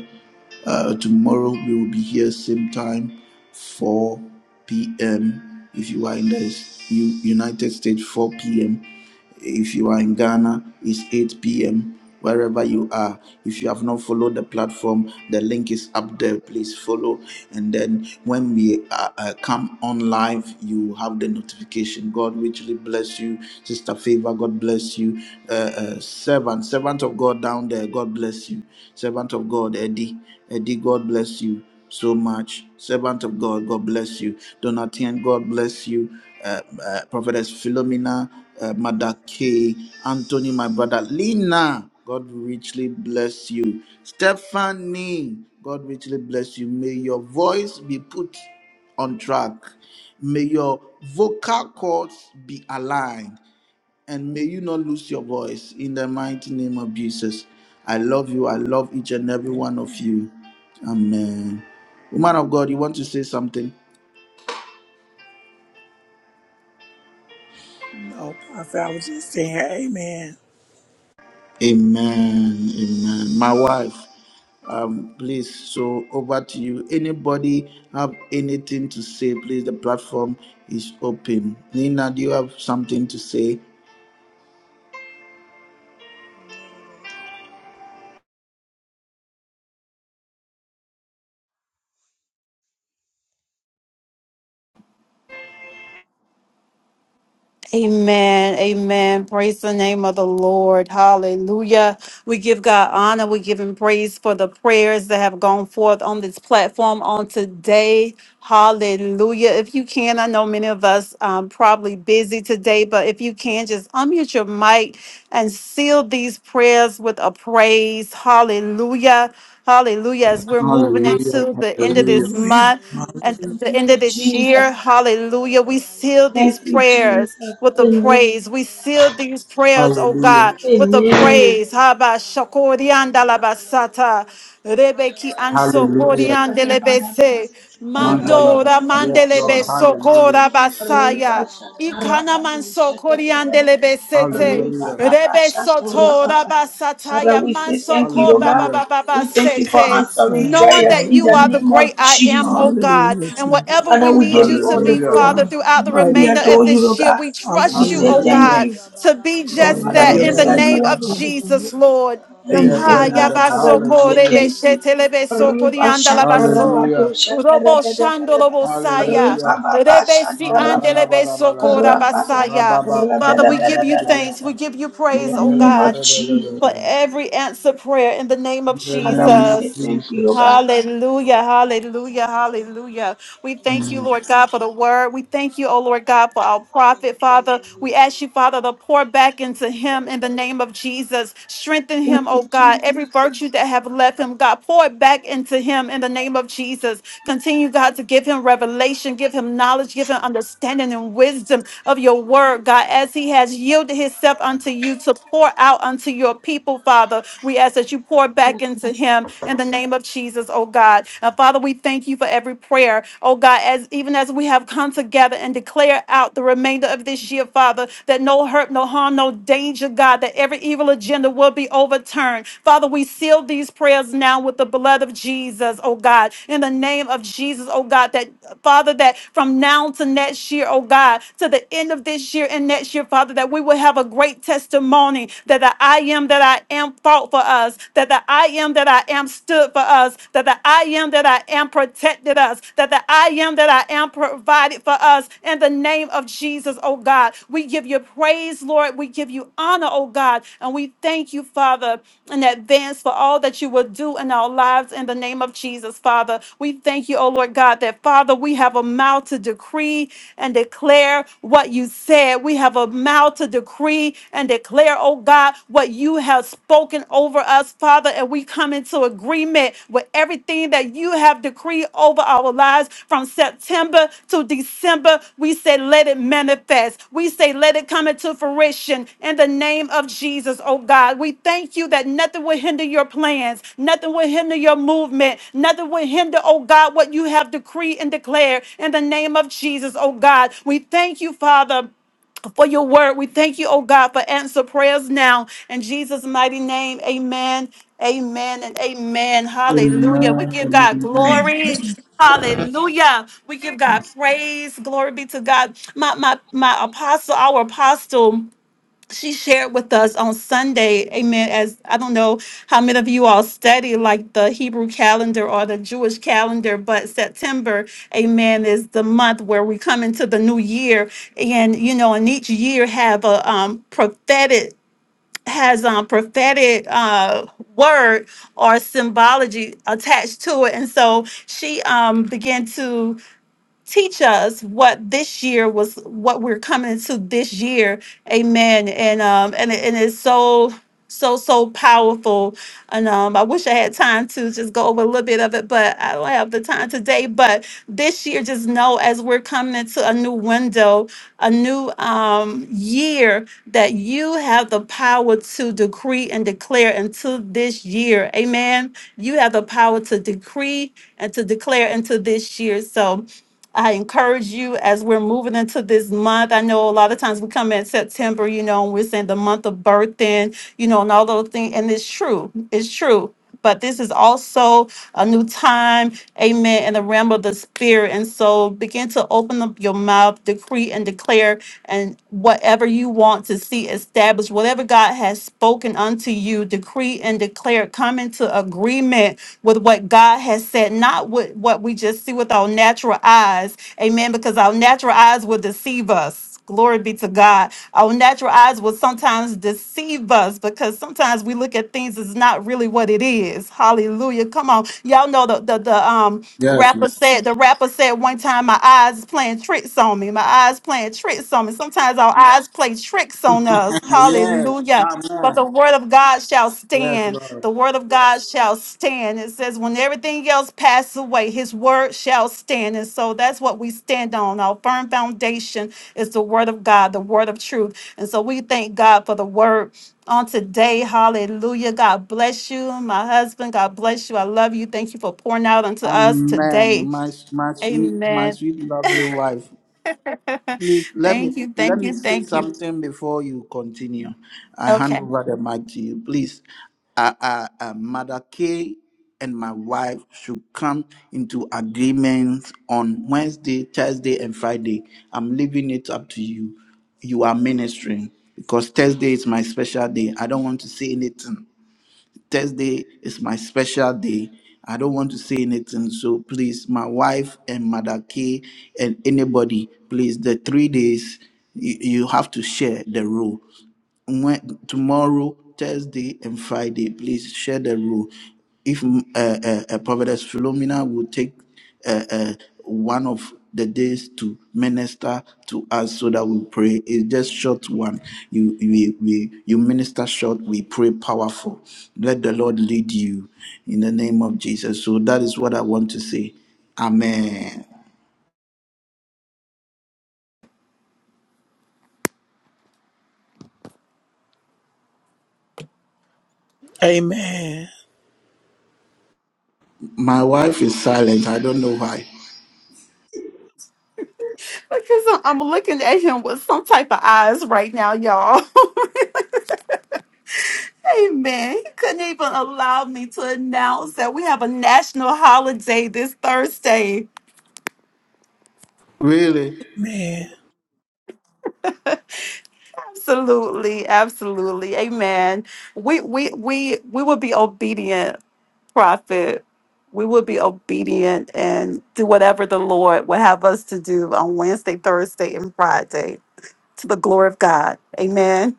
S1: Uh, tomorrow we will be here same time, 4 p.m. If you are in the U- United States, 4 p.m. If you are in Ghana, it's 8 p.m. Wherever you are, if you have not followed the platform, the link is up there. Please follow. And then when we uh, uh, come on live, you have the notification. God richly bless you. Sister Favor, God bless you. Uh, uh, servant, servant of God down there, God bless you. Servant of God, Eddie, Eddie, God bless you so much. Servant of God, God bless you. Donatien, God bless you. Uh, uh, Prophetess Philomena, uh, Mother K, Anthony, my brother, Lina, God richly bless you. Stephanie, God richly bless you. May your voice be put on track. May your vocal cords be aligned. And may you not lose your voice in the mighty name of Jesus. I love you. I love each and every one of you. Amen. Woman of God, you want to say something?
S3: No, Prophet, I was just saying, Amen.
S1: Amen. Amen. My wife, um, please, so over to you. Anybody have anything to say? Please, the platform is open. Nina, do you have something to say?
S4: Not at all.
S2: Amen. Amen. Praise the name of the Lord. Hallelujah. We give God honor. We give him praise for the prayers that have gone forth on this platform on today. Hallelujah. If you can, I know many of us um, probably busy today, but if you can, just unmute your mic and seal these prayers with a praise. Hallelujah. Hallelujah. As we're moving
S4: Hallelujah.
S1: Hallelujah.
S2: into the end of
S1: Hallelujah.
S2: this
S3: Hallelujah.
S2: month,
S4: Praise the
S2: at
S3: Hallelujah.
S2: the end
S4: name
S6: Thank
S2: of
S6: you,
S4: of
S2: this
S4: Jesus.
S2: year.
S6: Jesus.
S2: Hallelujah. We
S4: Hallelujah.
S2: seal these
S6: Thank
S4: Hallelujah.
S6: you,
S2: prayers
S6: Jesus.
S2: with the
S4: Glory
S6: Amen.
S4: and
S2: praise. We
S4: honor
S2: seal
S4: be
S2: these
S4: unto you,
S2: prayers, oh
S4: Jesus.
S2: God,
S1: Hallelujah.
S2: with the
S4: Hallelujah.
S6: Amen.
S2: praise. Haba
S4: Hallelujah.
S2: shakorianda
S4: Hallelujah.
S2: labasata.
S4: Hallelujah.
S2: Rebeki
S4: Hallelujah.
S2: anso
S1: Hallelujah.
S2: koriande
S4: Hallelujah.
S6: Shakatapadabada.
S4: Praise
S2: lebese.
S4: you, Jesus.
S1: Mandalaba.
S2: Mandora
S1: Yes,
S6: Rapapapapa.
S4: Thank you,
S2: mandelebe
S1: Lord.
S4: Spirit of
S6: Shakatabada.
S4: the
S1: Hallelujah.
S2: sokora
S4: Lord.
S2: basaya. Ikana
S6: Ripashatarabado.
S4: Karabababasoto
S2: manso koriande
S6: Shakatabada.
S4: korandedede
S2: lebesete.
S1: Hallelujah.
S4: katorobo. Thank
S6: Ripapapa.
S4: you,
S2: Rebe
S4: thank you, thank you,
S2: soto
S4: thank
S6: Shakarababa.
S2: raba
S4: you.
S6: Father,
S2: sataya
S6: we
S4: Thank you,
S6: say
S2: manso
S4: thank
S6: thank
S4: you,
S6: you,
S2: ko
S6: Lord
S2: ba
S6: God.
S4: thank you,
S1: Hallelujah.
S4: thank
S6: We
S4: you.
S6: thank you for
S2: sete.
S4: Rabo
S6: answering
S3: Lord.
S2: Knowing that
S6: prayers in
S2: you
S6: the
S2: are the
S3: Hallelujah.
S6: name
S2: great
S6: of
S2: I
S4: shababababababababa
S2: am,
S6: Jesus.
S2: oh
S4: for
S2: God,
S3: Hallelujah,
S2: and
S4: inclining your
S3: Jesus.
S2: whatever
S6: Father,
S2: we
S4: ears
S6: we
S2: need
S6: give
S4: unto
S2: you
S6: you
S2: to
S6: all
S4: us,
S6: the
S2: be,
S3: Yes,
S4: O
S1: Hallelujah.
S2: Father,
S6: glory.
S3: God.
S4: Lord.
S2: throughout the
S4: Rabbe
S6: We
S3: Mighty
S4: de
S2: remainder of
S6: adore
S4: beke
S3: God.
S6: you,
S4: de
S2: this
S6: Lord
S2: year,
S4: bako
S6: God.
S2: we
S4: soto
S6: We
S2: trust you,
S6: say
S4: robo,
S2: oh
S3: Hallelujah.
S6: thank
S3: Jesus.
S1: Hallelujah.
S2: God,
S6: you.
S2: to be
S4: rababan de de de
S2: just
S3: Glory
S4: de
S6: Father,
S3: to
S2: that
S4: de
S3: your
S6: you
S2: in
S4: de
S2: the
S3: name,
S1: Hallelujah.
S6: said
S2: name
S6: you are
S3: God.
S2: of
S6: the
S4: sharababa ya
S3: Hallelujah.
S2: Jesus, Lord.
S4: katarababa.
S1: Yeah,
S3: Thank you,
S6: Oh
S2: Ha
S3: Lord.
S6: God,
S1: hallelujah.
S4: Thank you,
S6: Father,
S2: yabaso
S6: we
S4: thank
S6: say
S2: kore
S4: you,
S1: Hallelujah.
S6: thank
S4: thank
S6: you.
S4: you,
S2: beshete lebe
S4: thank you, thank
S2: sokori
S6: Riba
S4: you,
S2: andala
S4: thank
S6: shanta
S4: you,
S2: baso.
S6: raba
S4: thank
S6: do
S1: Hallelujah.
S4: you, thank
S6: shaka
S4: you.
S2: Robo
S6: raba da ba da
S2: shandolo
S6: ba.
S4: Thank you,
S2: bosaya.
S4: Jesus.
S1: Hallelujah.
S6: Riba ba
S4: Thank
S6: ba
S4: you,
S6: shanta
S2: Rebesi
S4: Jesus.
S6: raba
S4: Thank
S2: andele
S6: ba.
S4: you,
S1: Mantalabalabalaba.
S4: Jesus.
S2: besokora
S6: Raba
S4: Thank you,
S6: da
S2: basaya.
S4: Jesus.
S6: raba
S2: Father,
S6: da
S2: we
S6: ba
S2: give
S6: da
S2: you
S6: ba da ba
S2: thanks.
S6: da
S2: We
S1: Rababakapamiribriyapa.
S4: Thank
S6: ba.
S2: give
S4: you,
S2: you
S6: In
S2: praise,
S1: Yeah,
S6: the
S4: Lord.
S2: oh
S1: la, la,
S6: name
S1: la,
S4: Thank
S6: of
S2: God,
S4: you,
S1: la, la, la, la,
S4: Lord.
S2: for
S6: Jesus,
S1: la.
S2: every answer
S4: Hallelujah.
S2: prayer in the name
S1: In
S2: of
S1: the
S6: Father, we
S1: name of
S6: say
S2: Jesus.
S6: thank you, oh
S1: Jesus.
S6: God.
S4: Amen. Thank
S2: Hallelujah,
S4: you. Thank you,
S2: hallelujah,
S4: Jesus.
S2: hallelujah. We thank you,
S1: Mm.
S2: Lord God, for
S4: Amen.
S2: the word. We thank you, oh Lord God, for our prophet,
S4: Thank
S2: Father.
S4: you.
S2: We ask you, Father, to pour back into him in the name of Jesus. Strengthen him,
S6: Thank
S2: oh
S6: you,
S2: God. Every
S6: Jesus.
S2: virtue that have left him, God, pour it back into him in the name of Jesus. Continue, God, to give him revelation, give him knowledge, give him understanding and wisdom of your word, God, as he has yielded himself unto you to pour out unto your people, Father. We ask that you pour pour back
S6: Yes.
S2: into him in the name of Jesus, oh God. And Father, we thank you for every prayer, oh God, as even as we have come together and declare out the remainder of this year, Father, that no hurt, no harm, no danger, God, that every evil agenda will be overturned. Father, we seal these prayers now with the blood of Jesus, oh God, in the name of Jesus, oh God, that Father, that from now to next year, oh God, to the end of this year and next year, Father, that we will have a great testimony that the I am am that I am fought for us, that the I am that I am stood for us, that the I am that I am protected us, that the I am that I am provided for us. In the name of Jesus, oh God, we give you praise, Lord. We give you honor, oh God, and we thank you, Father, in advance for all that you will do in our lives. In the name of Jesus, Father, we thank you, oh Lord God, that Father, we have a mouth to decree and declare what you said. We have a mouth to decree decree and declare, oh God, what you have spoken over us, Father. And we come into agreement with everything that you have decreed over our lives from September to December. We say, let it manifest. We say, let it come into fruition in the name of Jesus, oh God. We thank you that nothing will hinder your plans, nothing will hinder your movement, nothing will hinder, oh God, what you have decreed and declared in the name of Jesus, oh God. We thank you, Father for your word. We thank you, oh God, for answer prayers now. In Jesus' mighty name, amen. Amen and amen. Hallelujah. We
S1: Amen.
S2: give God
S1: Amen.
S2: glory.
S3: Amen.
S2: Hallelujah. We give God praise. Glory be to God. My my my apostle, our apostle she shared with us on Sunday, amen. As I don't know how many of you all study like the Hebrew calendar or the Jewish calendar, but September, amen, is the month where we come into the new year, and you know, and each year have a um, prophetic has um prophetic uh word or symbology attached to it and so she um began to teach us what this year was what we're coming into this year amen and um and, it- and it's so so so powerful and um i wish i had time to just go over a little bit of it but i don't have the time today but this year just know as we're coming into a new window a new um year that you have the power to decree and declare into this year amen you have the power to decree and to declare into this year so I encourage you as we're moving into this month. I know a lot of times we come in September, you know, and we're saying the month of birthing, you know, and all those things. And it's true. It's true. But this is also a new time, amen, in the realm of the spirit. And so begin to open up your mouth, decree and declare, and whatever you want to see established, whatever God God has spoken unto you, decree and declare, come into agreement with what God has said, not with what we just see with our natural eyes. Amen. Because our natural eyes will deceive us. Glory be to God. Our natural eyes will sometimes deceive us because sometimes we look at things as not really what it is. Hallelujah. Come on. Y'all know the the, the um
S1: Yes,
S2: Rapper
S1: Lord.
S2: said the rapper said one time my eyes is playing tricks on me. My eyes playing tricks on me. Sometimes our eyes play tricks on us.
S1: Yes.
S2: Hallelujah. But the
S1: Amen.
S2: word of God shall
S1: Yes,
S2: stand.
S1: Lord.
S2: The word of God shall stand. It says, when everything else passes away, his word shall stand. And so that's what we stand on, our firm foundation it's the word of God, the word of truth. And so we thank God for the word on today. Hallelujah. God bless you, my husband. God bless you. I love you. Thank you for pouring out unto us
S1: Amen,
S2: today.
S1: my my sweet, my
S2: Amen.
S1: sweet, lovely wife. Please
S2: *laughs*
S1: let me
S2: thank you.
S1: let
S2: Thank
S1: me
S2: you.
S1: say
S2: Thank you.
S1: something before you continue. I hand
S2: Okay.
S1: over the mic to you, please. Uh, uh, uh, Mother K and my wife should come into agreements on Wednesday, Thursday, and Friday. I'm leaving it up to you. You are ministering because Thursday is my special day. I don't want to say anything. Thursday is my special day. I don't want to say anything, so please, my wife and Mother K and anybody, please, the three days you, you have to share the rule when tomorrow, Thursday, and Friday, please share the rule. If mm, uh, uh, uh, Providence Philomena will take uh, uh, one of the days to minister to us so that we pray, it's just short one. You we, we you minister short, we pray powerful need you in the name of Jesus. So that is what I want to say. Amen.
S3: Amen.
S1: My wife is silent. I don't know why.
S2: Because I'm I'm looking at him with some type of eyes right now, y'all. *laughs* Amen. He couldn't even allow me to announce that we have a national holiday this Thursday.
S1: Really?
S3: Man.
S2: Absolutely, absolutely. Amen. We we we we will be obedient, prophet. We will be obedient and do whatever the Lord will have us to do on Wednesday, Thursday, and Friday to the glory of God. Amen.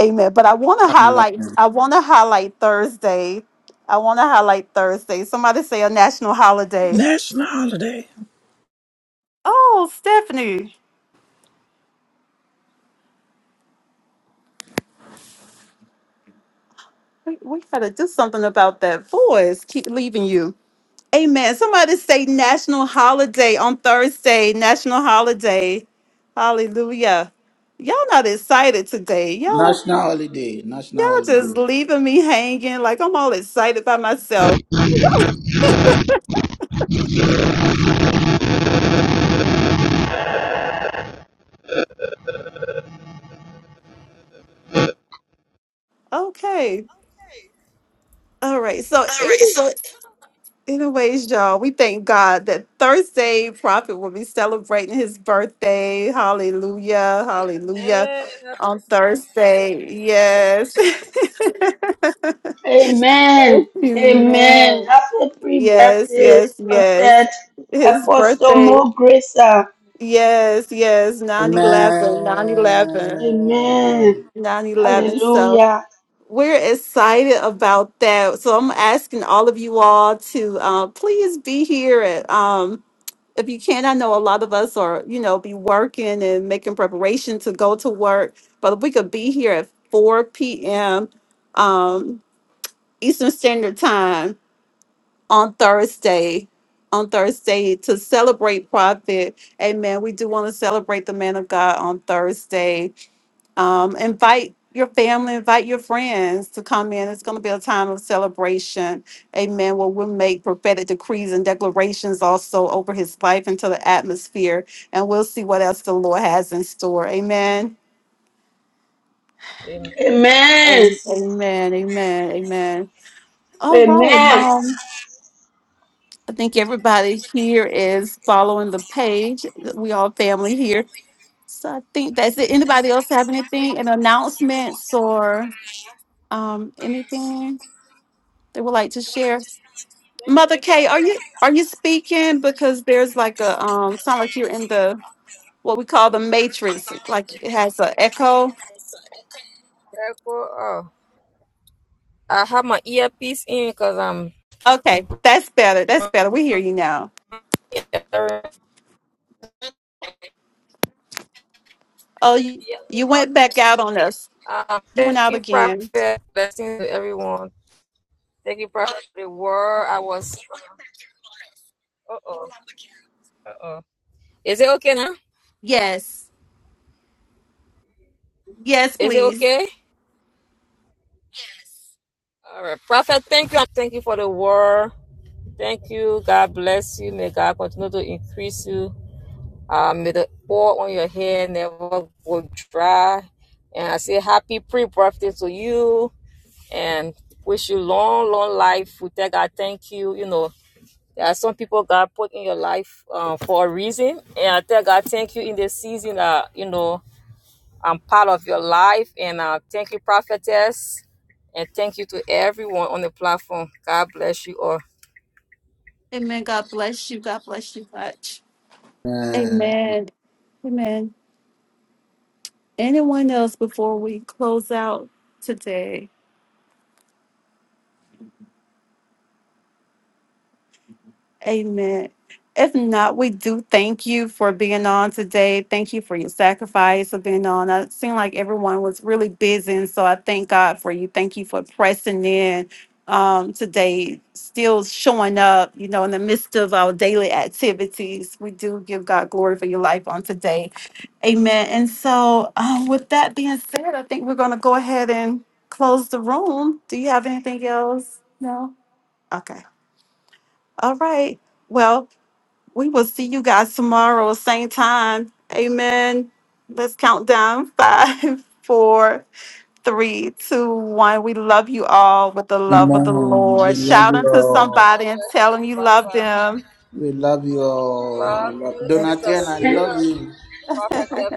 S2: Amen. But I want to
S1: Amen.
S2: highlight I want to highlight Thursday. I want to highlight Thursday. Somebody say a national holiday.
S3: National holiday.
S2: Oh, Stephanie, we, we gotta do something about that voice. Keep leaving you. Amen. Somebody say national holiday on Thursday, national holiday. Hallelujah. Y'all not excited today. Y'all,
S1: National holiday. National
S2: y'all just
S1: holiday.
S2: leaving me hanging. Like I'm all excited by myself. Okay. All right. So anyways, anyways, y'all, we thank God that Thursday Prophet will be celebrating his birthday. Hallelujah. Hallelujah. On Thursday. Yes.
S6: Amen.
S2: *laughs*
S6: Amen.
S2: Amen.
S6: Happy
S2: Yes,
S6: pre-birthday,
S2: yes, yes.
S6: prophet,
S2: His
S6: apostle
S2: birthday.
S6: more grace.
S2: Yes, yes. 9 11, 9 eleven,
S6: Amen.
S1: Amen.
S2: nine eleven. So
S6: Hallelujah.
S2: we're excited about that. So I'm asking all of you all to uh, please be here. At, um, if you can, I know a lot of us are, you know, be working and making preparation to go to work, but if we could be here at 4 p.m. Um, Eastern Standard Time on Thursday. On Thursday to celebrate Prophet. Amen. We do want to celebrate the man of God on Thursday. Um, invite your family, invite your friends to come in. It's going to be a time of celebration. Amen. Where we'll make prophetic decrees and declarations also over his life into the atmosphere. And we'll see what else the Lord has in store. Amen.
S7: Amen.
S6: Amen.
S2: Amen. Amen. Amen. All right.
S6: Amen.
S2: Um, I think everybody here is following the page. We all family here. So I think that's it. Anybody else have anything, an announcements or um, anything they would like to share? Mother Kay, are you are you speaking? Because there's like a um, sound like you're in the what we call the matrix. Like it has an echo.
S7: That go off. I have my earpiece in because I'm.
S2: Okay, that's better. That's better. We hear you now. Oh, you, you went back out on us.
S7: Um,
S2: You went
S7: thank
S2: out
S7: you,
S2: again.
S7: Prophet. Blessings to everyone. Thank you, Prophet. The word I was. Uh oh. Uh oh. Is it okay now?
S2: Yes. Yes,
S7: Is it
S2: please.
S7: okay? All right, Prophet. Thank you. Thank you for the word. Thank you. God bless you. May God continue to increase you. Uh, may the oil on your hair never go dry. And I say happy pre-birthday to you and wish you long, long life. We tell God thank you. You know, there are some people God put in your life uh, for a reason. And I tell God thank you in this season that, you know, I'm part of your life. And uh, thank you, prophetess. And thank you to everyone on the platform. God bless you all.
S2: Amen. God bless you. God bless you much.
S1: Amen.
S2: Amen. Amen. Anyone else before we close out today? Amen. If not, we do thank you for being on today. Thank you for your sacrifice of being on. It seemed like everyone was really busy, and so I thank God for you. Thank you for pressing in um, today, still showing up, you know, in the midst of our daily activities. We do give God glory for your life on today. Amen. And so, um, with that being said, I think we're going to go ahead and close the room. Do you have anything else? No? Okay. All right. Well, we will see you guys tomorrow, same time. Amen. Let's count down *laughs* five, four, three, two, one. We love you all with the love of the
S1: Amen. We
S2: Lord.
S1: love
S2: Shout
S1: you
S2: unto
S1: all.
S2: somebody
S7: God
S2: and
S7: bless
S2: tell them
S7: you,
S2: you love
S7: Papa.
S2: them.
S1: Love you all.
S7: Love you, Sister Sirius,
S2: *laughs*
S7: Prophet your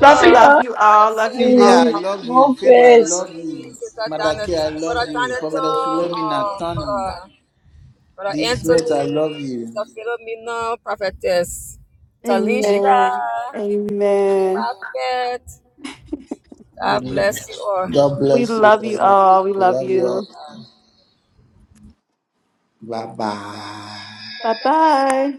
S6: Nothing
S2: Love you all.
S7: Sister
S2: Love you
S7: Seven,
S1: Celia, I
S6: else.
S2: all.
S1: love you.
S6: More
S1: Favor, I
S7: Sister
S6: grace.
S1: love
S7: T,
S1: you.
S7: Sister Donna,
S1: Madake, I love
S7: Brother
S1: you. Prophetess
S7: Donato,
S1: Philomena,
S7: uh,
S1: Tony,
S7: Brother, Brother
S1: this mate, I love
S7: Anthony,
S1: you.
S7: Sister Philomena, Prophetess Talisha,
S2: Amen. Amen.
S7: Prophet. God bless you all.
S1: God
S2: We
S1: bless you.
S2: love you all. We
S1: We
S2: love
S1: love you.
S2: you.
S1: Bye bye.
S2: Bye bye.